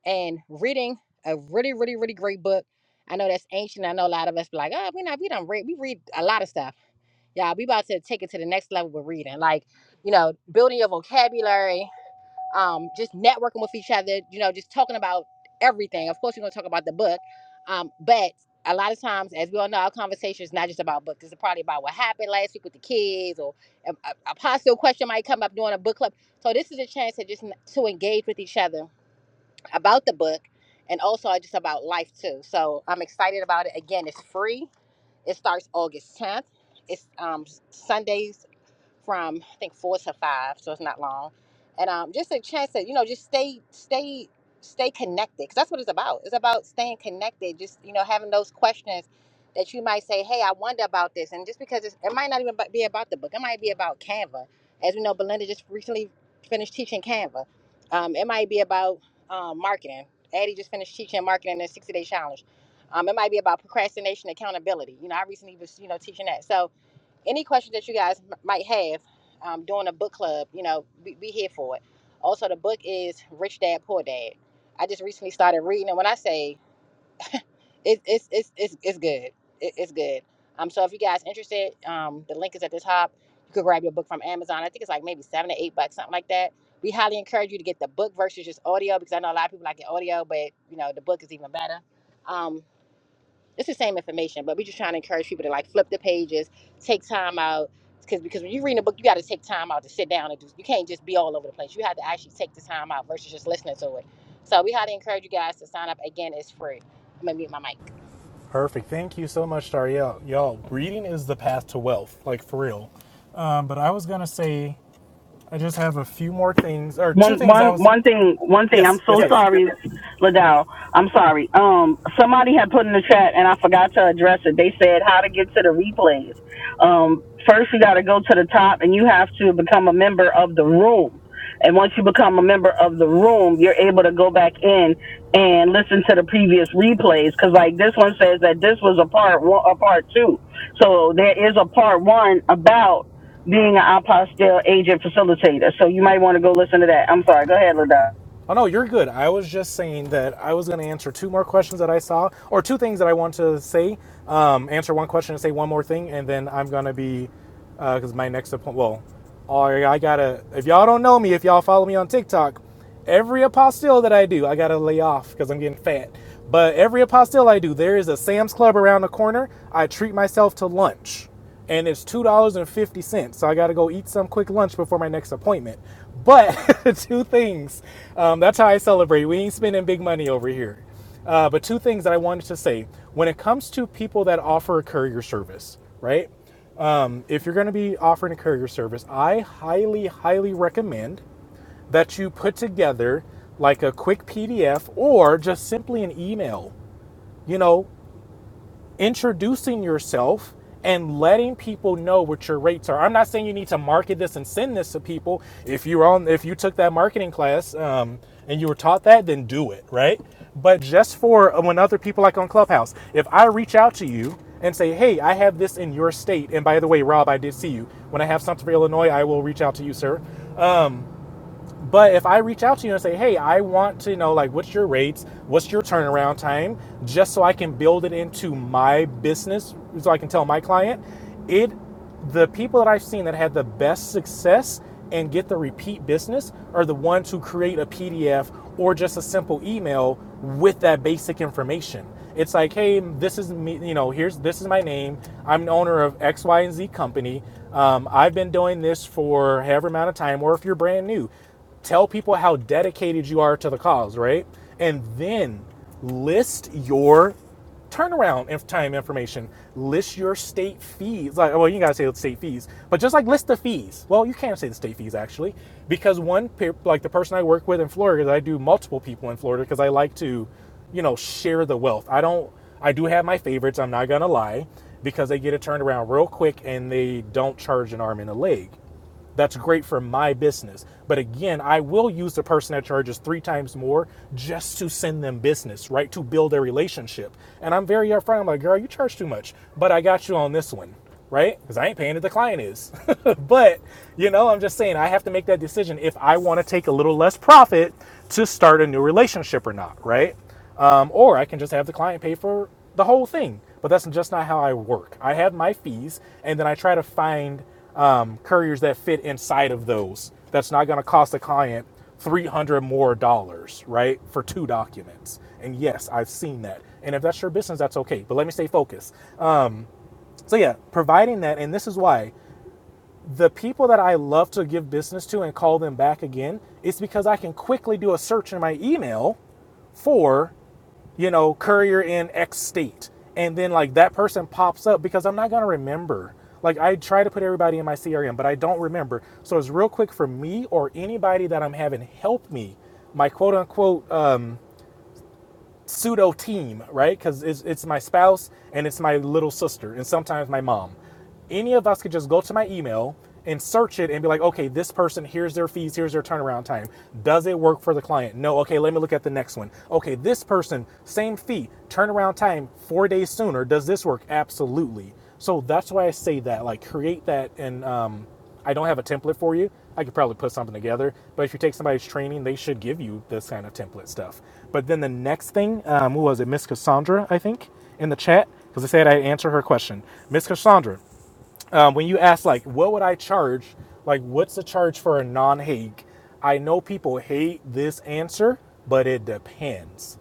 A: And reading a really, really, really great book. I know that's ancient. I know a lot of us be like, oh, we not we don't read. We read a lot of stuff. Yeah, we about to take it to the next level with reading. Like, you know, building your vocabulary, um, just networking with each other, you know, just talking about everything. Of course, we're going to talk about the book, um, but a lot of times, as we all know, our conversation is not just about books. It's probably about what happened last week with the kids, or a, a, a possible question might come up during a book club. So this is a chance to just n- to engage with each other about the book, and also just about life too. So I'm excited about it. Again, it's free. It starts August 10th. It's um, Sundays from I think four to five, so it's not long. And um, just a chance to you know just stay stay stay connected because that's what it's about. It's about staying connected. Just you know having those questions that you might say, hey, I wonder about this, and just because it's, it might not even be about the book, it might be about Canva. As we know, Belinda just recently finished teaching Canva. Um, it might be about um, marketing. Addie just finished teaching marketing in a 60 day challenge. Um, it might be about procrastination accountability. You know, I recently was, you know, teaching that. So, any questions that you guys m- might have um, during a book club, you know, be, be here for it. Also, the book is Rich Dad Poor Dad. I just recently started reading, and when I say it, it's it's it's it's good, it, it's good. Um, so if you guys interested, um, the link is at the top. You could grab your book from Amazon. I think it's like maybe seven to eight bucks, something like that. We highly encourage you to get the book versus just audio because I know a lot of people like the audio, but you know the book is even better. Um, it's the same information, but we're just trying to encourage people to like flip the pages, take time out. Because because when you're reading a book, you got to take time out to sit down and do. You can't just be all over the place. You have to actually take the time out versus just listening to it. So we had to encourage you guys to sign up. Again, it's free. I'm gonna mute my mic.
B: Perfect. Thank you so much, Tariel. Y'all, reading is the path to wealth, like for real. Um, but I was gonna say I just have a few more things or two
F: One
B: things I
F: one
B: was
F: one thing one thing I'm
B: yes,
F: so
B: yes,
F: Yep.
B: yes.
F: sorry, Ladau. I'm sorry. Um somebody had put in the chat and I forgot to address it. They said how to get to the replays. Um first you gotta go to the top and you have to become a member of the room. And once you become a member of the room, you're able to go back in and listen to the previous replays. Cause like this one says that this was a part one a part two. So there is a part one about being an apostle agent facilitator. So you might want to go listen to that. I'm sorry. Go ahead, Ladell.
B: Oh no, you're good. I was just saying that I was going to answer two more questions that I saw, or two things that I want to say. Um, answer one question and say one more thing, and then I'm going to be because uh, my next appointment. Well, all right, I gotta. If y'all don't know me, if y'all follow me on TikTok, every apostille that I do, I gotta lay off because I'm getting fat. But every apostille I do, there is a Sam's Club around the corner. I treat myself to lunch and it's two dollars and fifty cents. So I got to go eat some quick lunch before my next appointment. But two things. Um, that's how I celebrate. We ain't spending big money over here. Uh, but two things that I wanted to say when it comes to people that offer a courier service, right? Um, if you're going to be offering a courier service, I highly, highly recommend that you put together like a quick PDF or just simply an email. You know, introducing yourself and letting people know what your rates are. I'm not saying you need to market this and send this to people. If you're on, if you took that marketing class um, and you were taught that, then do it, right? But just for uh, when other people like on Clubhouse, if I reach out to you and say, "Hey, I have this in your state," and by the way, Rob, I did see you. When I have something for Illinois, I will reach out to you, sir. But if I reach out to you and say, hey, I want to know, like, what's your rates? What's your turnaround time? Just so I can build it into my business, so I can tell my client, it, the people that I've seen that had the best success and get the repeat business are the ones who create a PDF or just a simple email with that basic information. It's like, hey, this is me, you know, here's, this is my name. I'm the owner of X, Y, and Z company. Um, I've been doing this for however amount of time, or if you're brand new tell people how dedicated you are to the cause, right? And then list your turnaround time information. List your state fees. Like, well, you gotta say the state fees, but just like list the fees. Well, you can't say the state fees actually, because one, like the person I work with in Florida, I do multiple people in Florida because I like to, you know, share the wealth. I don't. I do have my favorites. I'm not gonna lie, because they get it turned around real quick and they don't charge an arm and a leg. That's great for my business. But again, I will use the person that charges three times more just to send them business, right? To build a relationship. And I'm very upfront. I'm like, girl, you charge too much, but I got you on this one, right? Because I ain't paying it, the client is. but, you know, I'm just saying I have to make that decision if I want to take a little less profit to start a new relationship or not, right? um, or I can just have the client pay for the whole thing. But that's just not how I work. I have my fees, and then I try to find um, couriers that fit inside of those. That's not going to cost the client three hundred dollars more dollars, right, for two documents. And yes, I've seen that. And if that's your business, that's okay. But let me stay focused. Um, so yeah, providing that, and this is why the people that I love to give business to and call them back again, it's because I can quickly do a search in my email for, you know, courier in X state. And then like that person pops up because I'm not gonna remember. Like I try to put everybody in my CRM, but I don't remember. So it's real quick for me or anybody that I'm having help me, my quote unquote uh, pseudo team, right? Because it's, it's my spouse and it's my little sister and sometimes my mom. Any of us could just go to my email and search it and be like, okay, this person, here's their fees, here's their turnaround time. Does it work for the client? No. Okay, let me look at the next one. Okay, this person, same fee, turnaround time four days sooner. Does this work? Absolutely. So that's why I say that, like, create that and um, I don't have a template for you. I could probably put something together, but if you take somebody's training, they should give you this kind of template stuff. But then the next thing, um, who was it? Miss Cassandra, I think, in the chat, because I said I answer her question. Miss Cassandra, um, when you ask like, what would I charge? Like, what's the charge for a non-Hague? I know people hate this answer, but it depends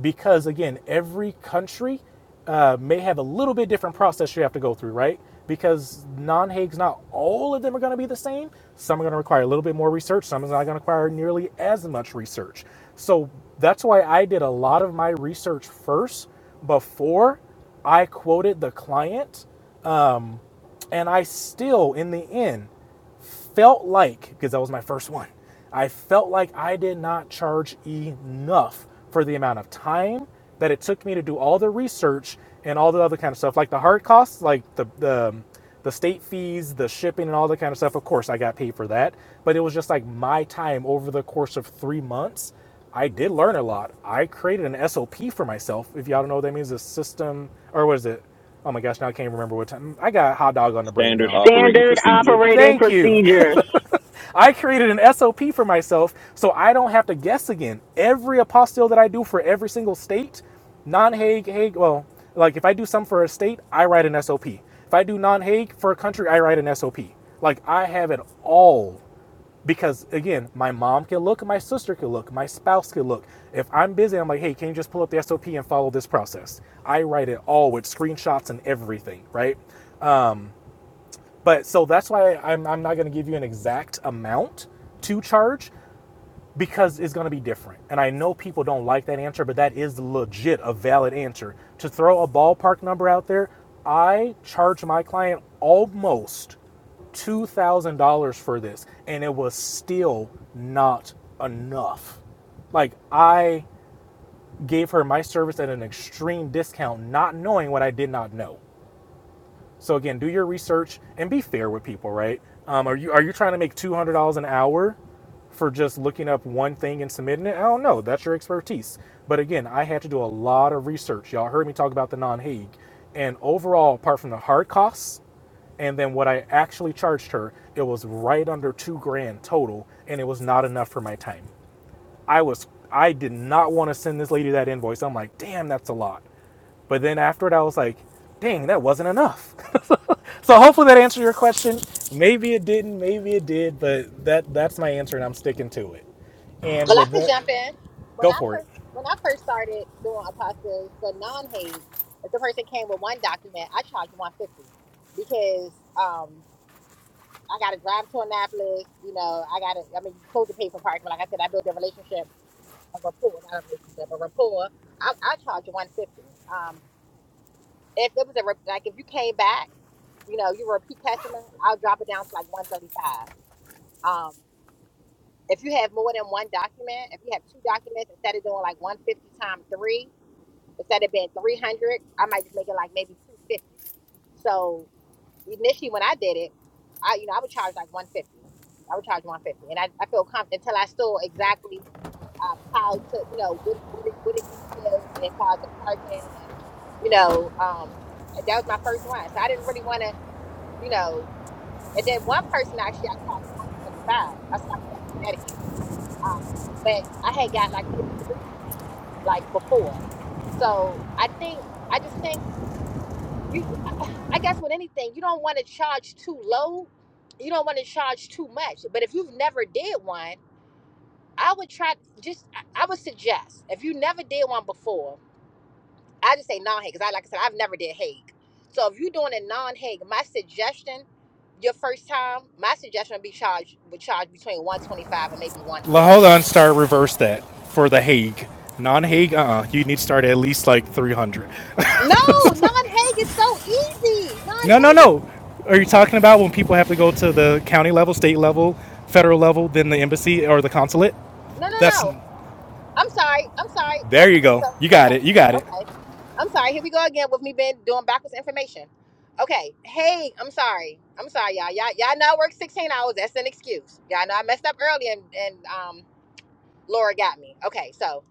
B: because again, every country uh, may have a little bit different process you have to go through, right? Because non-Hague's not all of them are going to be the same. Some are going to require a little bit more research. Some is not going to require nearly as much research. So that's why I did a lot of my research first before I quoted the client, and I still, in the end, felt like, because that was my first one, I felt like I did not charge enough for the amount of time that it took me to do all the research and all the other kind of stuff, like the hard costs, like the the, um, the state fees, the shipping, and all that kind of stuff. Of course, I got paid for that, but it was just like my time over the course of three months. I did learn a lot. I created an SOP for myself. If y'all don't know what that means, a system or what is it? Oh my gosh, now I can't remember what time. I got a hot dog on the brain,
D: Standard
B: y'all.
D: operating
F: Standard
D: procedure.
F: operating
B: Thank you.
F: procedures.
B: I created an SOP for myself so I don't have to guess again. Every apostille that I do for every single state, non-Hague, Hague, well, like if I do some for a state, I write an SOP. If I do non-Hague for a country, I write an SOP. Like I have it all because again, my mom can look, my sister can look, my spouse can look. If I'm busy, I'm like, hey, can you just pull up the SOP and follow this process? I write it all with screenshots and everything, right? But so that's why I'm, I'm not going to give you an exact amount to charge because it's going to be different. And I know people don't like that answer, but that is legit a valid answer. To throw a ballpark number out there, I charge my client almost $2,000 for this, and it was still not enough. Like, I gave her my service at an extreme discount, not knowing what I did not know. So again, do your research and be fair with people, right? Um, are you are you trying to make two hundred dollars an hour for just looking up one thing and submitting it? I don't know. That's your expertise. But again, I had to do a lot of research. Y'all heard me talk about the non-Hague, and overall, apart from the hard costs and then what I actually charged her, it was right under two grand total, and it was not enough for my time. I was I did not want to send this lady that invoice. I'm like, damn, that's a lot. But then after it, I was like, dang, that wasn't enough. So hopefully that answered your question. Maybe it didn't, maybe it did, but that that's my answer and I'm sticking to it. And
A: Well, I
B: with
A: could
B: that,
A: jump in. When
B: go
A: I
B: for it.
A: first when I first started doing apostles for non hate, if the person came with one document, I charged one fifty because um, I got to drive to Annapolis. You know, I got to. I mean, you're supposed to pay for parking, but like I said, I built a relationship a rapport, not a relationship, a rapport. I, I charge you one hundred fifty. dollars. Um, if it was a rep- like if you came back, you know, you were a repeat customer, I'll drop it down to like one thirty five. Um, if you have more than one document, if you have two documents, instead of doing like one hundred fifty times three, instead of being three hundred, I might just make it like maybe two fifty. So initially, when I did it, I you know I would charge like one hundred fifty. I would charge one hundred fifty, and I, I feel comfortable until I saw exactly um, how to, you know, what what it what it entails and far as the parking and, you know, um, that was my first one, so I didn't really want to, you know. And then one person actually, I charged one twenty five. I said I would never do that again. Um, but I had got like maybe three from him like before, so I think I just think you, I guess with anything, you don't want to charge too low, you don't want to charge too much. But if you've never did one I would try just I would suggest if you never did one before, I just say non-Hague because I like I said I've never did Hague. So if you're doing a non-Hague, my suggestion, your first time, my suggestion would be charged would charge between 125 and maybe
B: La-
A: 150.
B: Hold on, start reverse that for the Hague. Non Hague, uh uh You need to start at least like 300.
A: No, non-Hague is so easy.
B: No, no,
A: Non-Hague is
B: no. Are you talking about when people have to go to the county level, state level, federal level, then the embassy or the consulate?
A: no no
B: That's
A: no. I'm sorry. I'm sorry.
B: there you
A: Okay,
B: go.
A: so
B: You got it.
A: okay,
B: You got it.
A: okay. I'm sorry. Here we go again with me been doing backwards information. Okay. Hey, I'm sorry. I'm sorry, y'all. Y'all, y'all know I work 16 hours. That's an excuse. Y'all know I messed up early and, and um, Laura got me. Okay. So,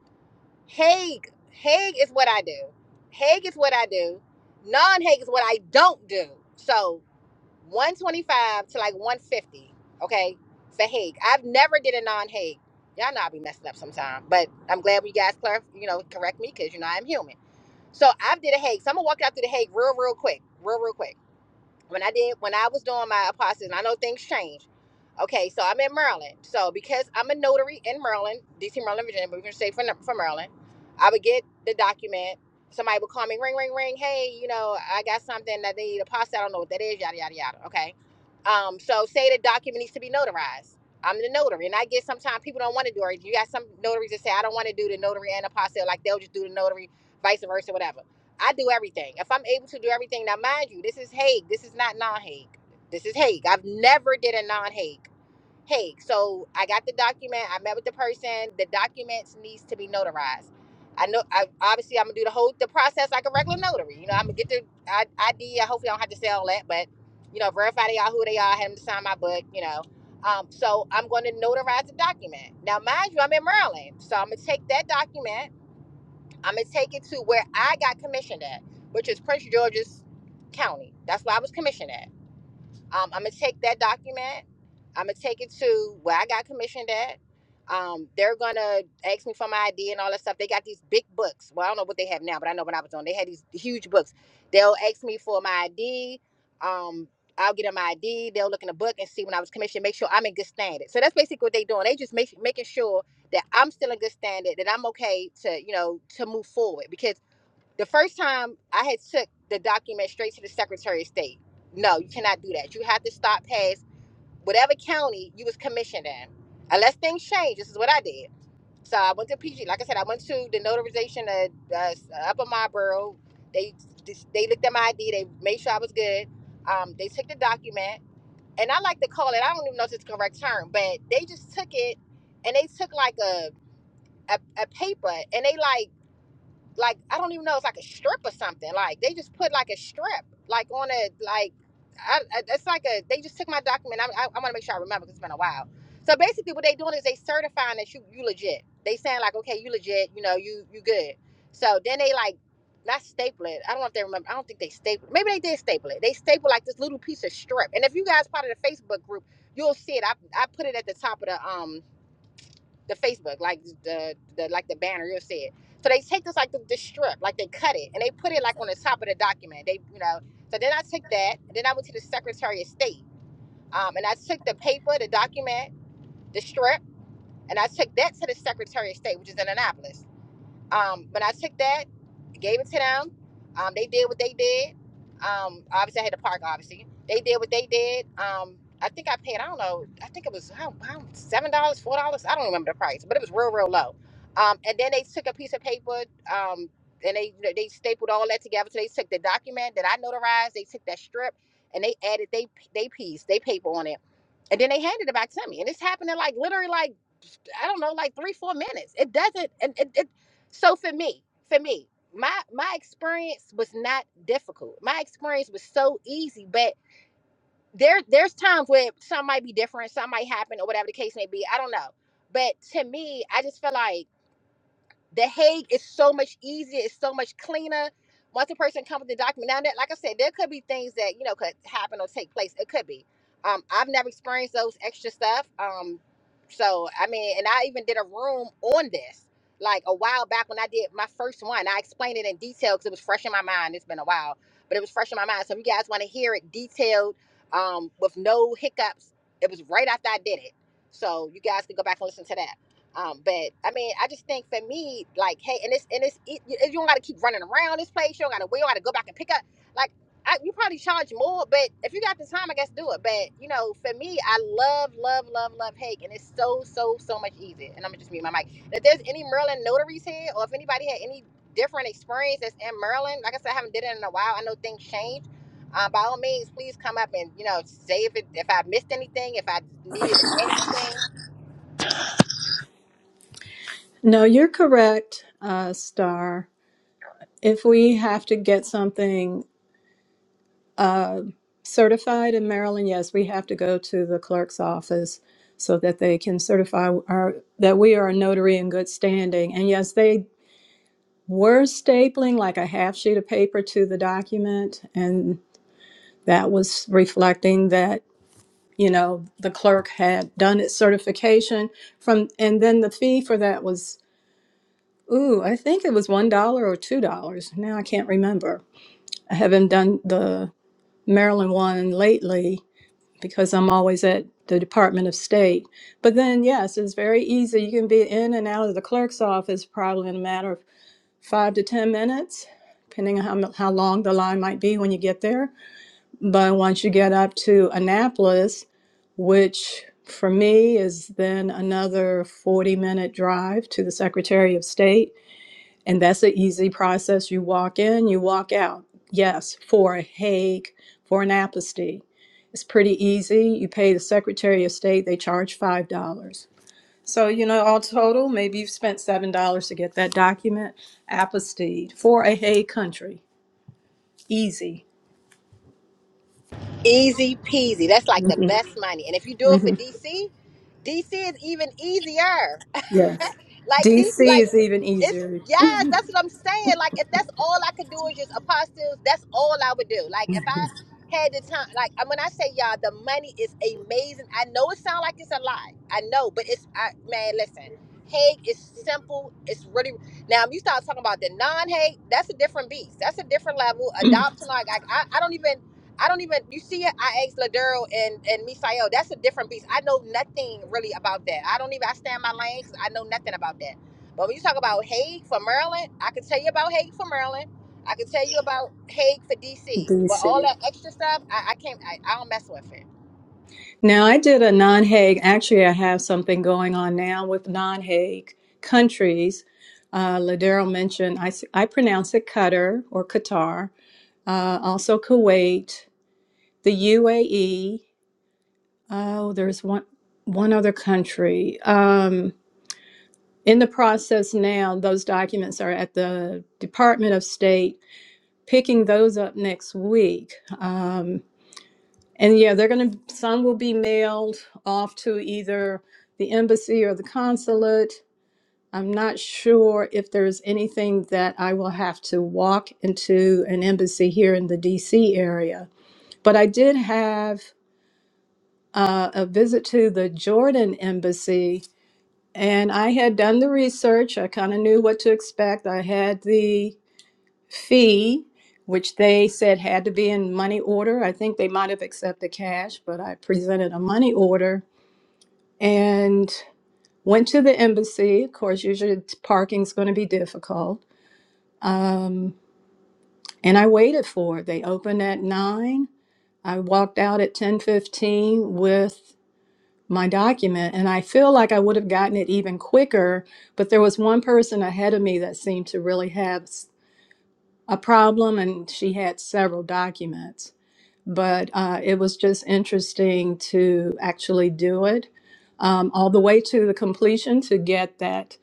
A: Hague Hague is what I do. Hague is what I do. Non Hague is what I don't do. So, 125 to like 150. Okay. For Hague, I've never did a non Hague. Y'all know I be messing up sometime, but I'm glad we guys clar you know, correct me because, you know, I'm human. So I did a Hague. So I'm gonna walk out through the Hague real, real quick, real, real quick. When I did, when I was doing my apostille, and I know things change. Okay, so I'm in Maryland. So because I'm a notary in Maryland, DC, Maryland, Virginia, but we're gonna say from from Maryland, I would get the document. Somebody would call me, ring, ring, ring. Hey, you know, I got something that they need a apostille. I don't know what that is. Yada, yada, yada. Okay. Um, so say the document needs to be notarized. I'm the notary, and I get sometimes people don't want to do it. You got some notaries that say I don't want to do the notary and apostille, like they'll just do the notary vice versa, whatever. I do everything. If I'm able to do everything, now mind you, this is Hague. This is not non-Hague. This is Hague. I've never did a non-Hague. Hague. So I got the document. I met with the person. The documents needs to be notarized. I know. I obviously I'm gonna do the whole the process like a regular notary. You know, I'm gonna get the I- ID. I hopefully I don't have to say all that, but you know, verify they are who they are. Have them to sign my book. You know. Um, so I'm going to notarize the document. Now, mind you, I'm in Maryland, so I'm gonna take that document. I'm gonna take it to where I got commissioned at, which is Prince George's County. That's where I was commissioned at. Um, I'm gonna take that document. I'm gonna take it to where I got commissioned at. Um, they're gonna ask me for my ID and all that stuff. They got these big books. Well, I don't know what they have now, but I know when I was on, they had these huge books. They'll ask me for my ID. Um, I'll get them my ID. They'll look in the book and see when I was commissioned. Make sure I'm in good standing. So that's basically what they're doing. They just make, making sure that I'm still in good standing, that I'm okay to you know to move forward because the first time I had took the document straight to the Secretary of State. No, you cannot do that. You have to stop past whatever county you was commissioned in. Unless things change, this is what I did. So I went to PG. Like I said, I went to the notarization of uh, Upper Marlboro. They they looked at my ID. They made sure I was good. Um, they took the document, and I like to call it. I don't even know if it's the correct term, but they just took it, and they took like a a, a paper, and they like like I don't even know it's like a strip or something. Like they just put like a strip like on a like I, I, it's like a they just took my document. I, I, I want to make sure I remember because it's been a while. So basically, what they doing is they certifying that you you legit. They saying like okay you legit you know you you good. So then they like not staple it. I don't know if they remember. I don't think they staple. Maybe they did staple it. They staple like this little piece of strip. And if you guys part of the Facebook group, you'll see it. I I put it at the top of the um the Facebook, like the, the like the banner you said. So they take this like the, the strip, like they cut it and they put it like on the top of the document. They you know. So then I took that and then I went to the Secretary of State. Um, and I took the paper, the document, the strip, and I took that to the Secretary of State, which is in Annapolis. Um, when I took that, gave it to them. Um, they did what they did. Um, obviously I had to park. Obviously they did what they did. Um, I think I paid. I don't know. I think it was how, how seven dollars, four dollars. I don't remember the price, but it was real, real low. Um, and then they took a piece of paper. Um, and they they stapled all that together. So they took the document that I notarized. They took that strip, and they added they they piece, they paper on it, and then they handed it back to me. And this happened in like literally like I don't know, like three, four minutes. It doesn't. And it, it. So for me, for me, my my experience was not difficult. My experience was so easy. But there, there's times where some might be different, some might happen, or whatever the case may be. I don't know. But to me, I just feel like the Hague is so much easier. It's so much cleaner. Once a person comes with the document, now that, like I said, there could be things that you know could happen or take place. It could be. Um, I've never experienced those extra stuff. Um, so I mean, and I even did a room on this like a while back when I did my first one. I explained it in detail because it was fresh in my mind. It's been a while, but it was fresh in my mind. So if you guys want to hear it detailed, um, with no hiccups, it was right after I did it. So you guys can go back and listen to that. Um, but I mean, I just think for me, like, hey, and it's and it's it, you you don't got to keep running around this place. You don't got to wait. You got to go back and pick up. Like, I, you probably charge more, but if you got the time, I guess do it. But you know, for me, I love, love, love, love Hake, and it's so, so, so much easier. And I'm gonna just mute my mic. If there's any Maryland notaries here, or if anybody had any different experience that's in Maryland, like I said, I haven't did it in a while. I know things change. Um, by all means, please come up and you know say if it, if I missed anything, if I needed to add anything.
H: No, you're correct, uh, Star. If we have to get something Uh, certified in Maryland, yes, we have to go to the clerk's office so that they can certify our, that we are a notary in good standing. And yes, they were stapling like a half sheet of paper to the document, and that was reflecting that you know the clerk had done its certification from and then the fee for that was ooh i think it was one dollar or two dollars now i can't remember i haven't done the maryland one lately because I'm always at the Department of State. But then, yes, it's very easy. You can be in and out of the clerk's office probably in a matter of five to 10 minutes, depending on how, mu- how long the line might be when you get there. But once you get up to Annapolis, which for me is then another 40 minute drive to the Secretary of State, and that's an easy process. You walk in, you walk out. Yes, for a Hague, for an apostasy. It's pretty easy. You pay the Secretary of State, they charge $5. So, you know, all total, maybe you've spent $7 to get that document apostasy for a Hague country. Easy.
A: Easy peasy. That's like the
H: hmm
A: best money. And if you do it for
H: hmm
A: DC, DC is even easier.
H: Yes.
A: Like D,
H: DC
A: like
H: is even
A: it's
H: easier.
A: yes, that's what I'm saying. Like if that's all I could do is just apostles, that's all I would do. Like if I had the time, like and when I say y'all, the money is amazing. I know it sounds like it's a lie. I know, but it's I man, listen. Hague is simple. It's really now. If you start talking about the non-Hague, that's a different beast. That's a different level. Adopting, like I, I, I don't even, I don't even. You see, it, I asked Ladero and and Misael. That's a different beast. I know nothing really about that. I don't even. I stand my lane because I know nothing about that but when you talk about Hague for Maryland, I can tell you about Hague for Maryland. I can tell you about Hague for DC. But all
H: DC.
A: that extra stuff, I, I can't. I, I don't mess with it.
H: Now, I did a non Hague. Actually, I have something going on now with non Hague countries. Uh, Ladero mentioned, I, s- I pronounce it Qatar or Qatar, uh, also Kuwait, the UAE. Oh, there's one, one other country. Um, in the process now, those documents are at the Department of State, picking those up next week. Um, And yeah, they're going to, some will be mailed off to either the embassy or the consulate. I'm not sure if there's anything that I will have to walk into an embassy here in the DC area. But I did have uh, a visit to the Jordan embassy, and I had done the research. I kind of knew what to expect. I had the fee, which they said had to be in money order. I think they might have accepted cash, but I presented a money order and went to the embassy. Of course, usually t- parking's going to be difficult. Um, and I waited for it. They opened at nine. I walked out at ten fifteen with my document, and I feel like I would have gotten it even quicker. But there was one person ahead of me that seemed to really have s- a problem, and she had several documents. but uh, it was just interesting to actually do it um, all the way to the completion to get that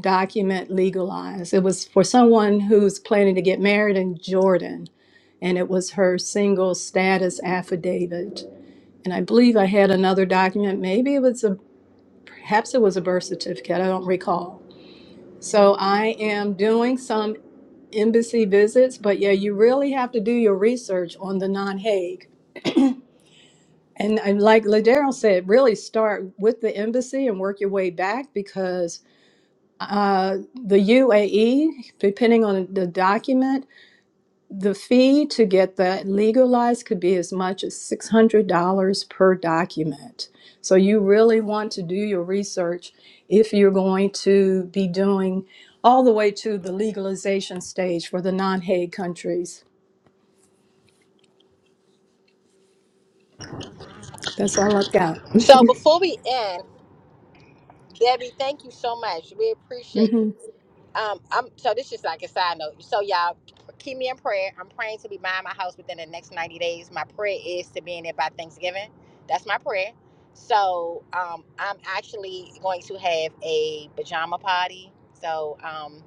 H: document legalized. It was for someone who's planning to get married in Jordan, and it was her single status affidavit. And I believe I had another document. Maybe it was a, perhaps it was a birth certificate. I don't recall. So I am doing some embassy visits, but yeah, you really have to do your research on the non Hague And, and like Ladero said, really start with the embassy and work your way back because uh, the UAE, depending on the document, the fee to get that legalized could be as much as $600 per document. So you really want to do your research if you're going to be doing all the way to the legalization stage for the non Hague countries. That's all I've got.
A: So before we end, Debbie, thank you so much. We appreciate you.
H: hmm
A: Um, I'm so this is like a side note. So y'all keep me in prayer. I'm praying to be buying my house within the next 90 days. My prayer is to be in it by Thanksgiving. That's my prayer. So um, I'm actually going to have a pajama party. So um,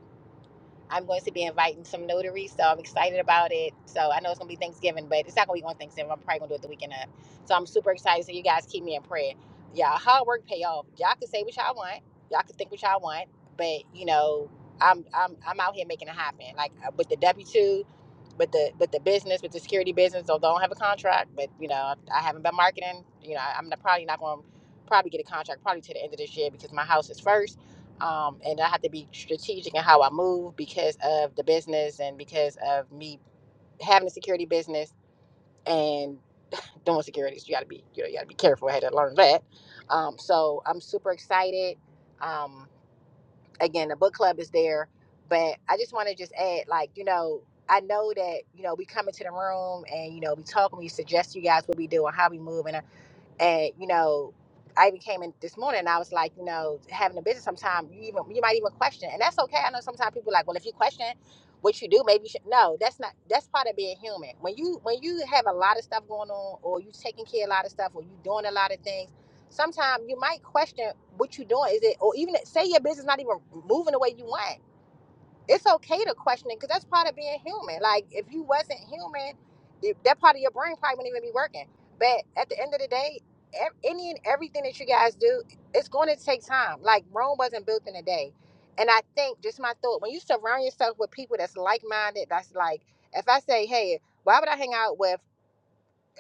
A: I'm going to be inviting some notaries, so I'm excited about it. So I know it's gonna be Thanksgiving, but it's not gonna be on Thanksgiving. I'm probably gonna do it the weekend of. So I'm super excited. So you guys keep me in prayer. Y'all hard work pay off. Y'all can say what y'all want. Y'all can think what y'all want, but you know, I'm I'm I'm out here making it happen. Like uh, with the w two but the but the business, but the security business, don't don't have a contract. But you know, I haven't been marketing. You know, I'm not, probably not going to probably get a contract probably to the end of this year because my house is first, um, and I have to be strategic in how I move because of the business and because of me having a security business and doing securities. You got to be you know you got to be careful. I had to learn that. Um, so I'm super excited. Um, again the book club is there but i just want to just add like you know i know that you know we come into the room and you know we talk and we suggest you guys what we do and how we move And and you know i even came in this morning and i was like you know having a business sometime you even you might even question and that's okay i know sometimes people are like well if you question what you do maybe you should no that's not that's part of being human when you when you have a lot of stuff going on or you taking care of a lot of stuff or you doing a lot of things sometimes you might question what you doing is it or even say your business not even moving the way you want it's okay to question it because that's part of being human. Like if you wasn't human, th- that part of your brain probably wouldn't even be working. But at the end of the day, ev- any and everything that you guys do, it's going to take time. Like Rome wasn't built in a day. And I think just my thought when you surround yourself with people that's like minded, that's like if I say, hey, why would I hang out with?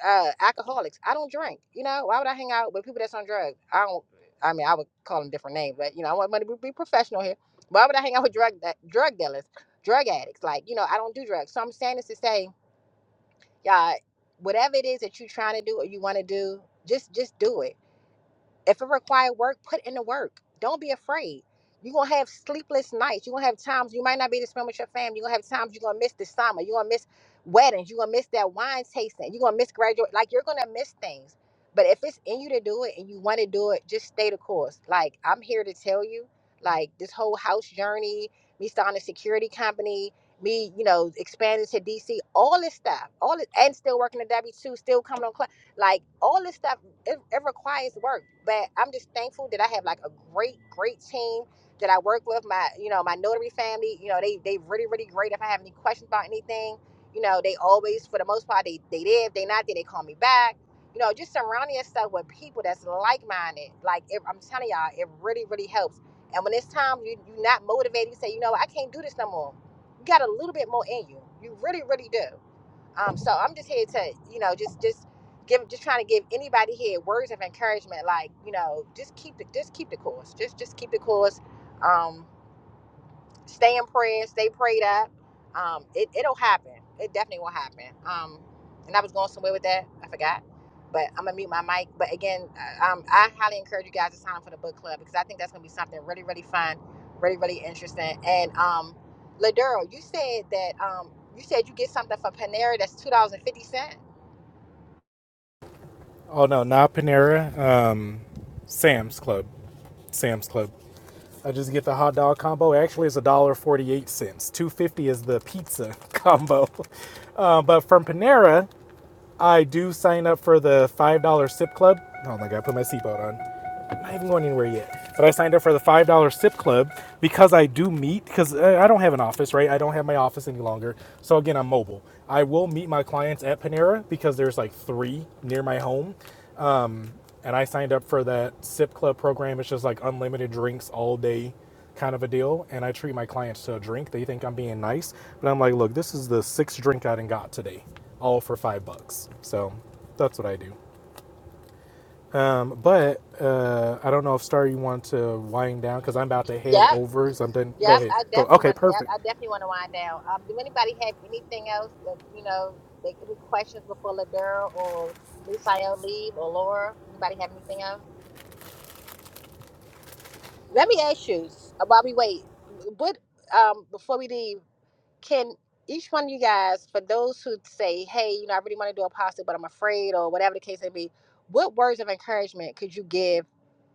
A: uh, alcoholics. I don't drink. You know, why would I hang out with people that's on drugs? I don't. I mean, I would call them different names, but you know, I want money to be professional here. Why would I hang out with drug drug dealers, drug addicts? Like, you know, I don't do drugs. So I'm saying this to say, y'all, whatever it is that you're trying to do or you want to do, just just do it if it requires work, put in the work. Don't be afraid. You're gonna have sleepless nights. You're gonna have times you might not be able to spend with your family. You're gonna have times you're gonna miss the summer. You're gonna miss weddings. You're gonna miss that wine tasting. You're gonna miss graduate. Like you're gonna miss things. But if it's in you to do it and you wanna do it, just stay the course. Like I'm here to tell you, like this whole house journey, me starting a security company, me, you know, expanding to DC, all this stuff, all it, and still working at W2, still coming on class, like all this stuff it, it requires work but i'm just thankful that i have like a great great team that i work with my you know my notary family you know they they really really great if i have any questions about anything you know they always for the most part they they there if they not there they call me back you know just surrounding yourself with people that's like-minded like it, i'm telling y'all it really really helps and when it's time you, you're not motivated you say you know i can't do this no more you got a little bit more in you you really really do um, so I'm just here to, you know, just just give, just trying to give anybody here words of encouragement. Like, you know, just keep the just keep the course. Just just keep the course. Um, stay in prayer, stay prayed up. Um, it, it'll happen. It definitely will happen. Um, and I was going somewhere with that. I forgot. But I'm gonna mute my mic. But again, uh, um, I highly encourage you guys to sign up for the book club because I think that's gonna be something really, really fun, really, really interesting. And um, Ladero, you said that um, you said you get something from Panera that's two dollars and fifty cent.
B: Oh no, not Panera. Uh, Sam's Club. Sam's Club. I just get the hot dog combo. Actually, it's a dollar forty-eight cents. Two fifty is the pizza combo. Uh, but from Panera, I do sign up for the five dollar sip club. Oh my god, I put my seatbelt on not even going anywhere yet. But I signed up for the five dollar sip club because I do meet because I don't have an office, right? I don't have my office any longer. So again, I'm mobile. I will meet my clients at Panera because there's like three near my home. Um, and I signed up for that sip club program. It's just like unlimited drinks all day kind of a deal. And I treat my clients to a drink. They think I'm being nice, but I'm like, look, this is the sixth drink I done got today, all for five bucks. So that's what I do. Um, but uh, I don't know if Star you want to wind down because I'm about to head
A: Yep,
B: over something. Go
A: Yep,
B: ahead.
A: I
B: Go.
A: definitely
B: Okay,
A: want. Yep,
B: perfect.
A: I definitely want to wind down. Um, do anybody have anything else that you know? Like any questions before Ladera or Misael leave or Laura? Anybody have anything else? Let me ask you s- while we wait. What um before we leave? can each one of you guys, for those who say, hey, you know, I really want to do apostle, but I'm afraid, or whatever the case may be, what words of encouragement could you give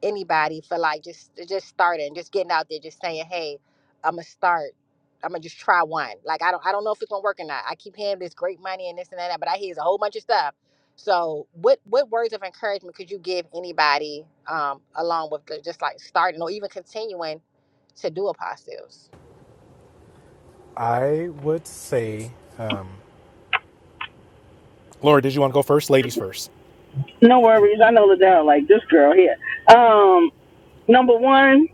A: anybody for like just uh, just starting, just getting out there, just saying, hey, I'm gonna start. I'm gonna just try one. Like I don't I don't know if it's gonna work or not. I keep hearing this great money and this and that, but I hear it's a whole bunch of stuff. So what what words of encouragement could you give anybody um along with the, just like starting or even continuing to do apostles?
B: I would say, um, Laura, did you want to go first? Ladies first.
F: No worries. I know Ladell like this girl here. Um, number one,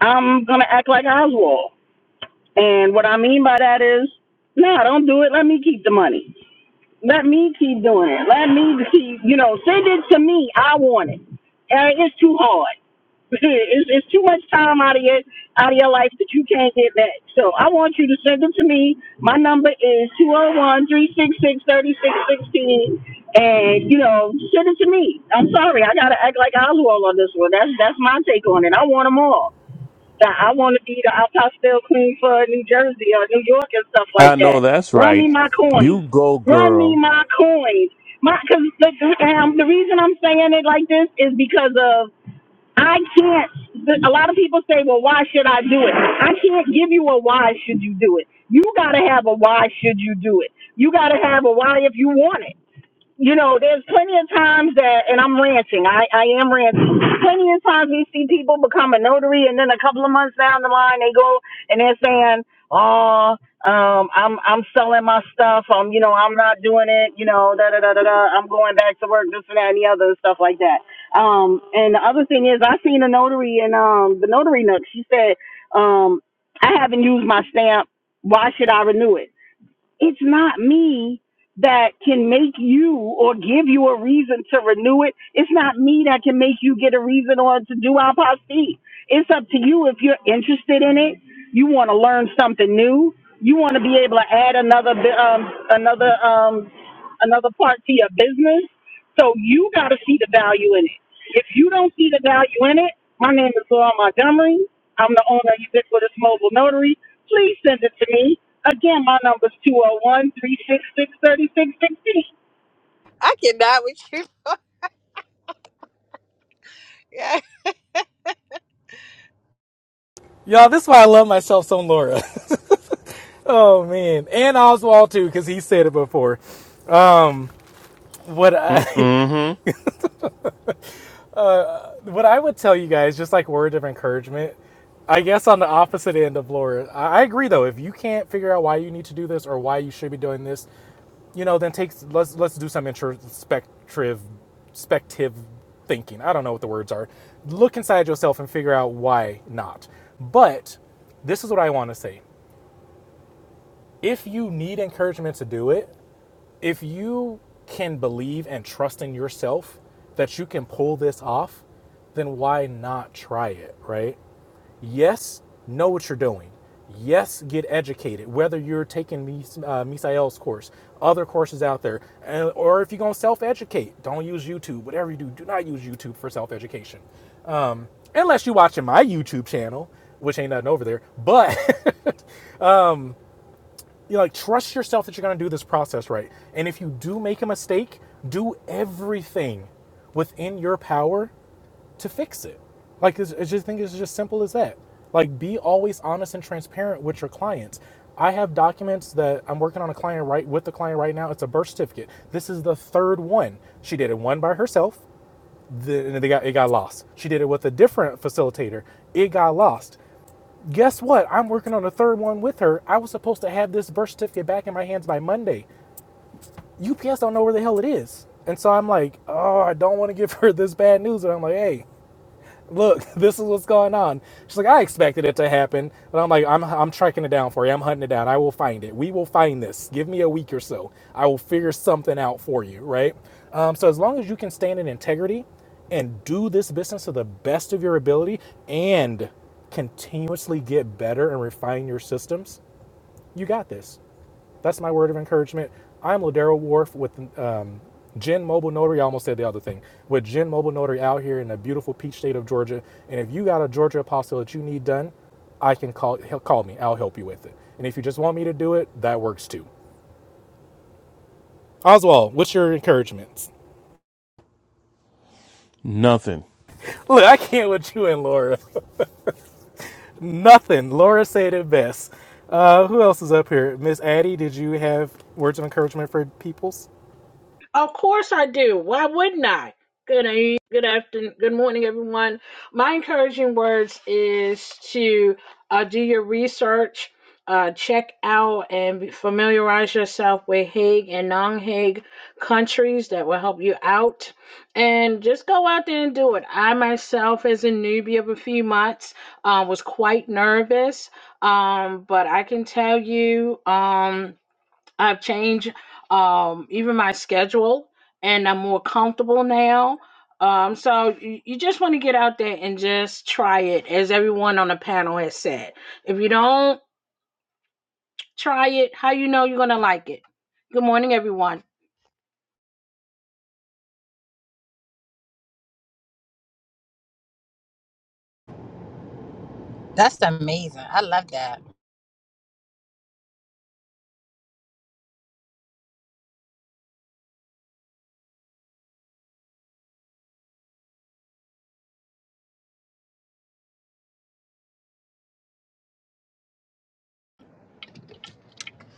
F: I'm gonna act like Oswald, and what I mean by that is, no, don't do it. Let me keep the money. Let me keep doing it. Let me keep, you know, send it to me. I want it. Uh, it's too hard. it's, it's too much time out of your out of your life that you can't get back. So I want you to send them to me. My number is two zero one three six six thirty six sixteen, and you know, send it to me. I'm sorry, I gotta act like Oswald on this one. That's that's my take on it. I want them all. I want to be the Alpastel queen for New Jersey or New York and stuff
J: I
F: like
J: know
F: that.
J: that's
F: Run me
J: right.
F: my coin.
J: You go,
F: Run me
J: girl.
F: my coin. My, cause the, um, the reason I'm saying it like this is because of I can't. A lot of people say, well, why should I do it? I can't give you a why should you do it. You got to have a why should you do it. You got to have a why if you want it you know, there's plenty of times that, and I'm ranting. I, I am ranting. Plenty of times we see people become a notary, and then a couple of months down the line, they go and they're saying, "Oh, um, I'm I'm selling my stuff. I'm, you know, I'm not doing it. You know, da da da da da. I'm going back to work. This and that and the other and stuff like that." Um, and the other thing is, I seen a notary in um the notary nook. She said, um, "I haven't used my stamp. Why should I renew it?" it's not me that can make you or give you a reason to renew it. It's not me that can make you get a reason or to do our posse. It's up to you if you're interested in it. You want to learn something new. You want to be able to add another bi- um, another um, another part to your business. So you got to see the value in it. If you don't see the value in it, my name is Laura Montgomery. I'm the owner of Ubiquitous Mobile Notary. Please send it to me. Again, my number is 201
A: I cannot with you.
B: Y'all, this is why I love myself some Laura. oh man, and Oswald too, because he said it before. What I
J: Mm-hmm.
B: what I would tell you guys, just like word of encouragement, I guess on the opposite end of Laura, I I agree though. If you can't figure out why you need to do this or why you should be doing this, you know, then take let's let's do some introspective, spective thinking. I don't know what the words are. Look inside yourself and figure out why not. But this is what I want to say: if you need encouragement to do it, if you can believe and trust in yourself that you can pull this off, then why not try it, right? Yes, know what you're doing. Yes, get educated. Whether you're taking uh, Misael's course, other courses out there, and, or if you're gonna self-educate, don't use YouTube. Whatever you do, do not use YouTube for self-education, um, unless you're watching my YouTube channel, which ain't nothing over there. But you know, like trust yourself that you're going to do this process right. And if you do make a mistake, do everything within your power to fix it. Like it's, it's just I think it's just simple as that. Like be always honest and transparent with your clients. I have documents that I'm working on a client right with the client right now. It's a birth certificate. This is the third one. She did it one by herself. The, and they got it got lost. She did it with a different facilitator. It got lost. Guess what? I'm working on a third one with her. I was supposed to have this birth certificate back in my hands by Monday. UPS don't know where the hell it is. And so I'm like, oh, I don't want to give her this bad news. And I'm like, hey, look, this is what's going on. She's like, I expected it to happen. but I'm like, I'm, I'm tracking it down for you. I'm hunting it down. I will find it. We will find this. Give me a week or so. I will figure something out for you, right? Um, so as long as you can stand in integrity and do this business to the best of your ability and continuously get better and refine your systems, you got this. That's my word of encouragement. I'm Ladero Wharf with um, Gen Mobile Notary. I almost said the other thing. With Gen Mobile Notary out here in the beautiful peach state of Georgia. And if you got a Georgia apostille that you need done, I can call call me. I'll help you with it. And if you just want me to do it, that works too. Oswald, what's your encouragements?
J: Nothing.
B: Look, I can't with you and Laura. Nothing. Laura said it best. Uh, who else is up here? Miss Addie, did you have words of encouragement for peoples?
C: Of course I do. Why wouldn't I? Good evening, good afternoon, good morning, everyone. My encouraging words is to uh, do your research, uh, check out and be- familiarize yourself with Hague and non-Hague countries that will help you out, and just go out there and do it. I myself, as a newbie of a few months, uh, was quite nervous, um, but I can tell you. Um, I've changed um, even my schedule, and I'm more comfortable now. Um, so you, you just want to get out there and just try it, as everyone on the panel has said. If you don't try it, how you know you're gonna like it? Good morning, everyone.
A: That's amazing. I love that.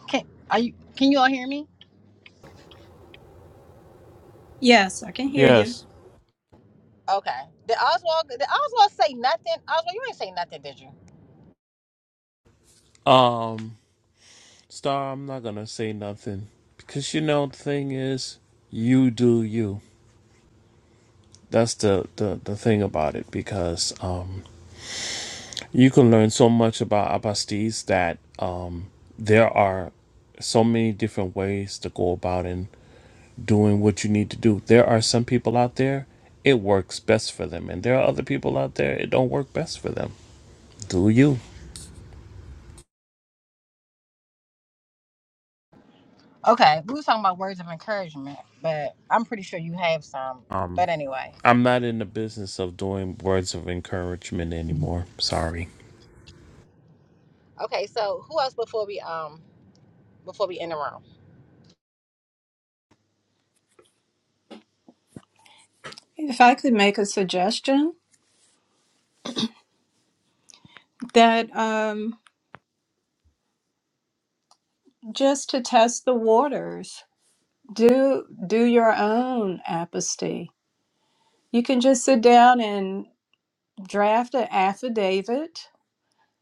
A: Can are you? Can you all hear me?
H: Yes, I can hear you.
J: Yes.
A: Okay. Did Oswald did Oswald say nothing? Oswald, you ain't say nothing, did you?
J: Um, Star, I'm not gonna say nothing. Because you know the thing is, you do you. That's the, the, the thing about it because um you can learn so much about Abastis that um there are so many different ways to go about in doing what you need to do. There are some people out there it works best for them and there are other people out there it don't work best for them Do you?
A: Okay. We was talking about words of encouragement, but I'm pretty sure you have some.
J: Um,
A: But anyway.
J: I'm not in the business of doing words of encouragement anymore. Sorry.
A: Okay, so who else before we um before we end the room?
H: If I could make a suggestion. that um, just to test the waters, do do your own apostasy. You can just sit down and draft an affidavit.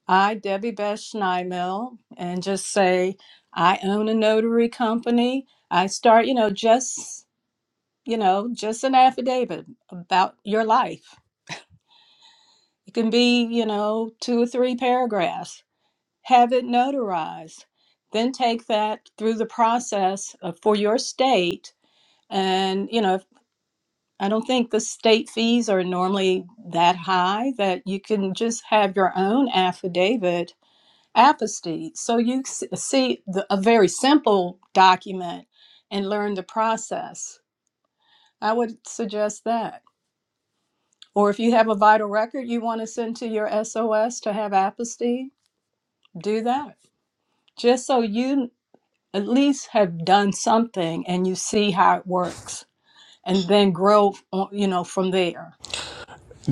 H: I, Debbie Beth Schneimel, and just say I own a notary company. I start, you know, just you know, just an affidavit about your life. It can be, you know, two or three paragraphs have it notarized. Then take that through the process of, for your state. And, you know, I don't think the state fees are normally that high that you can just have your own affidavit apostate. So you s- see the, a very simple document and learn the process. I would suggest that. Or if you have a vital record you want to send to your SOS to have apostate, do that just so you at least have done something and you see how it works and then grow on, you know from there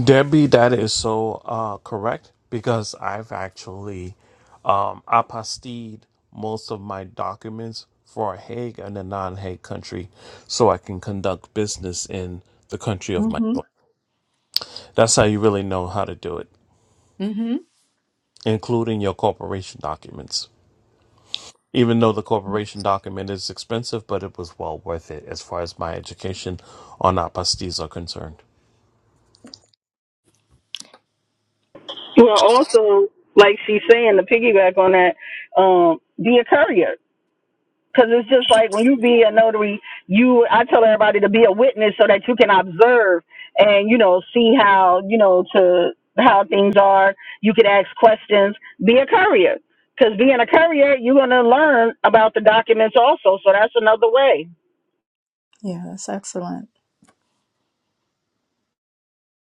J: Debbie, that is so uh, correct because I've actually um, apostilled most of my documents for a Hague and a non-Hague country, so I can conduct business in the country of
H: mm
J: my
H: hmm
J: choice. That's how you really know how to do it,
H: mm hmm
J: including your corporation documents. Even though the corporation document is expensive, but it was well worth it as far as my education on apostilles are concerned.
F: Well, also, like she's saying, to piggyback on that, um, be a courier. Because it's just like when you be a notary, you I tell everybody to be a witness so that you can observe and you know see how you know to how things are. You can ask questions. Be a courier, because being a courier, you're gonna learn about the documents also. So that's another way.
H: yeah that's excellent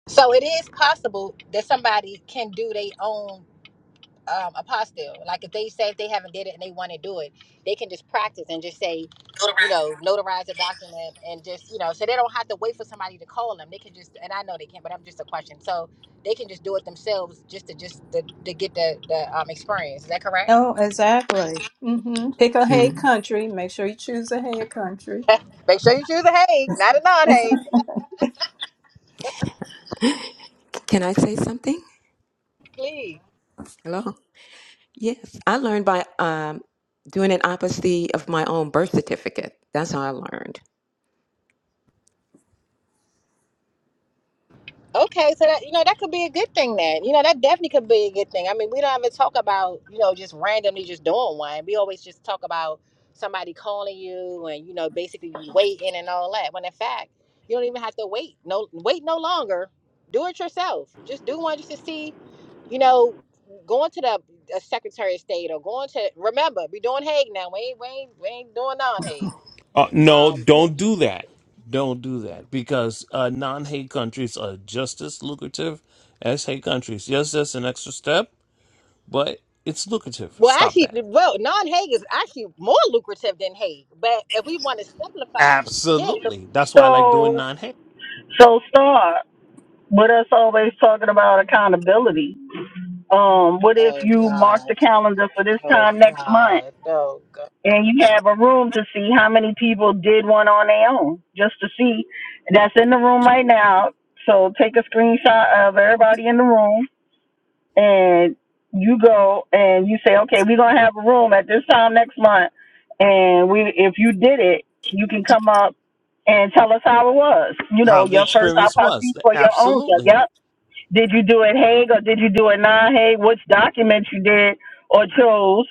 A: So it is possible that somebody can do their own um, apostle. Like if they say if they haven't did it and they want to do it, they can just practice and just say, you know, notarize a document and just you know, so they don't have to wait for somebody to call them. They can just and I know they can, but I'm just a question. So they can just do it themselves just to just to, to get the the um, experience. Is that correct?
H: oh exactly mm hmm pick a hay
I: Mm.
H: country make sure you choose a hay country
A: Make sure you choose a Hague, not a non-Hague,
I: Can I say something?
A: please.
I: Hello. Yes, I learned by um, doing an opposite of my own birth certificate. That's how I learned.
A: Okay, so that you know that could be a good thing then. You know that definitely could be a good thing. I mean, we don't even talk about you know just randomly just doing one. We always just talk about somebody calling you and you know basically you waiting and all that. When in fact, you don't even have to wait. No, wait no longer. Do it yourself. Just do one just to see. You know, going to the the Secretary of State or going to remember we doing Hague now. We ain't we ain't, we ain't doing non Hague.
J: Uh, no,
A: Um, you know,
J: don't do that. Don't do that because uh, non hate countries are just as lucrative as hate countries. Yes, that's an extra step, but it's lucrative.
A: Well,
J: Stop
A: actually,
J: that.
A: well, non-Hague is actually more lucrative than Hague. But if we want to simplify, yeah. But
J: Absolutely. That's why I like doing
F: So
J: non hate.
F: so star with us always talking about accountability. Um, what if
A: oh
F: you mark
A: God,
F: the calendar for this
A: oh
F: time next month?
A: God, oh God.
F: and you have a room to see how many people did one on their own, just to see. That's in the room right now. So take a screenshot of everybody in the room, and you go and you say, okay, we're gonna have a room at this time next month, and we, if you did it, you can come up and tell us how it was. You know,
J: How the
F: your first
J: experience
F: autopsy
J: was.
F: for your own self.
J: Absolutely.
F: Yep. Did you do it Hague or did you do it non Hague? Which documents you did or chose?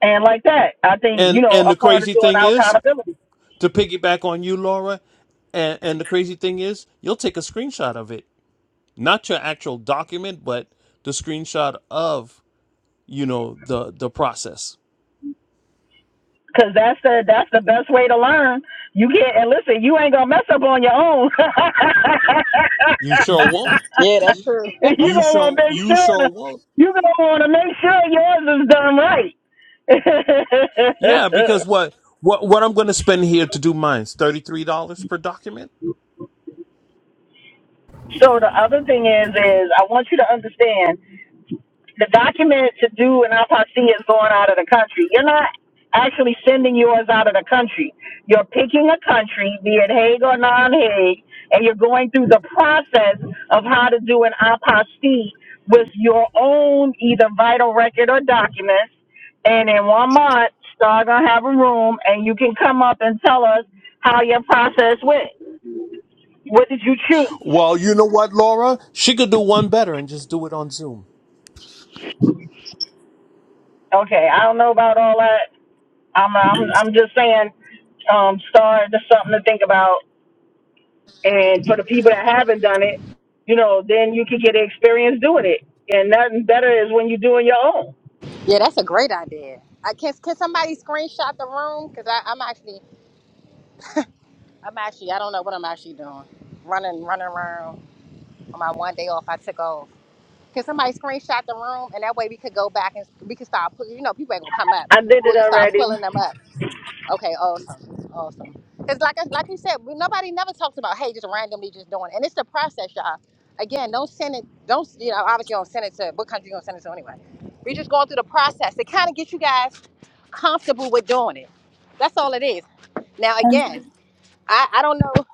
F: And like that, I think, you
J: And
F: know,
J: and
F: a
J: the
F: part of
J: crazy
F: doing
J: thing
F: our
J: is,
F: accountability.
J: to piggyback on you, Laura. And, and the crazy thing is, you'll take a screenshot of it, not your actual document, but the screenshot of you know the the process.
F: Cause that's the that's the best way to learn. You can't and listen, you ain't gonna mess up on your own.
J: You sure won't.
A: Yeah, that's true.
F: you
J: You
F: gonna wanna
J: sure
F: make
J: you
F: sure
J: sure won't.
F: you gonna wanna make sure yours is done right.
J: Yeah, because what what what I'm going to spend here to do mine's thirty three dollars per document.
F: so the other thing is is I want you to understand the document to do an autopsy is going out of the country. You're not actually sending yours out of the country. You're picking a country, be it Hague or non Hague, and you're going through the process of how to do an autopsy with your own either vital record or documents. And in one month, star gonna have a room, and you can come up and tell us how your process went. What did you choose?
J: Well, you know what, Laura, she could do one better and just do it on Zoom.
F: Okay, I don't know about all that I'm I'm I'm just saying, um, start that's something to think about. And for the people that haven't done it, you know, then you can get experience doing it. And nothing better is when you're doing your own.
A: yeah, that's a great idea. I can can somebody screenshot the room because I'm actually I'm actually I don't know what I'm actually doing. Running, running around on my one day off. I took off. Can somebody screenshot the room and that way we could go back and we could start pulling. You know, people ain't gonna come up.
F: I did
A: We'll
F: it
A: just start
F: already.
A: pulling them up. Okay, awesome, awesome. Because like I- like you said, we, nobody never talks about hey, just randomly just doing, it. and it's the process, y'all. Again, don't send it. Don't you know? Obviously, you don't send it to what country you gonna send it to anyway. We just going through the process to kind of get you guys comfortable with doing it. That's all it is. Now,
H: and
A: again, I I don't know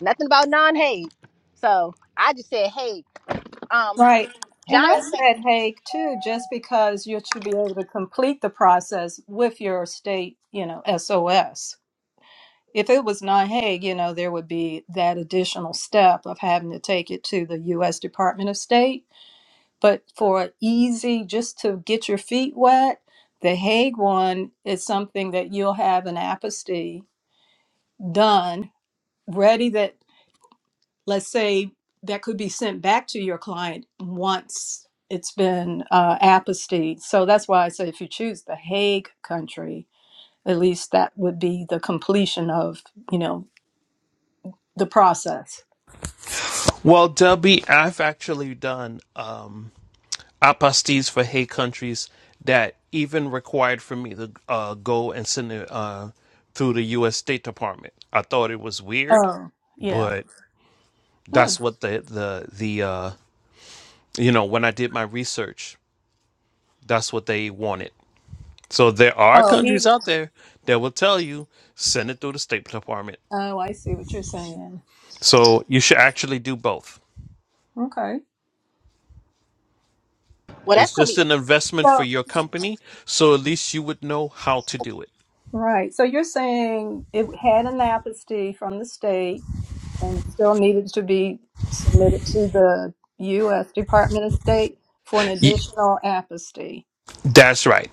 A: nothing about non hate, so I just said hey, um,
H: right and i
A: Giant said,
H: said hay too just because you should be able to complete the process with your state you know sos if it was not Hague, you know, there would be that additional step of having to take it to the U.S. Department of State But for easy, just to get your feet wet, the Hague one is something that you'll have an aposty done, ready that, let's say, that could be sent back to your client once it's been uh, apostille. So that's why I say if you choose the Hague country, at least that would be the completion of, you know, the process.
J: Well, Debbie, I've actually done. Um, apostates for hate countries that even required for me to uh, go and send it uh, through the U.S. State Department. I thought it was weird,
H: Oh, yeah.
J: but
H: Hmm.
J: that's what the the the uh, you know when I did my research, that's what they wanted. So there are
H: Oh,
J: countries
H: even.
J: out there that will tell you send it through the State Department.
H: Oh, I see what you're saying.
J: So you should actually do both.
H: Okay.
A: well,
J: It's
A: that's gonna
J: just
A: be it.
J: an investment for
H: so.
J: your company, so at least you would know how to do it.
H: Right. So you're saying it had an amnesty from the state and still needed to be submitted to the U.S. Department of State for an
J: Ye-
H: additional amnesty.
J: That's right.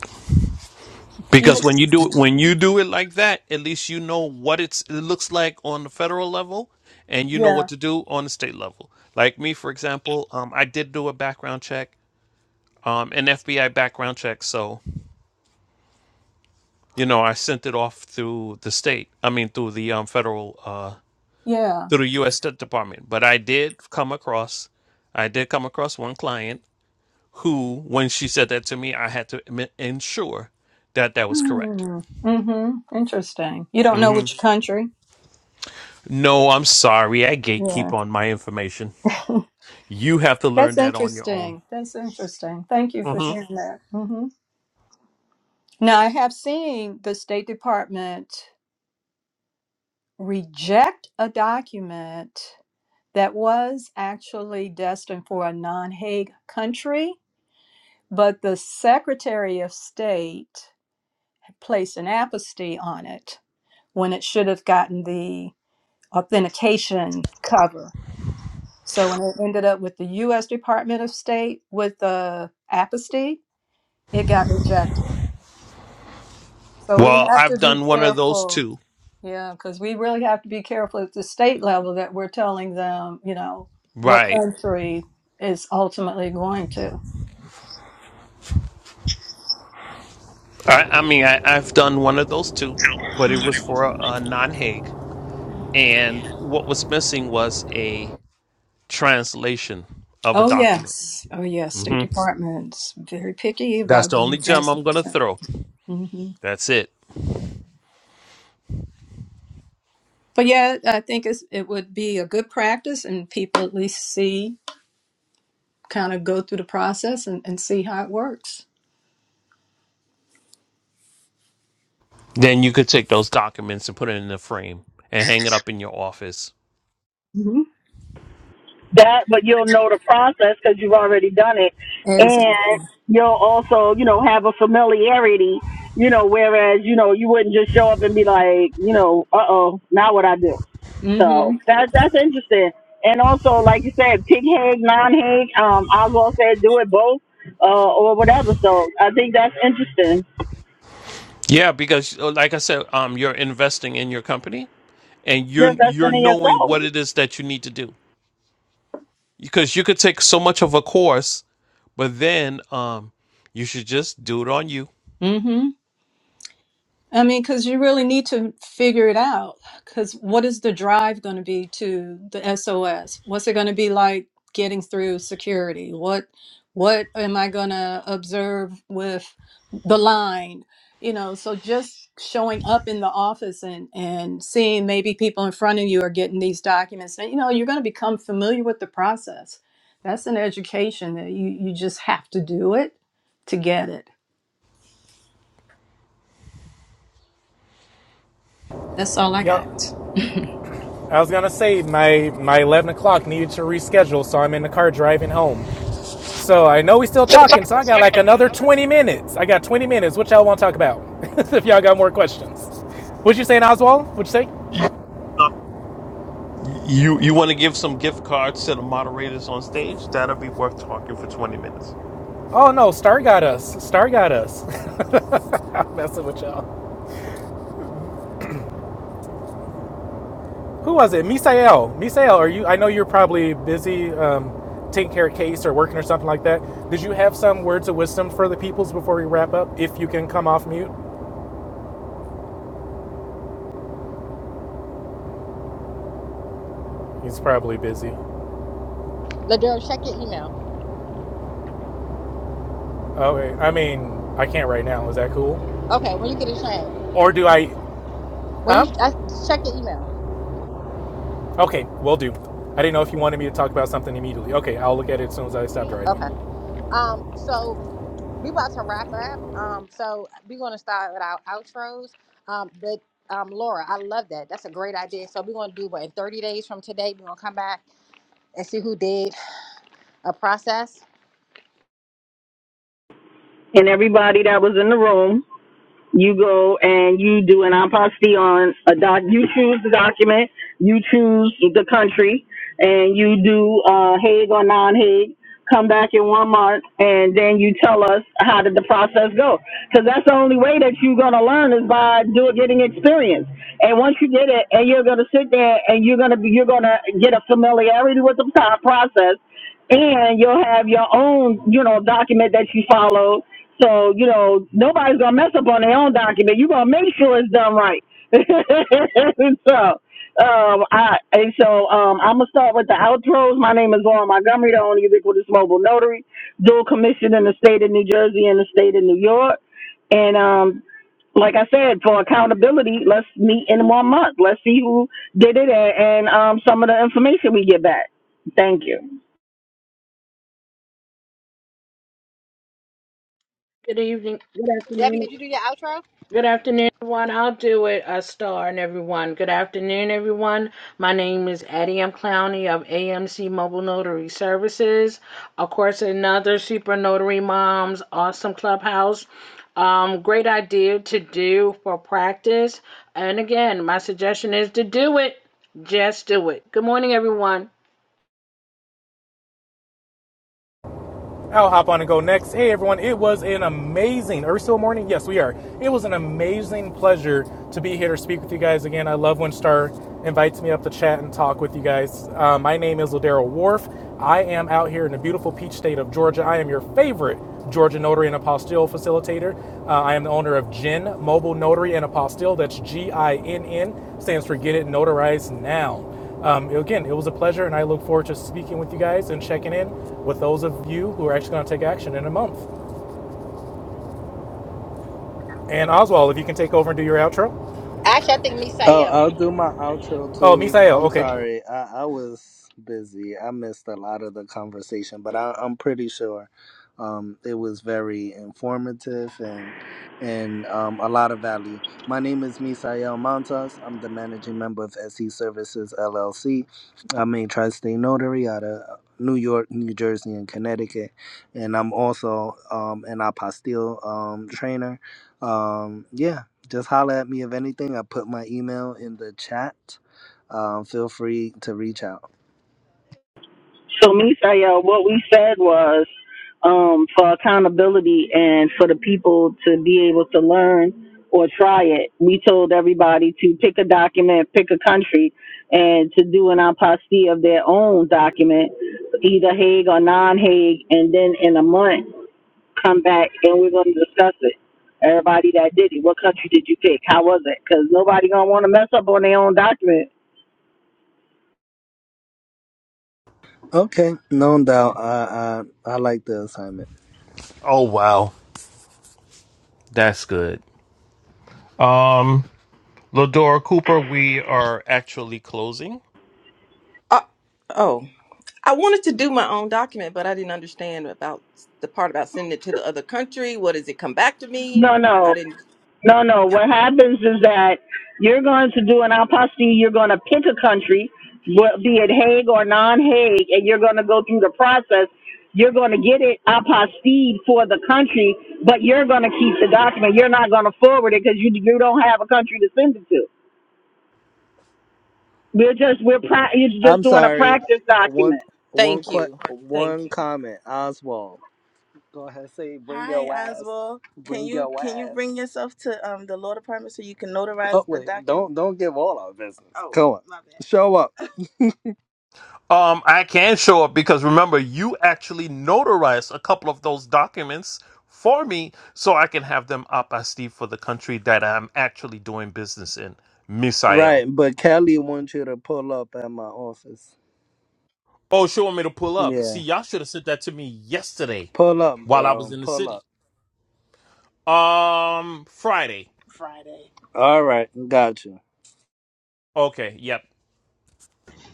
H: You know,
J: Because when you do it, when you do it like that, at least you know what it's, it looks like on the federal level, and you know what
H: yeah,
J: to do on the state level. Like me, for example, um, I did do a background check, um, an FBI background check. So you know, I sent it off through the state. I mean, through the um, federal, uh,
H: yeah.
J: through the U.S. State Department. But I did come across, I did come across one client who, when she said that to me, I had to im- ensure that that was correct.
H: Hmm. Mm-hmm. Interesting. You don't know which country.
J: No, I'm sorry. I gatekeep
H: Yeah.
J: on my information. You have to learn
H: That's
J: that on your own.
H: interesting. That's interesting. Thank you for
J: hmm
H: sharing that. hmm Now, I have seen the State Department. reject a document that was actually destined for a non Hague country, but the Secretary of State placed an apostille on it when it should have gotten the authentication cover. So when it ended up with the U.S. Department of State with the apostille, it got rejected. So we
J: Well,
H: have to
J: I've
H: be
J: done one of those
H: careful
J: too.
H: Yeah, because we really have to be careful at the state level that we're telling them, you know, what
J: Right.
H: country is ultimately going to.
J: I, I mean, I, I've done one of those too, but it was for a, a non Hague. And what was missing was a translation of a
H: Oh,
J: document.
H: yes. Oh, yes. State
J: hmm
H: Department's very picky
J: That's
H: about
J: the only
H: getting
J: gem I'm going to
H: translation.
J: throw.
H: hmm
J: That's it.
H: But yeah, I think it's, it would be a good practice and people at least see, kind of go through the process and, and see how it works.
J: Then you could take those documents and put it in a frame and hang it up in your office.
H: hmm
F: that, but you'll know the process because you've already done it,
H: Exactly.
F: and you'll also, you know, have a familiarity, you know, whereas, you know, you wouldn't just show up and be like, you know, uh oh, now what I do. So
H: Mm-hmm.
F: that that's interesting. And also, like you said, pig hag, non hag. Um, Oswald said do it both, uh, or whatever. So I think that's interesting.
J: Yeah, because uh, like I said, um, you're investing in your company. and you're
F: You're
J: you're
F: investing in
J: knowing
F: yourself
J: what it is that you need to do because you could take so much of a course but then um you should just do it on you
H: Mm-hmm. I mean, because you really need to figure it out. Because what is the drive going to be to the SOS? What's it going to be like getting through security? What what am I going to observe with the line? You know, so just showing up in the office and and seeing maybe people in front of you are getting these documents, and you know, you're going to become familiar with the process. That's an education that you you just have to do it to get it. That's all I
B: Yep.
H: got.
B: I was gonna say my my eleven o'clock needed to reschedule, so I'm in the car driving home. So I know we still
J: Still
B: talking,
J: talking,
B: so I
J: so
B: got
J: I got
B: like
J: like
B: another
J: another
B: twenty minutes. I got twenty minutes. What y'all want to talk about? if y'all got more questions, what you saying, Oswald? What you say?
J: 20. you you want to give some gift cards to the moderators on stage that'll be worth talking for 20 minutes
B: Oh no, Star got us. Star got us. I'm messing with y'all. Who was it? Misael. Misael, are you? I know you're probably busy um, taking care of case or working or something like that. Did you have some words of wisdom for the peoples before we wrap up? If you can come off mute, he's probably busy.
A: Ladero. Check your email.
B: Okay. I mean, I can't right now. Is that cool?
A: Okay, when you get a chance,
B: Or do I?
A: when
B: Huh?
A: you I, check your email.
B: Okay. Will do. I didn't know if you wanted me to talk about something immediately. Okay. I'll look at it as soon as I stop driving.
A: Okay. Um. So we about to wrap up. Um, so we're gonna start with our outros. Um, but um, Laura, I love that. That's a great idea. So we're gonna do what in 30 days from today. We're gonna come back and see who did a process.
F: and everybody that was in the room. you go and you do an apostille on a doc. You choose the document, you choose the country, and you do uh, Hague or non-Hague. Come back in one month, and then you tell us how did the process go? Because that's the only way that you're gonna learn is by do getting experience. And once you get it, and you're gonna sit there, and you're gonna be, you're gonna get a familiarity with the pro- process, and you'll have your own, you know, document that you follow. So, you know, nobody's gonna mess up on their own document. You're gonna make sure it's done right. so um I and so um I'm gonna start with the outros. My name is Lauren Montgomery, the only ubiquitous mobile notary, dual commissioned in the state of New Jersey and the state of New York. And um like I said, for accountability, let's meet in one month. Let's see who did it and, and um some of the information we get back. Thank you.
C: Good evening. Good
A: Debbie,
C: afternoon.
A: did you do your outro?
C: Good afternoon, everyone. I'll do it a star and everyone. Good afternoon, everyone. My name is Addie M. Clowney of AMC Mobile Notary Services. Of course, another Super Notary Moms Awesome Clubhouse. Um, great idea to do for practice. And again, my suggestion is to do it. Just do it. Good morning, everyone.
B: I'll hop on and go next. Hey everyone, it was an amazing. Are we still morning? Yes, we are. It was an amazing pleasure to be here to speak with you guys again. I love when Star invites me up to chat and talk with you guys. Uh, my name is Ladero Wharf. I am out here in the beautiful peach state of Georgia. I am your favorite Georgia notary and apostille facilitator. Uh, I am the owner of Gin Mobile Notary and Apostille. That's G I N N, stands for Get It Notarized Now. Um, again, it was a pleasure, and I look forward to speaking with you guys and checking in with those of you who are actually going to take action in a month. And Oswald, if you can take over and do your outro.
A: Actually, I think
E: Oh,
A: Misael.
E: I'll do my outro
B: Oh,
E: too.
B: Misael,
E: I'm
B: okay.
E: sorry, I, I was busy. I missed a lot of the conversation, but I, I'm pretty sure um, it was very informative and and um, a lot of value. My name is Misael Montas. I'm the managing member of SE Services LLC. I'm a tri-state notary out of New York, New Jersey, and Connecticut, and I'm also um, an apostille um, trainer. Um, yeah just holler at me if anything. I put my email in the chat. Um, feel free to reach out.
F: So, Misael, what we said was um, for accountability and for the people to be able to learn or try it, we told everybody to pick a document, pick a country, and to do an apostille of their own document, either Hague or non Hague, and then in a month come back and we're going to discuss it. Everybody that did it, what country did you pick? How was it? Because nobody going to want to mess up on their own document.
E: Okay, no doubt. I I, I like the assignment.
J: Oh wow, that's good. um Ladora Cooper, we are actually closing.
K: Uh, oh, I wanted to do my own document, but I didn't understand about the part about sending it to the other country. What does it come back to me?
F: No, no.
K: I didn't.
F: No, no. What happens is that you're going to do an apostasy. You're going to pick a country, wh- be it Hague or non-Hague, and you're going to go through the process. You're going to get it apostied for the country, but you're going to keep the document. You're not going to forward it because you you don't have a country to send it to. We're just we're pra- it's just
E: I'm
F: doing a
E: sorry.
F: practice
E: One
F: document.
E: one
K: Thank
E: que-
K: you. Thank
E: one
K: you.
E: comment, Oswald. Go ahead, say bring Hi, your ass. Oswald. Can Bring you your can you ass. bring yourself to um the law department so you can Oh notarize oh, the wait, document? don't don't give all our business. Oh, Come on, my bad. show up.
J: Um, I can show up because remember, you actually notarized a couple of those documents for me so I can have them up I Steve for the country that I'm actually doing business in, Misael.
E: Right, but Kelly wants you to pull up at my office.
J: Oh, she want me to pull up. See,
E: Yeah,
J: y'all should have sent that to me yesterday
E: pull up,
J: while I was
E: bro.
J: in the
E: Pull up.
J: city. Um, Friday.
E: Friday. All right, gotcha.
J: Okay, yep.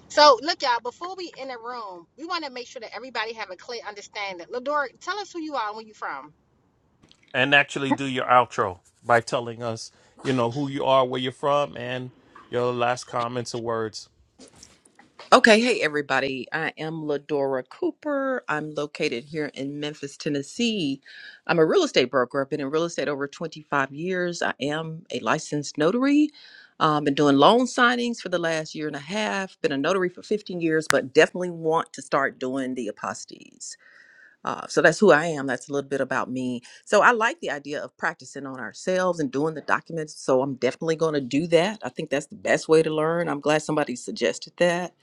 A: So look, y'all. Before we in the room, we want to make sure that everybody have a clear understanding. Ladora, tell us who you are and where you from.
J: And actually do your outro by telling us, you know, who you are, where you're from, and your last comments or words.
K: Okay. Hey, everybody. I am Ladora Cooper. I'm located here in Memphis, Tennessee. I'm a real estate broker. I've been in real estate over 25 years. I am a licensed notary. Um, been doing loan signings for the last year and a half. Been a notary for 15 years, but definitely want to start doing the apostilles. Uh, so that's who I am. That's a little bit about me. So I like the idea of practicing on ourselves and doing the documents. So I'm definitely going to do that. I think that's the best way to learn. I'm glad somebody suggested that.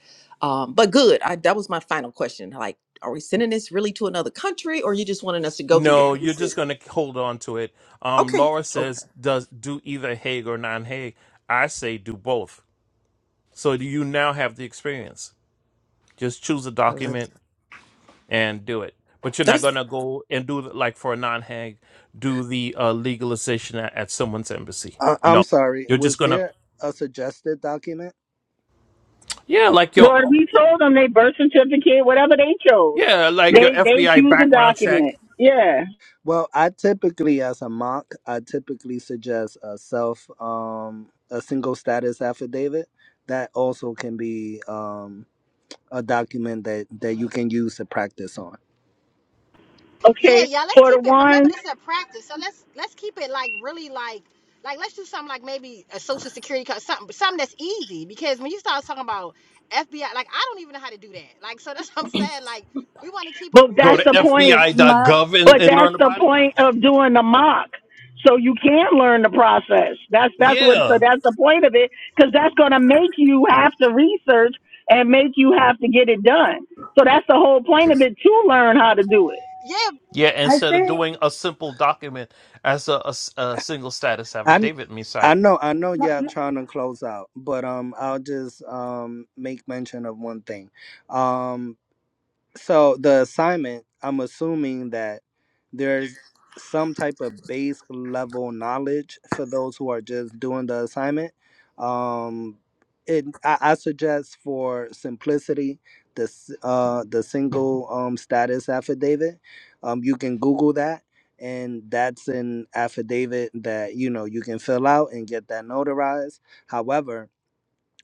K: Um, but good. I, that was my final question. Like, are we sending this really to another country, or you just wanting us to go through the
J: No, you're just
K: process?
J: gonna hold on to it. Um,
K: Okay.
J: Laura
K: Okay.
J: says, "Does do either Hague or non-Hague?" I say, "Do both." So do you now have the experience. Just choose a
K: I like
J: document and do it. But you're not
K: that.
J: gonna go and do the- like for a non-Hague, do the uh, legalization at, at someone's embassy.
E: I- I'm
J: No,
E: sorry.
J: you're just
E: Was
J: gonna
E: there a suggested document?
J: yeah, like
F: Well,
J: your
F: we told them they birth certificate, whatever they chose.
J: yeah, like your
F: They they
J: FBI
F: choose the
J: background check.
F: document. Yeah.
E: Well, I typically, as a mock, I typically suggest a self, um, a single status affidavit. That also can be um, a document that that you can use to practice on.
A: Yeah,
F: Okay.
A: yeah. Let's
F: For the
A: keep it. Remember,
F: ones,
A: this is a practice, so let's let's keep it like really like like let's do something like maybe a social security card, something something that's easy. Because when you start talking about FBI, like I don't even know how to do that. Like so, that's what I'm saying. Like we want to keep it
F: but
J: Go
A: really
F: that's
J: to
F: the
A: like
F: point.
J: FBI.gov and,
F: But
J: and
F: that's
J: learn
F: the
J: about it.
F: point of doing the mock. So you can learn the process. That's that's what
J: Yeah,
F: so that's the point of it cuz that's going to make you have to research and make you have to get it done. So that's the whole point of it to learn how to do it.
A: yeah.
J: Yeah, instead of doing a simple document as a, a s- a single status
E: I kn-
J: affidavit, Messiah.
E: I know I know y'all trying to close out, but um I'll just um make mention of one thing. Um so the assignment, I'm assuming that there's some type of base level knowledge for those who are just doing the assignment. Um, it I, I suggest for simplicity the s- uh the single um status affidavit. Um, you can Google that, and that's an affidavit that you know you can fill out and get that notarized. However,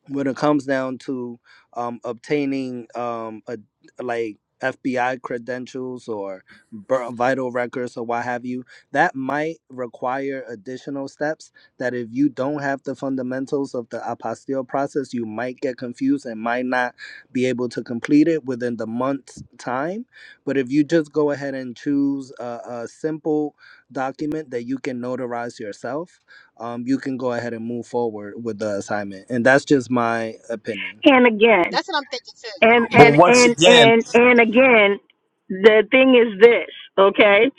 E: when it comes down to um, obtaining um, a, like FBI credentials or bir- vital records or what have you, that might require additional steps. That if you don't have the fundamentals of the apostille process, you might get confused and might not be able to complete it within the month's time. But if you just go ahead and choose a, a simple document that you can notarize yourself, um, you can go ahead and move forward with the assignment. And that's just my opinion.
F: And again,
A: That's what I'm thinking too.
F: and
J: But
F: and
A: Yeah,
J: once
F: and
J: again,
F: and and again the thing is this okay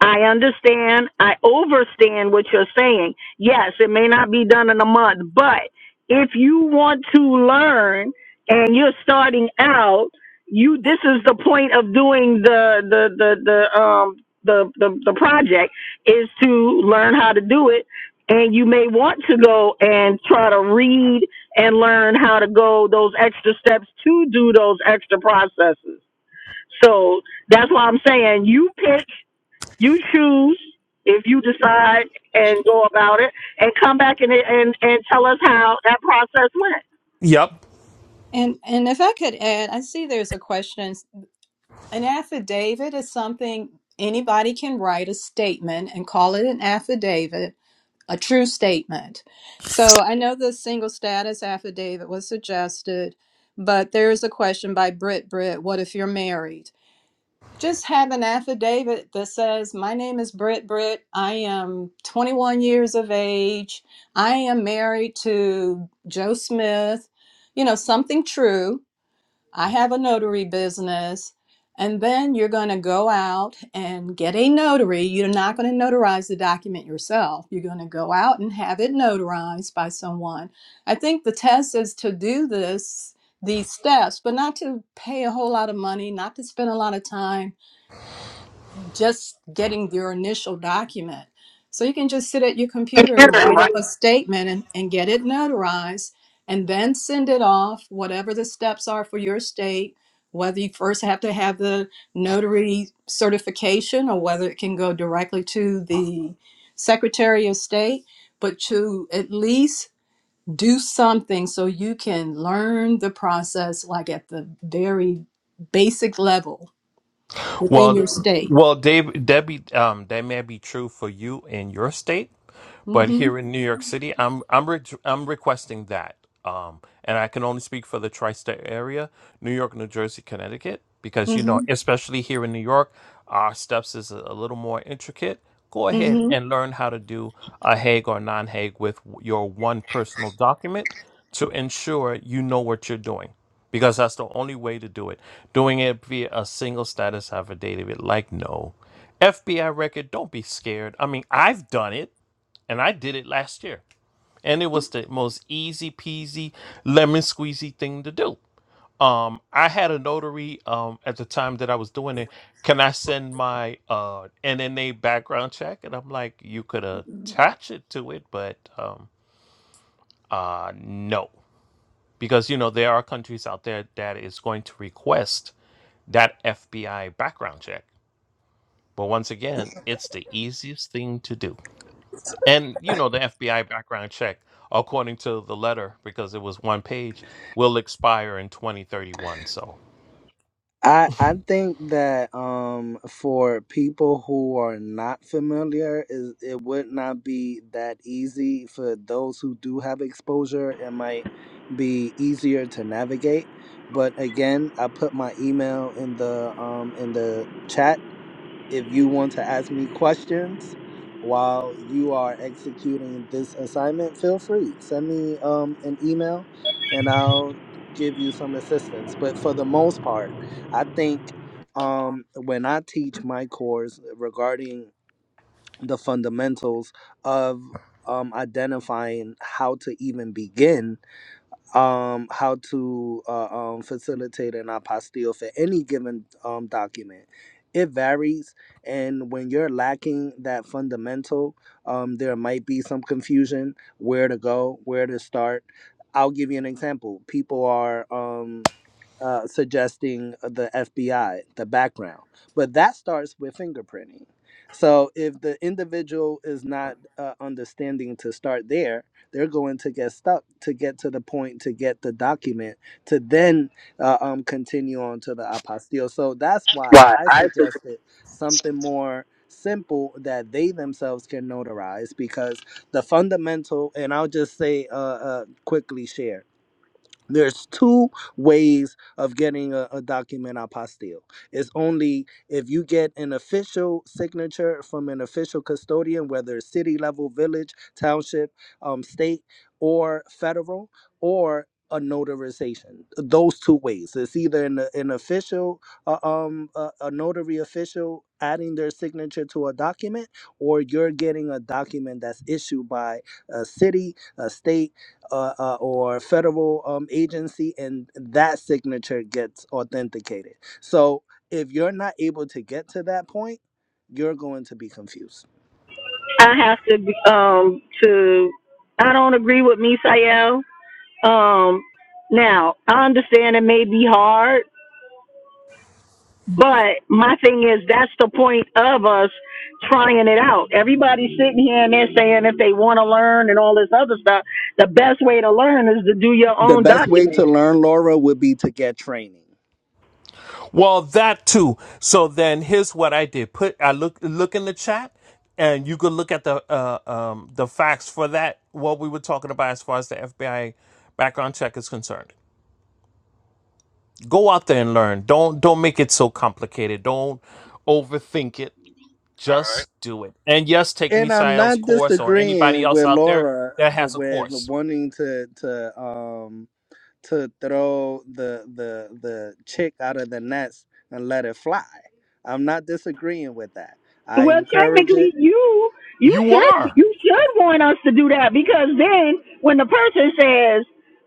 F: i understand i overstand what you're saying yes it may not be done in a month but if you want to learn and you're starting out you this is the point of doing the the the, the um the, the the project is to learn how to do it and you may want to go and try to read and learn how to go those extra steps to do those extra processes. So that's why I'm saying you pick, you choose if you decide and go about it and come back and and, and tell us how that process went.
J: yep.
H: And and if I could add, I see there's a question. An affidavit is something anybody can write a statement and call it an affidavit, a true statement. So I know the single status affidavit was suggested, but there is a question by Britt Britt, what if you're married? Just have an affidavit that says, My name is Britt Britt, I am 21 years of age, I am married to Joe Smith, you know, something true I have a notary business. And then you're going to go out and get a notary. You're not going to notarize the document yourself. You're going to go out and have it notarized by someone. I think the test is to do this, these steps, but not to pay a whole lot of money, not to spend a lot of time just getting your initial document. So you can just sit at your computer and write up a statement and, and get it notarized and then send it off, whatever the steps are for your state, whether you first have to have the notary certification or whether it can go directly to the Secretary of State, but to at least do something so you can learn the process like at the very basic level within your
J: Well,
H: state.
J: well, Dave, Debbie, um, that may be true for you in your state, but
H: Mm-hmm.
J: here in New York City, I'm I'm re- I'm requesting that, um, and I can only speak for the tri-state area: New York, New Jersey, Connecticut, because you know,
H: hmm
J: especially here in New York, our steps is a little more intricate. Go ahead
H: hmm
J: and learn how to do a Hague or non-Hague with your one personal document to ensure you know what you're doing because that's the only way to do it. Doing it via a single status affidavit, like no FBI record. Don't be scared. I mean, I've done it, and I did it last year, and it was the most easy peasy, lemon squeezy thing to do. Um, I had a notary um at the time that I was doing it. Can I send my uh NNA background check? And I'm like, you could attach it to it, but um uh no. Because you know there are countries out there that is going to request that FBI background check. But once again, it's the easiest thing to do. And you know, the FBI background check, according to the letter, because it was one page, will expire in 2031. So,
E: I, I think that um, for people who are not familiar, is it would not be that easy. For those who do have exposure, it might be easier to navigate. But again, I put my email in the um, in the chat if you want to ask me questions while you are executing this assignment, feel free. Send me um, an email and I'll give you some assistance. But for the most part, I think um, when I teach my course regarding the fundamentals of um, identifying how to even begin um, how to uh, um, facilitate an apostille for any given um, document. It varies, and when you're lacking that fundamental, um, there might be some confusion where to go, where to start. I'll give you an example. People are. um, uh, suggesting uh, the FBI, the background. But that starts with fingerprinting. So if the individual is not uh, understanding to start there, they're going to get stuck to get to the point to get the document to then uh, um, continue on to the apostille. So that's why
J: Why?
E: I
J: I think
E: suggested something more simple that they themselves can notarize because the fundamental, and I'll just say uh, uh, quickly share there's two ways of getting a, a document apostille. It's only if you get an official signature from an official custodian, whether it's city level, village, township, um, state, or federal, or a notarization. Those two ways. It's either an, an official, uh, um, a, a notary official adding their signature to a document, or you're getting a document that's issued by a city, a state uh, uh, or federal um, agency, and that signature gets authenticated. So if you're not able to get to that point, you're going to be confused.
F: I have to um to I don't agree with Misael. Um now I understand it may be hard But my thing is, that's the point of us trying it out. Everybody's sitting here and they're saying if they want to learn and all this other stuff, the best way to learn is to do your
E: The
F: own
E: best way
F: document.
E: to learn Laura would be to get training.
J: well, that too. So then here's what I did. Put I look look in the chat and you could look at the uh, um the facts for that what we were talking about as far as the FBI background check is concerned. Go out there and learn. Don't don't make it so complicated. Don't overthink it.
D: All right.
J: Just do it. And yes, take
E: And I'm
J: Misael's
E: not
J: course or anybody
E: disagreeing
J: else
E: with
J: out there
E: Laura
J: that
E: uh,
J: has a
E: with
J: course.
E: wanting to to um to throw the the the chick out of the nest and let it fly. I'm not disagreeing with that. I
F: Well,
E: encourage it.
F: technically, you you
J: You
F: should
J: are
F: you should want us to do that because then when the person says,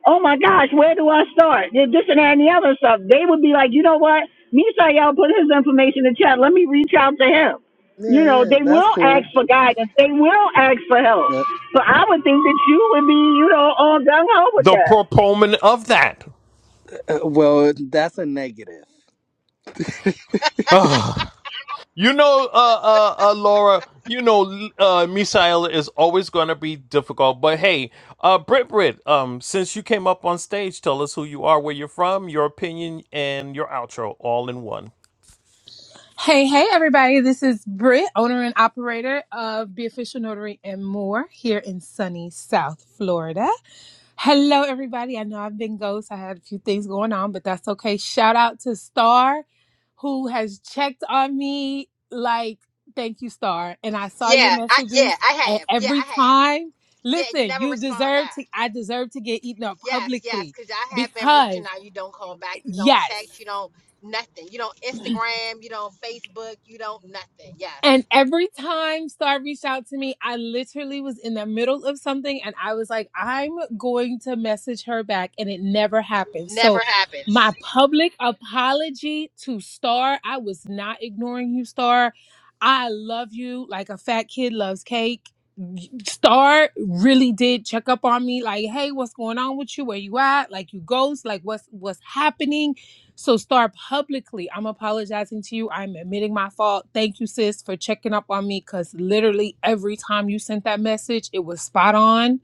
F: "Oh my gosh, where do I start?" Th- This and that and the other stuff, they would be like, "You know what? Misael put his information in the chat. Let me reach out to him." You
E: Yeah,
F: know,
E: yeah,
F: they
E: that's
F: will ask
E: cool.
F: for guidance. They will ask for help.
E: Yeah.
F: So I would think that you would be, you know, all gung ho with
J: the
F: that.
J: proponent of that.
E: Uh, well, that's a negative.
J: Ugh. You know, uh, uh, uh, Laura, you know, uh, Misael is always going to be difficult, but hey, uh, Brit Brit, um, since you came up on stage, tell us who you are, where you're from, your opinion, and your outro all in one.
L: Hey, hey, everybody. This is Britt, owner and operator of Be Official Notary and more here in sunny South Florida. Hello, everybody. I know I've been ghost. I had a few things going on, but that's okay. Shout out to Star, who has checked on me. Like, thank you, Star. And I saw your
A: yeah, I
L: messages
A: yeah I
L: and
A: have yeah
L: every
A: I have
L: time.
A: yeah. You
L: Listen,
A: never
L: you
A: respond
L: deserve to,
A: back.
L: I deserve to get eaten up
A: Yes, yes,
L: publicly
A: because I have been reaching
L: because,
A: out. You don't call back. You don't
L: yes.
A: text. You don't nothing. You don't Facebook. You don't nothing.
L: And every time Star reached out to me, I literally was in the middle of something and I was like, I'm going to message her back. And it never happened.
A: Never
L: So,
A: happens.
L: my public apology to Star. I was not ignoring you, Star. I love you like a fat kid loves cake. Star really did check up on me like, hey, what's going on with you? Where you at? Like you ghost, like what's what's happening? So start publicly. I'm apologizing to you. I'm admitting my fault. Thank you, sis, for checking up on me. Cause literally every time you sent that message, it was spot on.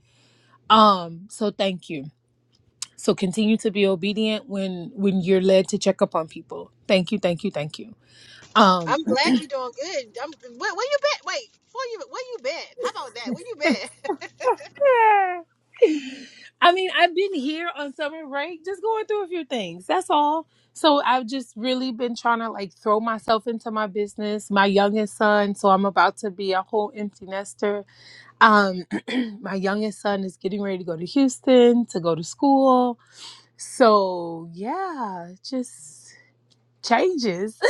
L: Um, so thank you. So continue to be obedient when when you're led to check up on people. Thank you, thank you, thank you. Um
A: I'm glad you're doing good. I'm where, where you been? Wait, before you where you been? How about that? Where you been?
L: yeah. I mean, I've been here on summer break, just going through a few things. That's all. So I've just really been trying to like throw myself into my business, my youngest son. So I'm about to be a whole empty nester Um, my youngest son is getting ready to go to Houston to go to school. So yeah, just changes,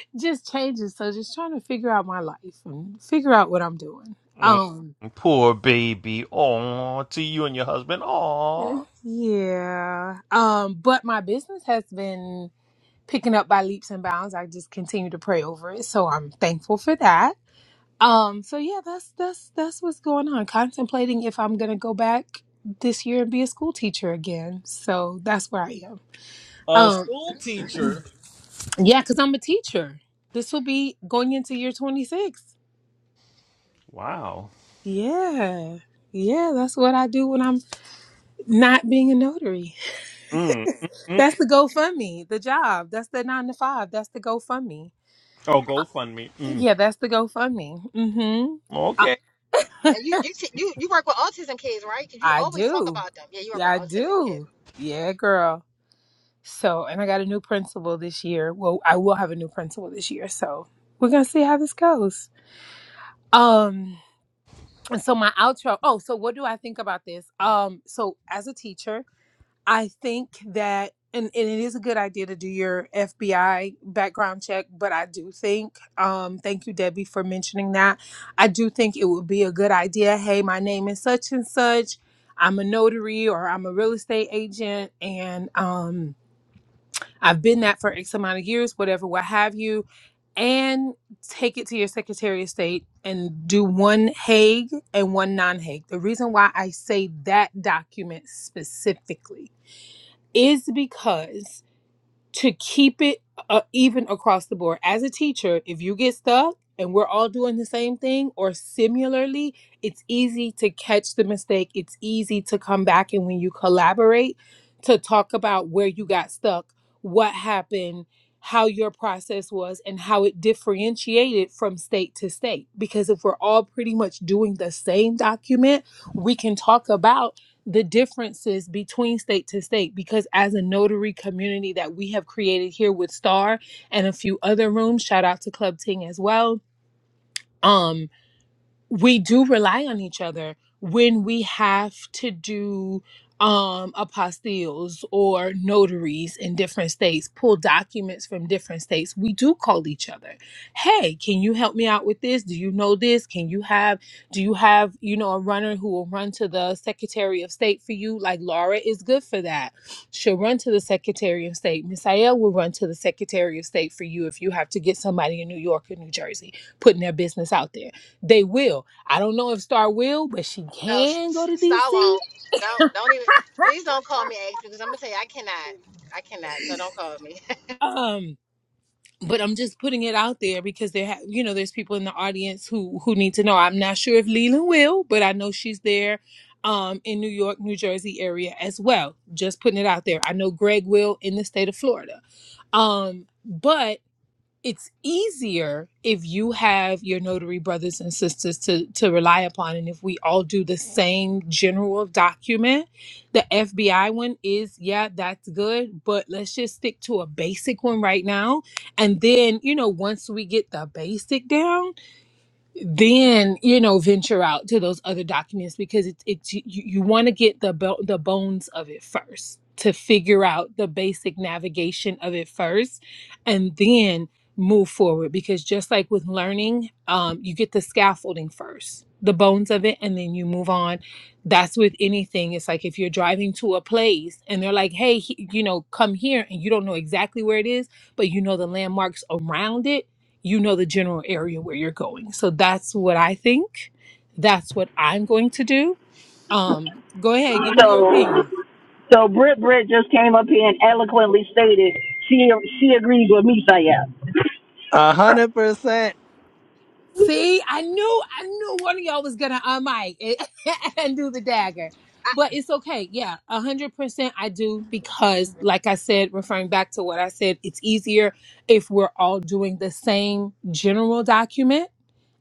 L: just changes. So just trying to figure out my life and figure out what I'm doing.
J: Mm,
L: Um,
J: poor baby. Aw, to you and your husband. Aw.
L: yeah. Um, but my business has been picking up by leaps and bounds. I just continue to pray over it, so I'm thankful for that. Um, so yeah, that's that's that's what's going on. Contemplating if I'm gonna go back this year and be a school teacher again. So that's where I am.
J: A
L: Um,
J: school teacher.
L: yeah, because I'm a teacher. This will be going into year 26.
J: Wow.
L: Yeah. Yeah, that's what I do when I'm not being a notary.
J: Mm, mm, mm.
L: That's the GoFundMe, the job. That's the nine to five. That's the GoFundMe.
J: Oh, GoFundMe. Mm.
L: Yeah, that's the GoFundMe. Mm-hmm. I,
J: Okay.
A: And you you you you work with autism kids, right? 'Cause you
L: I
A: always talk
L: do.
A: about them. Yeah, you work
L: Yeah,
A: with
L: I
A: autism kids.
L: do. Yeah, girl. So, and I got a new principal this year. Well, I will have a new principal this year. So, we're going to see how this goes. Um, and so my outro. Oh, so what do I think about this? Um, so as a teacher, I think that and, and it is a good idea to do your FBI background check, but I do think, um, thank you, Debbie, for mentioning that. I do think it would be a good idea. Hey, my name is such and such. I'm a notary or I'm a real estate agent, and um, I've been that for X amount of years, whatever, what have you, and take it to your Secretary of State and do one Hague and one non Hague. The reason why I say that document specifically is because to keep it uh, even across the board. As a teacher, if you get stuck and we're all doing the same thing or similarly, it's easy to catch the mistake. It's easy to come back and when you collaborate to talk about where you got stuck, what happened, how your process was, and how it differentiated from state to state. Because if we're all pretty much doing the same document, we can talk about the differences between state to state because as a notary community that we have created here with star and a few other rooms shout out to club ting as well um we do rely on each other when we have to do um apostilles or notaries in different states pull documents from different states we do call each other hey can you help me out with this do you know this can you have do you have you know a runner who will run to the secretary of state for you like laura is good for that she'll run to the secretary of state misael will run to the secretary of state for you if you have to get somebody in new york or new jersey putting their business out there they will. I don't know if Star will, but she
A: No, s-
L: can go to DC.
A: Don't don't even. Please don't call me Ace because I'm gonna tell you I cannot. I cannot. So don't call me.
L: Um, but I'm just putting it out there because there, ha- you know, there's people in the audience who who need to know. I'm not sure if Leland will, but I know she's there, um, in New York, New Jersey area as well. Just putting it out there. I know Greg will in the state of Florida. Um, but it's easier if you have your notary brothers and sisters to to rely upon and if we all do the same general document the fbi one is yeah that's good but let's just stick to a basic one right now and then you know once we get the basic down then you know venture out to those other documents because it's it's you, you want to get the bo- the bones of it first to figure out the basic navigation of it first and then move forward because just like with learning um, you get the scaffolding first the bones of it and then you move on that's with anything it's like if you're driving to a place and they're like hey he- you know come here and you don't know exactly where it is but you know the landmarks around it you know the general area where you're going. So that's what I think. That's what I'm going to do. Um, go ahead, give me your
F: So,
L: opinion.
F: so Britt Britt just came up here and eloquently stated she she agrees with Misael.
E: A hundred percent.
L: See, I knew I knew one of y'all was gonna unmic it and do the dagger. But it's okay. Yeah, a hundred percent I do because like I said, referring back to what I said, it's easier if we're all doing the same general document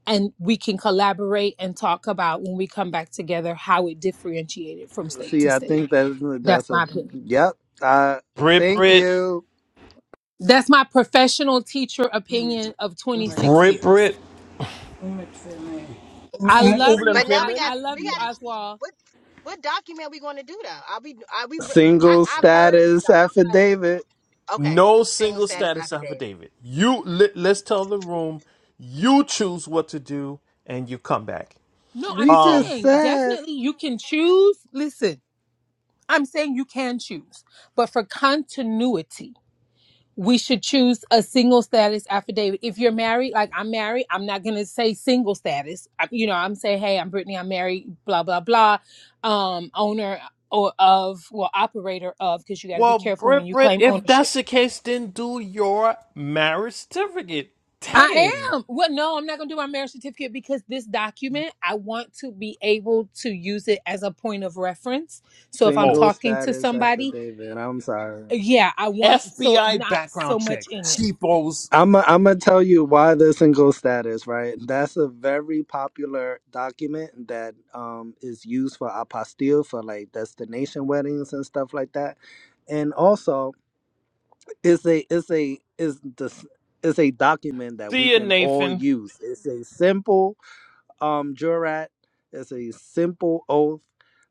L: and we can collaborate and talk about when we come back together how it differentiated from state
E: See,
L: to
E: I
L: state.
E: think that
L: That's
E: that's a
L: my opinion.
E: yep. Uh,
J: Brit,
E: thank
J: Brit,
E: you.
L: That's my professional teacher opinion of 26
J: Brit,
L: years.
J: Brit.
L: I
J: M-
L: love
J: Over them
L: you.
A: but now
L: I,
A: we got
J: women.
L: I love
A: we
L: you,
A: got to
L: Oswald.
A: what what document are we going to do though? I'll be I we I
E: Single
A: I've heard
E: status affidavit.
A: okay
J: No
A: single
J: single
A: status
J: status
A: affidavit.
J: affidavit. You let, let's tell the room. You choose what to do, and you come back.
L: No, I'm
E: We
J: Um.
E: just
L: saying
E: said
L: definitely you can choose. Listen, I'm saying you can choose, but for continuity, we should choose a single status affidavit. If you're married, like I'm married, I'm not going to say single status. I, you know, I'm saying, hey, I'm Brittany, I'm married, blah, blah, blah. Um, owner or of, well, operator of, because you got to be
J: Well,
L: careful when
J: Brit,
L: you
J: Brit.
L: claim
J: If
L: ownership
J: that's the case, then do your marriage certificate.
L: I
J: Dang.
L: am. Well, no, I'm not going to do my marriage certificate because this document, I want to be able to use it as a point of reference. So if I'm
J: Oh,
E: single
L: talking to
E: status
L: somebody,
E: affidavit. I'm sorry.
L: yeah, I want so
J: FBI
L: not so
J: background
L: much
J: check.
L: in it.
J: Cheapos.
E: I'm i I'm gonna tell you why the single status, right? That's a very popular document that um is used for apostille for like destination weddings and stuff like that. And also it's a it's a is the it's a document that we
J: See ya,
E: can all
J: Nathan.
E: use. It's a simple um jurat. It's a simple oath.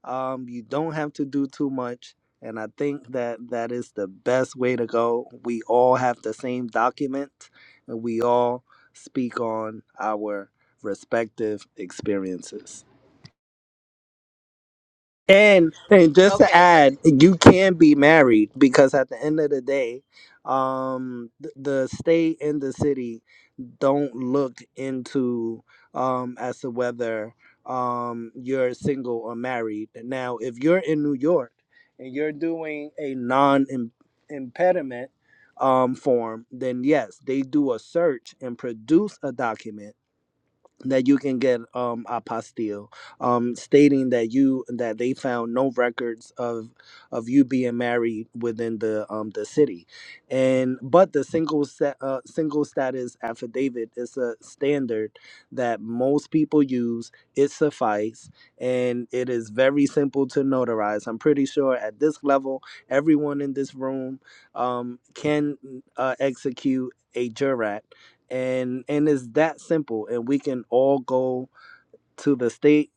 E: Um, you don't have to do too much, and I think that that is the best way to go. We all have the same document, and we all speak on our respective experiences. And and just to
A: Okay, So.
E: add, you can be married because at the end of the day, um, th- the state and the city don't look into um as to whether um you're single or married. Now, if you're in New York and you're doing a non impediment um form, then yes, they do a search and produce a document that you can get um apostille um stating that you that they found no records of of you being married within the um the city and but the single set uh, single status affidavit is a standard that most people use it suffice and it is very simple to notarize i'm pretty sure at this level everyone in this room um can uh, execute a jurat and and it's that simple and we can all go to the state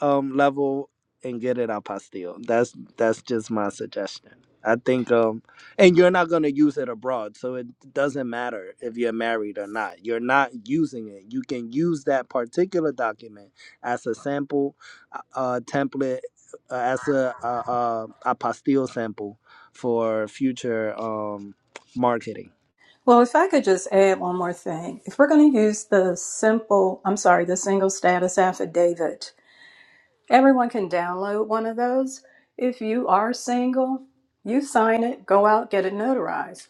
E: um level and get it out pastille that's that's just my suggestion i think um and you're not going to use it abroad so it doesn't matter if you're married or not you're not using it you can use that particular document as a sample uh uh, template uh, as a uh, uh, a pastille sample for future um marketing
H: Well, if I could just add one more thing. If we're going to use the simple, I'm sorry, the single status affidavit, everyone can download one of those. If you are single, you sign it, go out, get it notarized.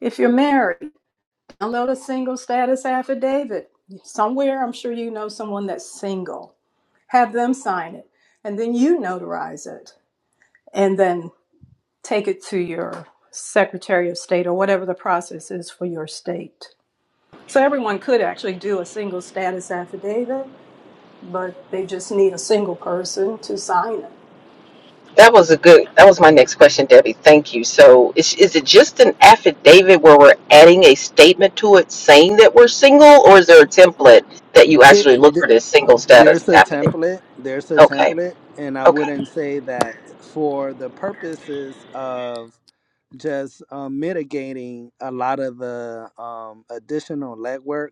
H: If you're married, download a single status affidavit. Somewhere, I'm sure you know someone that's single. Have them sign it, and then you notarize it, and then take it to your Secretary of State or whatever the process is for your state. So everyone could actually do a single status affidavit, but they just need a single person to sign it.
K: That was a good. That was my next question, Debbie. Thank you. So, is, is it just an affidavit where we're adding a statement to it saying that we're single, or is there a template that you
E: It,
K: actually look for this single status
E: there's a
K: affidavit?
E: template there's a
K: Okay.
E: template and i
K: Okay.
E: wouldn't say that for the purposes of just um, mitigating a lot of the um, additional legwork.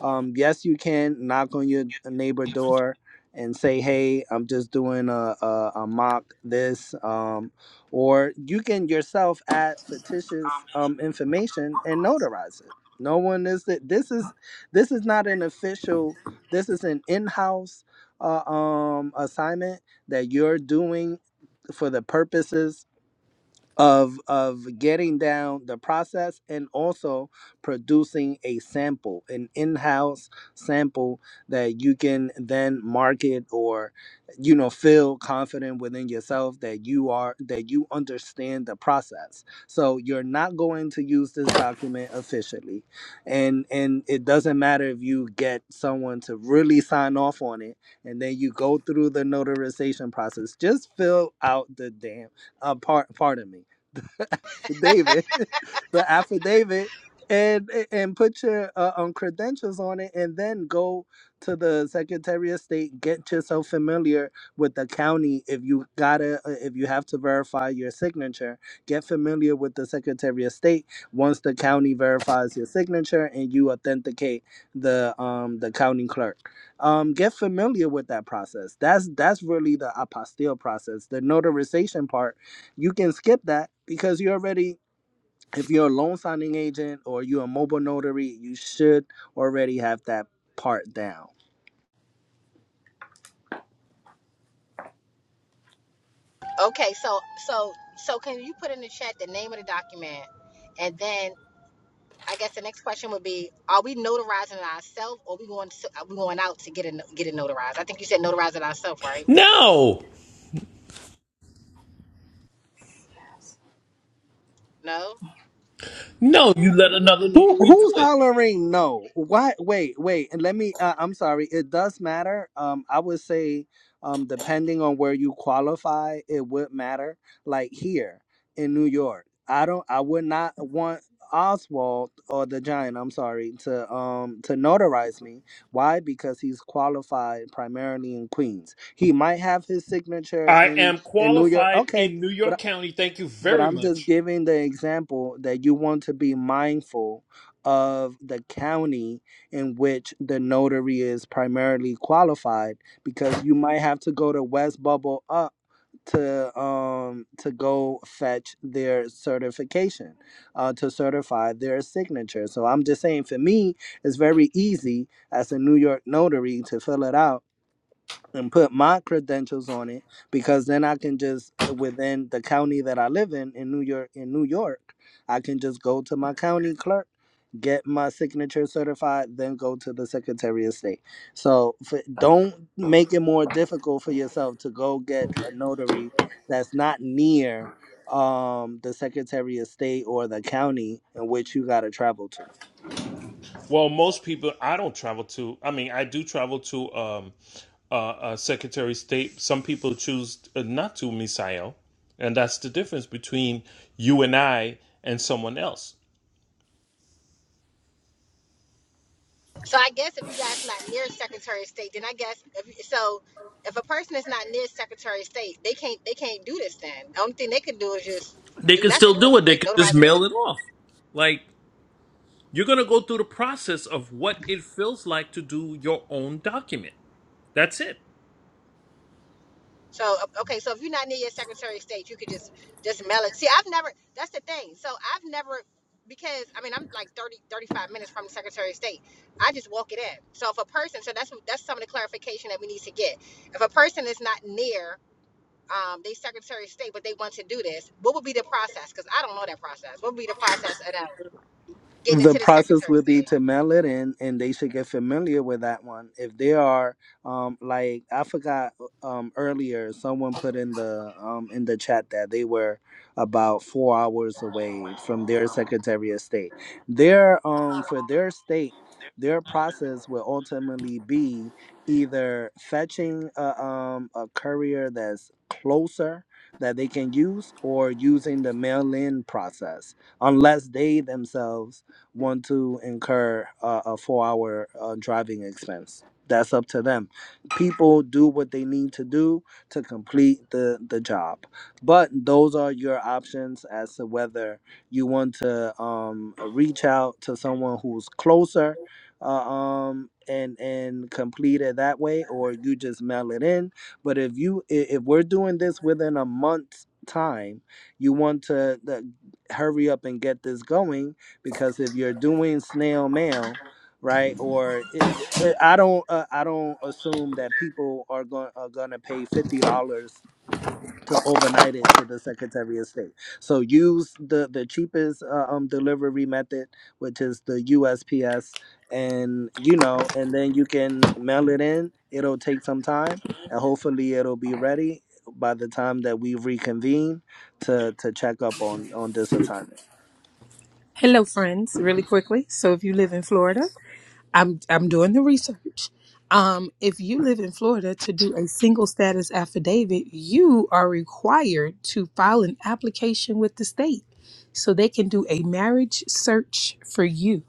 E: Um, yes, you can knock on your neighbor door and say, "Hey, I'm just doing a, a, a mock this," um, or you can yourself add fictitious um, information and notarize it. No one is that. This is this is not an official. This is an in-house uh, um, assignment that you're doing for the purposes of of getting down the process and also producing a sample an in-house sample that you can then market or you know feel confident within yourself that you are that you understand the process so you're not going to use this document officially and and it doesn't matter if you get someone to really sign off on it and then you go through the notarization process just fill out the damn uh, part pardon me affidavit, the affidavit, and and put your uh, um credentials on it, and then go to the Secretary of State. Get yourself familiar with the county if you gotta uh, if you have to verify your signature. Get familiar with the Secretary of State. Once the county verifies your signature and you authenticate the um the county clerk, um get familiar with that process. That's that's really the apostille process. The notarization part you can skip that because you already if you're a loan signing agent or you're a mobile notary you should already have that part down
A: Okay, so so so can you put in the chat the name of the document, and then I guess the next question would be: Are we notarizing it ourselves, or we going to, are we going out to get a no- get a notary? Right?
J: No,
A: No.
J: no, you let another
E: Who
J: notary
E: who's
J: do it.
E: hollering no? Why? Wait, wait, and let me. Uh, I'm sorry. It does matter. Um, I would say, um, depending on where you qualify, it would matter. Like here in New York, I don't. I would not want Oswald or the Giant. I'm sorry to um to notarize me. Why? Because he's qualified primarily in Queens. He might have his signature
J: I
E: in
J: am
E: in New York.
J: qualified
E: Okay,
J: in New
E: but
J: York County. Thank you
E: but
J: very
E: I'm just
J: much.
E: giving the example that you want to be mindful of the county in which the notary is primarily qualified because you might have to go to West Bubble up to um to go fetch their certification uh to certify their signature so i'm just saying for me it's very easy as a new york notary to fill it out and put my credentials on it because then I can just within the county that I live in in New York in New York, I can just go to my county clerk, get my signature certified, then go to the Secretary of State. So for, don't make it more difficult for yourself to go get a notary that's not near um, the Secretary of State or the county in which you got to travel to.
J: Well, most people, I don't travel to. I mean, I do travel to um, uh, uh, Secretary of State. Some people choose uh, not to, Misael, and that's the difference between you and I and someone else.
A: So I guess if you guys not near Secretary of State, then I guess if, so. If a person is not near Secretary of State, they can't they can't do this. Then the only thing they can do is just
J: They
A: do
J: can still
A: nothing
J: do
A: really.
J: it. They
A: They
J: can
A: notarize
J: just
A: it.
J: mail it off. Like. You're going to go through the process of what it feels like to do your own document. That's it.
A: So okay, so if you're not near your Secretary of State, you could just just mail it. See, I've never. That's the thing. So I've never because I mean I'm like 30 35 minutes from the Secretary of State. I just walk it in. So if a person, so that's that's some of the clarification that we need to get. If a person is not near um they Secretary of State, but they want to do this, what would be the process? I don't know that process. I don't. Getting it.
E: the process would be to mail it in and they should get familiar with that one if they are um like i forgot um earlier someone put in the um in the chat that they were about four hours away from their secretary of state their um for their state their process will ultimately be either fetching a, um, a courier that's closer that they can use or using the mail-in process unless they themselves want to incur uh, a four hour uh, driving expense. That's up to them. People do what they need to do to complete the, the job. But those are your options as to whether you want to um, reach out to someone who's closer uh, um, and, and complete it that way, or you just mail it in. But if you i- if we're doing this within a month's time, you want to uh, hurry up and get this going because if you're doing snail mail, right, or it, I don't uh, I don't assume that people are going are going to pay fifty dollars to overnight it to the Secretary of State. So use the the cheapest uh, um delivery method, which is the USPS, and you know, and then you can mail it in. It'll take some time, and hopefully, it'll be ready by the time that we reconvene to to check up on on this assignment.
L: Hello, friends, really quickly. So if you live in Florida, I'm I'm doing the research. Um, if you live in Florida to do a single status affidavit, you are required to file an application with the state so they can do a marriage search for you.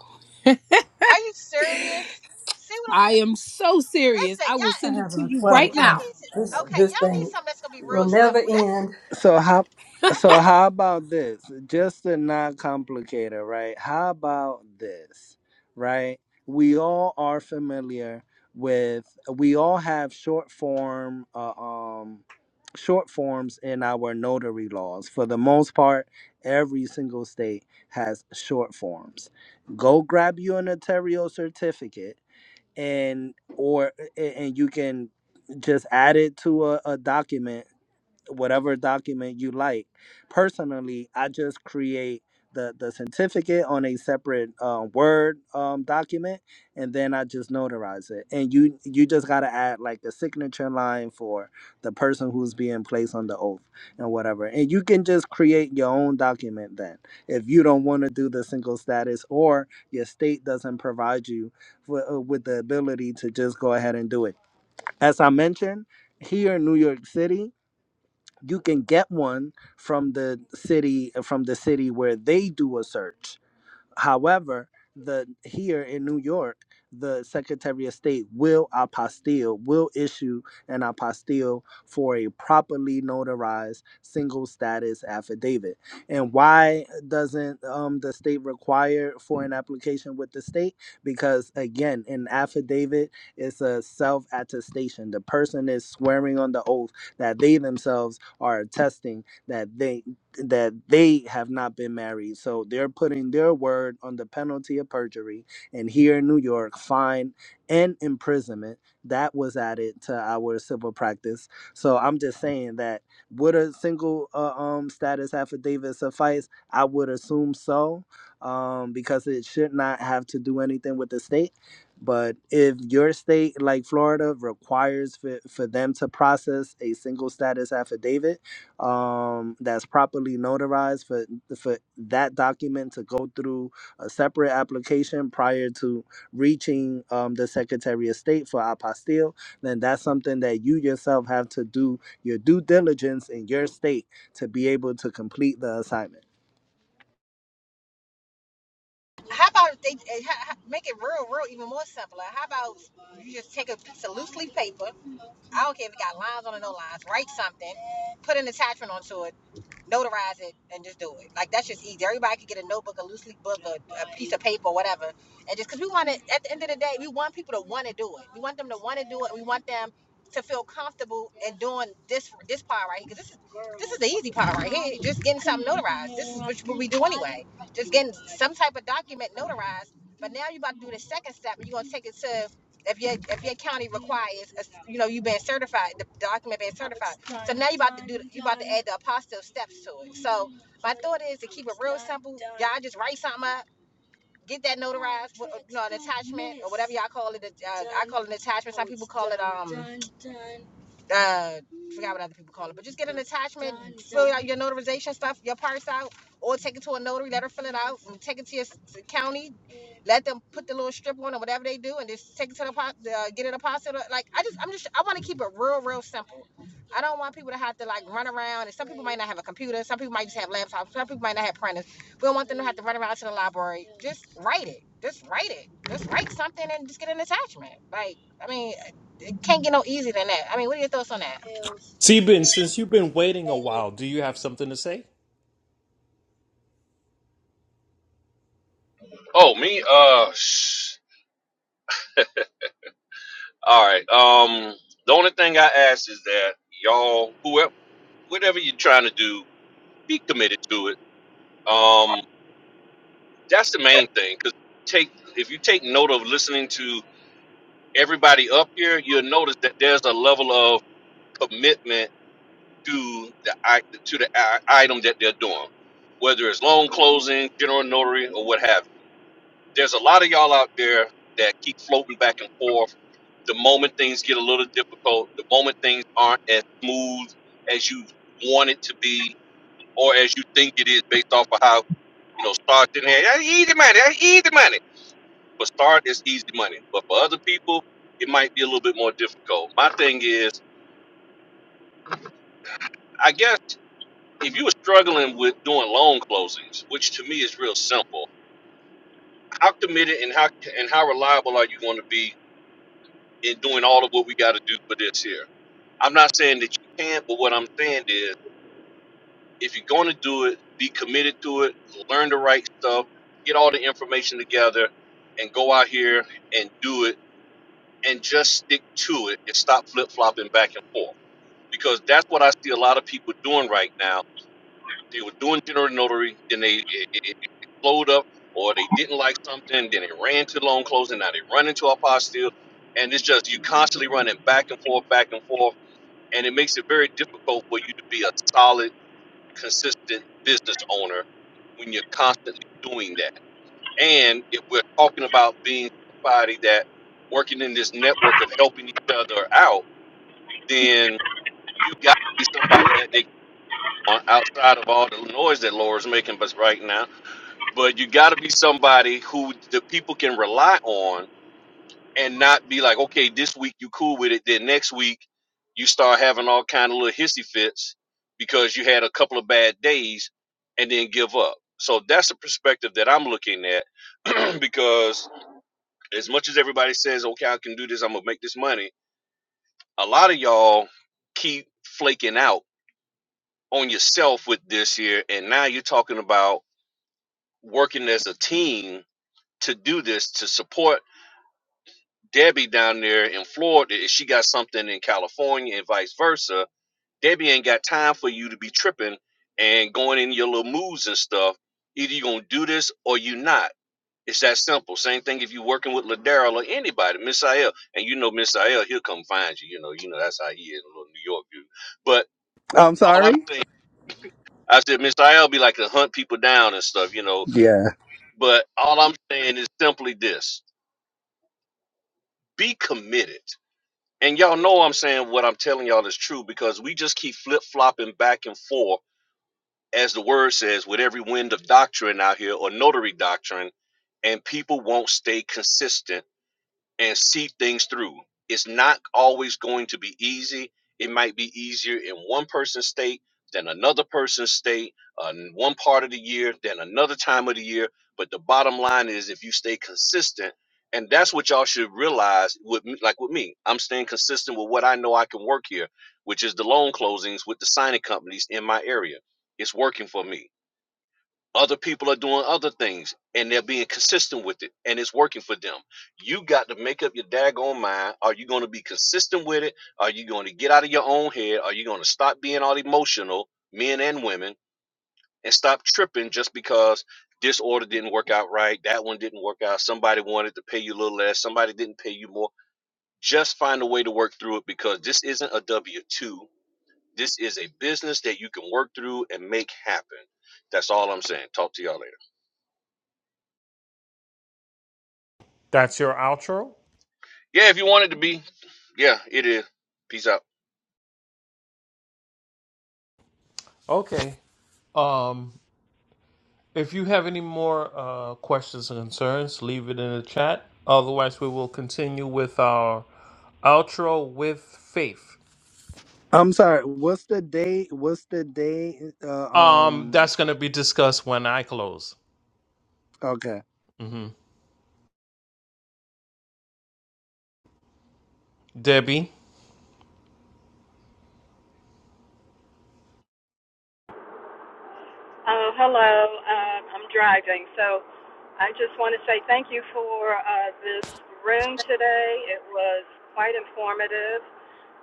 A: Are you serious? See what I'm
L: I
A: saying?
L: am so serious. I
A: Listen,
L: will
H: I
A: y'all,
L: send it
H: have
L: to
H: a
L: you
H: 12
L: right
A: y'all
H: o'clock.
L: now.
A: need to.
H: This,
A: Okay,
H: this
A: y'all need
H: thing
A: something that's gonna be
H: will
A: real
H: never
A: simple. That's
H: end.
E: So how
A: that's
E: so
A: form.
E: how about this? Just to not complicate it, right? How about this? Right? We all are familiar with we all have short form uh, um short forms in our notary laws. For the most part, every single state has short forms. Go grab you a notarial certificate and or and and you can just add it to a, a document whatever document you like. Personally, I just create the, the certificate on a separate uh, Word um, document, and then I just notarize it. And you you just gotta add like a signature line for the person who's being placed on the oath and whatever. And you can just create your own document then, if you don't want to do the single status or your state doesn't provide you with, uh, with the ability to just go ahead and do it. As I mentioned, here in New York City you can get one from the city from the city where they do a search However, the here in New York, the Secretary of State will apostille, will issue an apostille for a properly notarized single status affidavit. And why doesn't um, the state require for an application with the state? Because again, an affidavit is a self attestation. The person is swearing on the oath that they themselves are attesting that they that they have not been married. So they're putting their word on the penalty of perjury. And here in New York, fine and imprisonment. That was added to our civil practice. So I'm just saying that would a single uh, um, status affidavit suffice? I would assume so, um, because it should not have to do anything with the state. But if your state, like Florida, requires for, for them to process a single status affidavit, um, that's properly notarized for for that document to go through a separate application prior to reaching um, the Secretary of State for apostille, then that's something that you yourself have to do your due diligence in your state to be able to complete the assignment.
A: How about they eh, ha- ha- make it real, real, even more simpler? How about you just take a piece of loose leaf paper? I don't care if it got lines on it, no lines. Write something, put an attachment onto it, notarize it and just do it. Like that's just easy. Everybody could get a notebook, a loose leaf book, a, a piece of paper, whatever, and just because we want it. At the end of the day, we want people to want to do it. We want them to want to do it. We want them to feel comfortable in doing this this part right here. Because this is this is the easy part right here. Just getting something notarized. This is what we do anyway. Just getting some type of document notarized. But now you're about to do the second step, and you're gonna take it to if your if your county requires, a, you know, you being certified, the document being certified. add the apostle steps to it. So my thought is to keep it simple. Y'all just write something up, get that note. Y'all call it a uh, call it an attachment. Uh, forgot what other people call it, but just get an attachment. uh, Your notarization stuff, your parts out, or take it to a notary, let her fill it out, and take it to your county. Let them put the little strip on or whatever they do, and just take it to the po- uh, get it a hospital. Like I just, I'm just, I want to keep it real, real simple. I don't want people to have to like run around. And some people might not have a computer. Some people might just have laptops. Some people might not have printers. We don't want them to have to run around to the library. Just write it. Just write it. Just write something and just get an attachment. Like I mean, it can't get no easier than that. I mean, what are your thoughts on that?
J: Sebin, since you've been waiting a while, do you have something to say?
D: Oh me, uh, sh- all right. Um, the only thing I ask is that y'all, whoever, whatever you're trying to do, be committed to it. Um, that's the main thing. Cause take if you take note of listening to everybody up here, you'll notice that there's a level of commitment do the act to the i- item that they're doing, whether it's loan closing, general notary, or what have you. There's a lot of y'all out there that keep floating back and forth. The moment things get a little difficult, the moment things aren't as smooth as you want it to be, or as you think it is, based off of how you know start didn't have "That's easy money, that's easy money. But start is easy money. But for other people, it might be a little bit more difficult. My thing is. I guess if you were struggling with doing loan closings, which to me is real simple, how committed and how and how reliable are you going to be in doing all of what we got to do for this here? I'm not saying that you can't, but what I'm saying is if you're going to do it, be committed to it, learn the right stuff, get all the information together, and go out here and do it and just stick to it and stop flip flopping back and forth. Because that's what I see a lot of people doing right now They were doing general notary, then they it, it, it flowed up, or they didn't like something, then it ran to loan closing. Now they run into apostille, and it's just you constantly running back and forth, back and forth, and it makes it very difficult for you to be a solid, consistent business owner when you're constantly doing that. And if we're talking about being somebody that working in this network of helping each other out, then you got to be somebody that they on outside of all the noise that Laura's making us right now but you got to be somebody who the people can rely on and not be like okay this week you cool with it then next week you start having all kind of little hissy fits because you had a couple of bad days and then give up so that's the perspective that i'm looking at because as much as everybody says okay i can do this i'm gonna make this money a lot of y'all keep flaking out on yourself with this here and now you're talking about working as a team to do this to support Debbie down there in Florida, if she got something in California and vice versa, Debbie ain't got time for you to be tripping and going in your little moods and stuff. Either you gonna do this or you not. It's that simple. Same thing if you working with Ladera or anybody, Miss Ayel, and you know Miss Ayel, he'll come find you. You know, you know that's how he is, a little New York dude. But
E: I'm
D: all I'm
E: sorry.
D: saying, I said Miss Ayel be like to hunt people down and stuff, you know.
E: Yeah.
D: But all I'm saying is simply this: be committed and y'all know I'm saying what I'm telling y'all is true because we just keep flip flopping back and forth, as the word says, with every wind of doctrine out here or notary doctrine, and people won't stay consistent and see things through. It's not always going to be easy. It might be easier in one person's state than another person's state, uh, in one part of the year than another time of the year. But the bottom line is, if you stay consistent, and that's what y'all should realize. With me, like with me, I'm staying consistent with what I know I can work here, which is the loan closings with the signing companies in my area. It's working for me other people are doing other things and they're being consistent with it and it's working for them. You got to make up your daggone mind. Are you going to be consistent with it? Are you going to get out of your own head? Are you going to stop being all emotional, men and women, and stop tripping just because this order didn't work out right? That one didn't work out. Somebody wanted to pay you a little less. Somebody didn't pay you more. Just find a way to work through it because this isn't a W 2. This is a business that you can work through and make happen. That's all I'm saying. Talk to y'all later.
J: That's your outro?
D: Yeah, if you want it to be. Yeah, it is. Peace out.
J: Okay. Um, if you have any more uh, questions or concerns, leave it in the chat. Otherwise, we will continue with our outro with faith.
E: I'm sorry. What's the date? What's the date? Uh,
J: Um,
E: um.
J: that's gonna be discussed when I close.
E: Okay.
J: hmm Debbie,
H: Oh, hello. Um, I'm driving, so I just want to say thank you for uh, this room today. It was quite informative.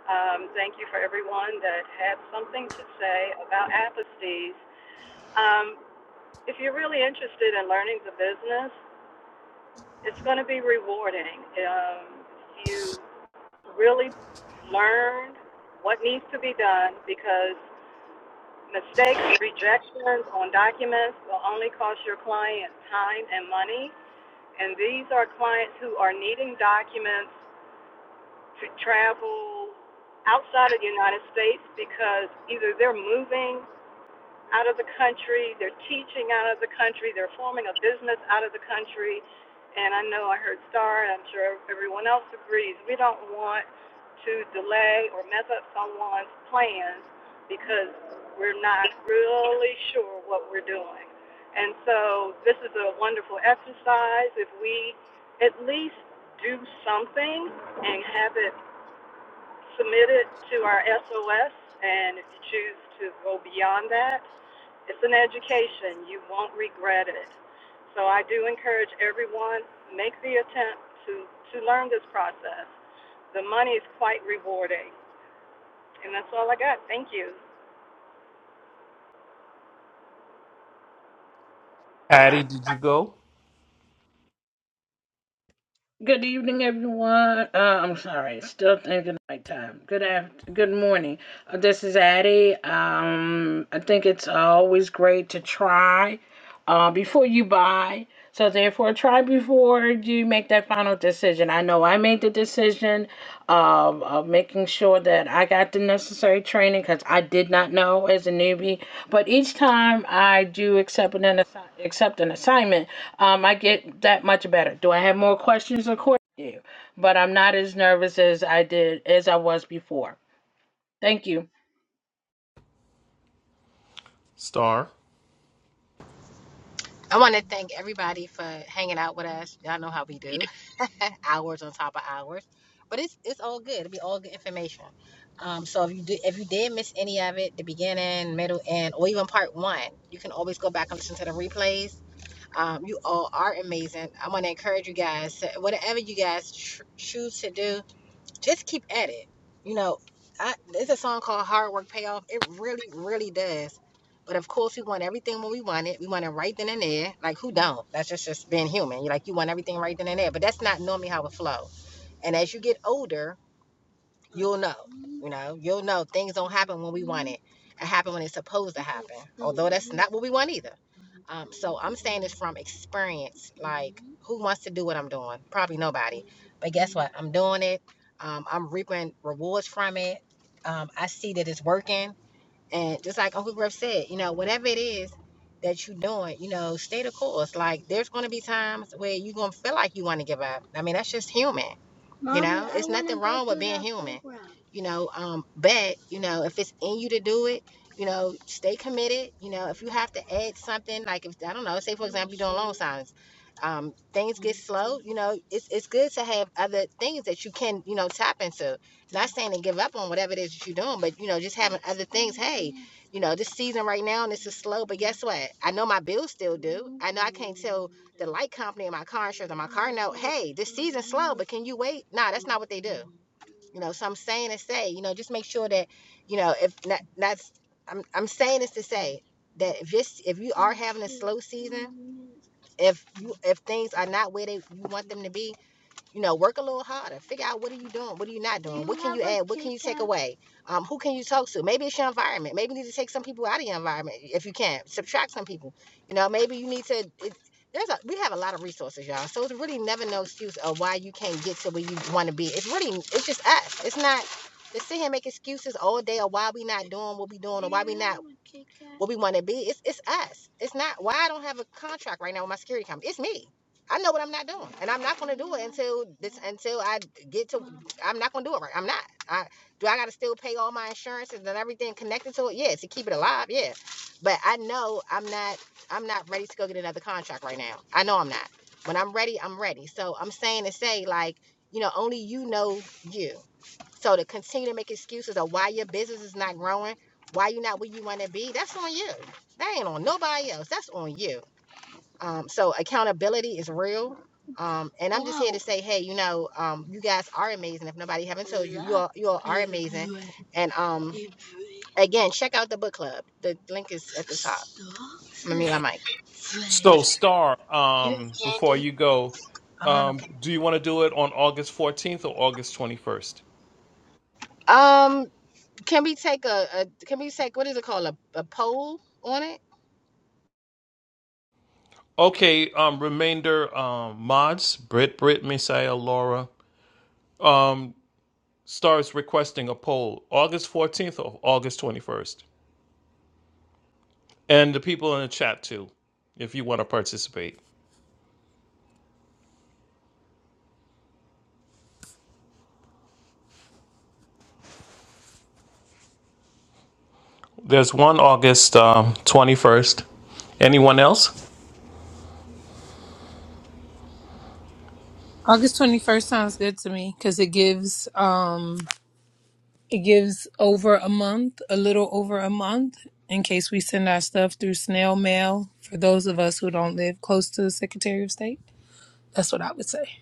H: Um, thank you for everyone that had something to say about apostasy. Um, if you're really interested in learning the business, it's going to be rewarding. Um, you really learn what needs to be done because mistakes, rejections on documents will only cost your client time and money. And these are clients who are needing documents to travel outside of the United States because either they're moving out of the country, they're teaching out of the country, they're forming a business out of the country. And I know I heard Star, and I'm sure everyone else agrees, we don't want to delay or mess up someone's plans because we're not really sure what we're doing. And so this is a wonderful exercise. If we at least do something and have it submit it to our SOS, and if you choose to go beyond that, it's an education. You won't regret it. So I do encourage everyone make the attempt to to learn this process. The money is quite rewarding, and that's all I got. Thank you.
J: Addie, did you go?
C: Good evening, everyone. Uh, I'm sorry, still thinking nighttime. Good after, good morning. Uh, this is Addie. Um, I think it's always great to try uh, before you buy. So therefore, try before you make that final decision. I know I made the decision of, of making sure that I got the necessary training because I did not know as a newbie. But each time I do accept an assi- accept an assignment, um, I get that much better. Do I have more questions? Of course I do, but I'm not as nervous as I did as I was before. Thank you.
J: Star.
A: I want to thank everybody for hanging out with us. Y'all know how we do, hours on top of hours, but it's it's all good. It'll be all good information. Um, so if you do, if you did miss any of it, the beginning, middle, end, or even part one, you can always go back and listen to the replays. Um, you all are amazing. I want to encourage you guys. To, whatever you guys tr- choose to do, just keep at it. You know, I, there's a song called Hard Work Payoff. It really, really does. But of course, we want everything when we want it. We want it right then and there. Like, who don't? That's just, just being human. You like, you want everything right then and there. But that's not normally how it flows. And as you get older, you'll know. You know, you'll know things don't happen when we want it. It happen when it's supposed to happen. not what we want either. Um, so I'm saying this from experience. Who wants to do what I'm doing? Probably nobody. But guess what? I'm doing it. Um, I'm reaping rewards from it. Um, I see that it's working. And just like Uncle Griff said, you know, whatever it is that you're doing, you know, stay the course. Like there's going to be times where you're going to feel like you want to give up. I mean, that's just human, you know. Um, but you know, if it's in you to do it, you know, stay committed. You know, if you have to add something, like if I don't know, say for signs. Um, things get slow. You know, it's it's good to have other things that you can you know tap into. Not saying to give up on whatever it is that you're doing, but you know, just having other things. You know, this season right now, and this is slow. But guess what? I know my bills still do. I know I can't tell the light company and my car insurance and my car note, hey, this is slow, but can you wait? Nah, that's not what they do. You know, so I'm saying to say, you know, just make sure that, you know, if not, that's I'm I'm saying this to say that if this if you are having slow season if you if things are not where they you want them to be, you know, work a little harder. Figure out what are you doing, what are you not doing. Way, um, who can you talk to? Maybe it's your environment. Maybe you need to take some people out of your environment if you can. Subtract some people. You know, maybe you need to. It, there's a we have a lot of resources, y'all. So it's really never no excuse of why you can't get to where you want to be. It's really it's just us. It's not to sit here and make excuses all day of why we not doing what we doing we want to be. It's it's us. It's not why I don't have a contract right now with my security company. It's me. I know what I'm not doing, and I'm not. till until I get to. I'm not gonna do it right. I'm not. I do. I gotta still pay all my insurances and everything connected to it. Yeah, to keep it alive. Yeah, but I know I'm not. I'm not ready to go get another contract right now. I know I'm not. When I'm ready, I'm ready. So I'm saying to say like, you know, only you know you. So to continue to make excuses of why your business is not growing, why you're not where you want to be, that's on you. That ain't on nobody else. That's on you. Um, so accountability is real. Um, and say, hey, you know, um, you guys are amazing. If nobody haven't, you all, and um, again, check out the book club. The link is at my mic.
J: So, Star, um, before you go, um, do you want to do it on August 14th or August 21st?
A: Um, can we take a, a can we take what is it called a, a poll on it?
J: Okay, um, remainder um, mods, Brit, Brit, Messiah, Laura. Um, Star is requesting a poll August 14th or August 21st. And the people in the chat too, if you want to participate. There's one August um, 21st. Anyone else?
L: August 21st sounds good to me cuz it gives um it gives over a month, a little over a month in case we send our stuff through snail mail for those of us who don't live close to the Secretary of State. That's what I would say.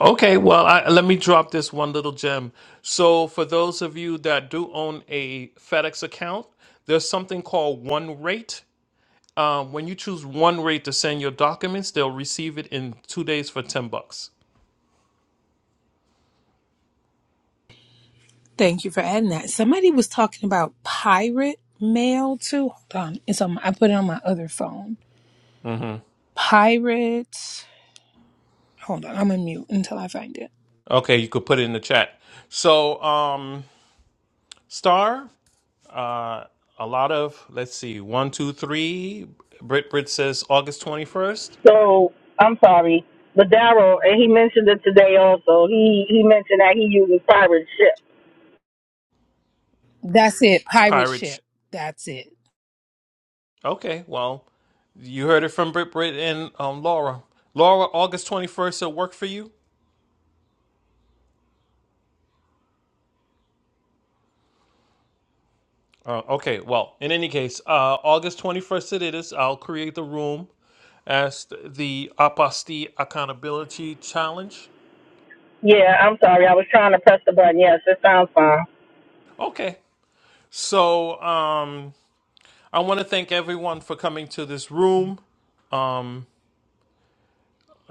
J: Okay, well, I, let me drop this one little gem. So, for those of you that do own a FedEx account, there's something called One Rate. Um, when you choose One Rate to send your documents, they'll receive it in two days for ten bucks.
L: Thank you for adding that. Somebody was talking about pirate mail too. Hold on. It's on my, I put it on my other phone.
J: hmm
L: Pirate. Hold on. I'm going to mute until I find it.
J: Okay, you could put it in the chat. So, um, Star, uh, a lot of let's see, one, two, three. Brit Brit says August twenty first.
F: So I'm sorry, but Daryl, and he mentioned it today also. He he mentioned that he uses pirate ship.
L: That's it. Pirate
J: Pirate. Sh-
L: ship. That's it.
J: okay, well. You heard it from Britt, Britt, and um, Laura. Laura, August 21st will work for you? Uh, okay, well, in any case, uh, August 21st it is. I'll create the room as the Apostille Accountability Challenge.
F: Yeah, I'm sorry. I was trying to press the button. Yes, it sounds fine.
J: Okay, so um, I want to thank everyone for coming to this room.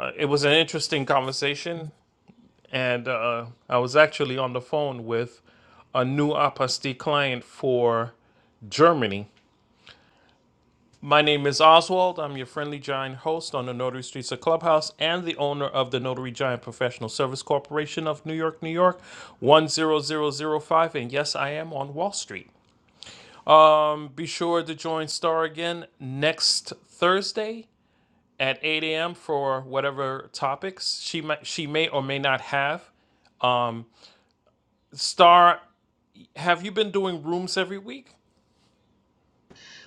J: Uh, it was an interesting conversation, and uh, I was actually on the phone with a new Apostille client for Germany My name is Oswald. I'm your friendly giant host on the Notary Streets of Clubhouse and the owner of the Notary Giant Professional Service Corporation of New York, New York, 10005. And yes, I am on Wall Street. Be sure to join Star again next Thursday at 8 a.m. for whatever topics she might, she may or may not have. Um, Star, have you been doing rooms every week?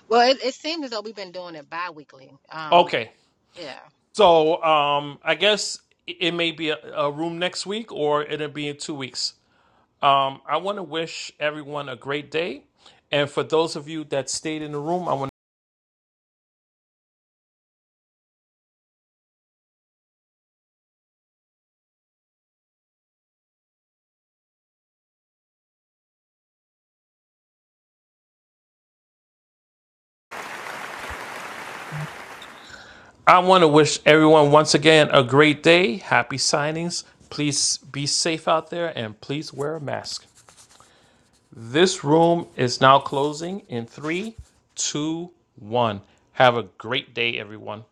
A: Well, it, it seems as though we've been doing it bi-weekly. Um,
J: Okay,
A: yeah.
J: So um, I guess it may be a, a room next week or it'll be in two weeks. Um, I want to wish everyone a great day, and for those of you that stayed in the room, I want I want to wish everyone once again a great day. Happy signings. Please be safe out there and please wear a mask. This room is now closing in three, two, one. Have a great day, everyone.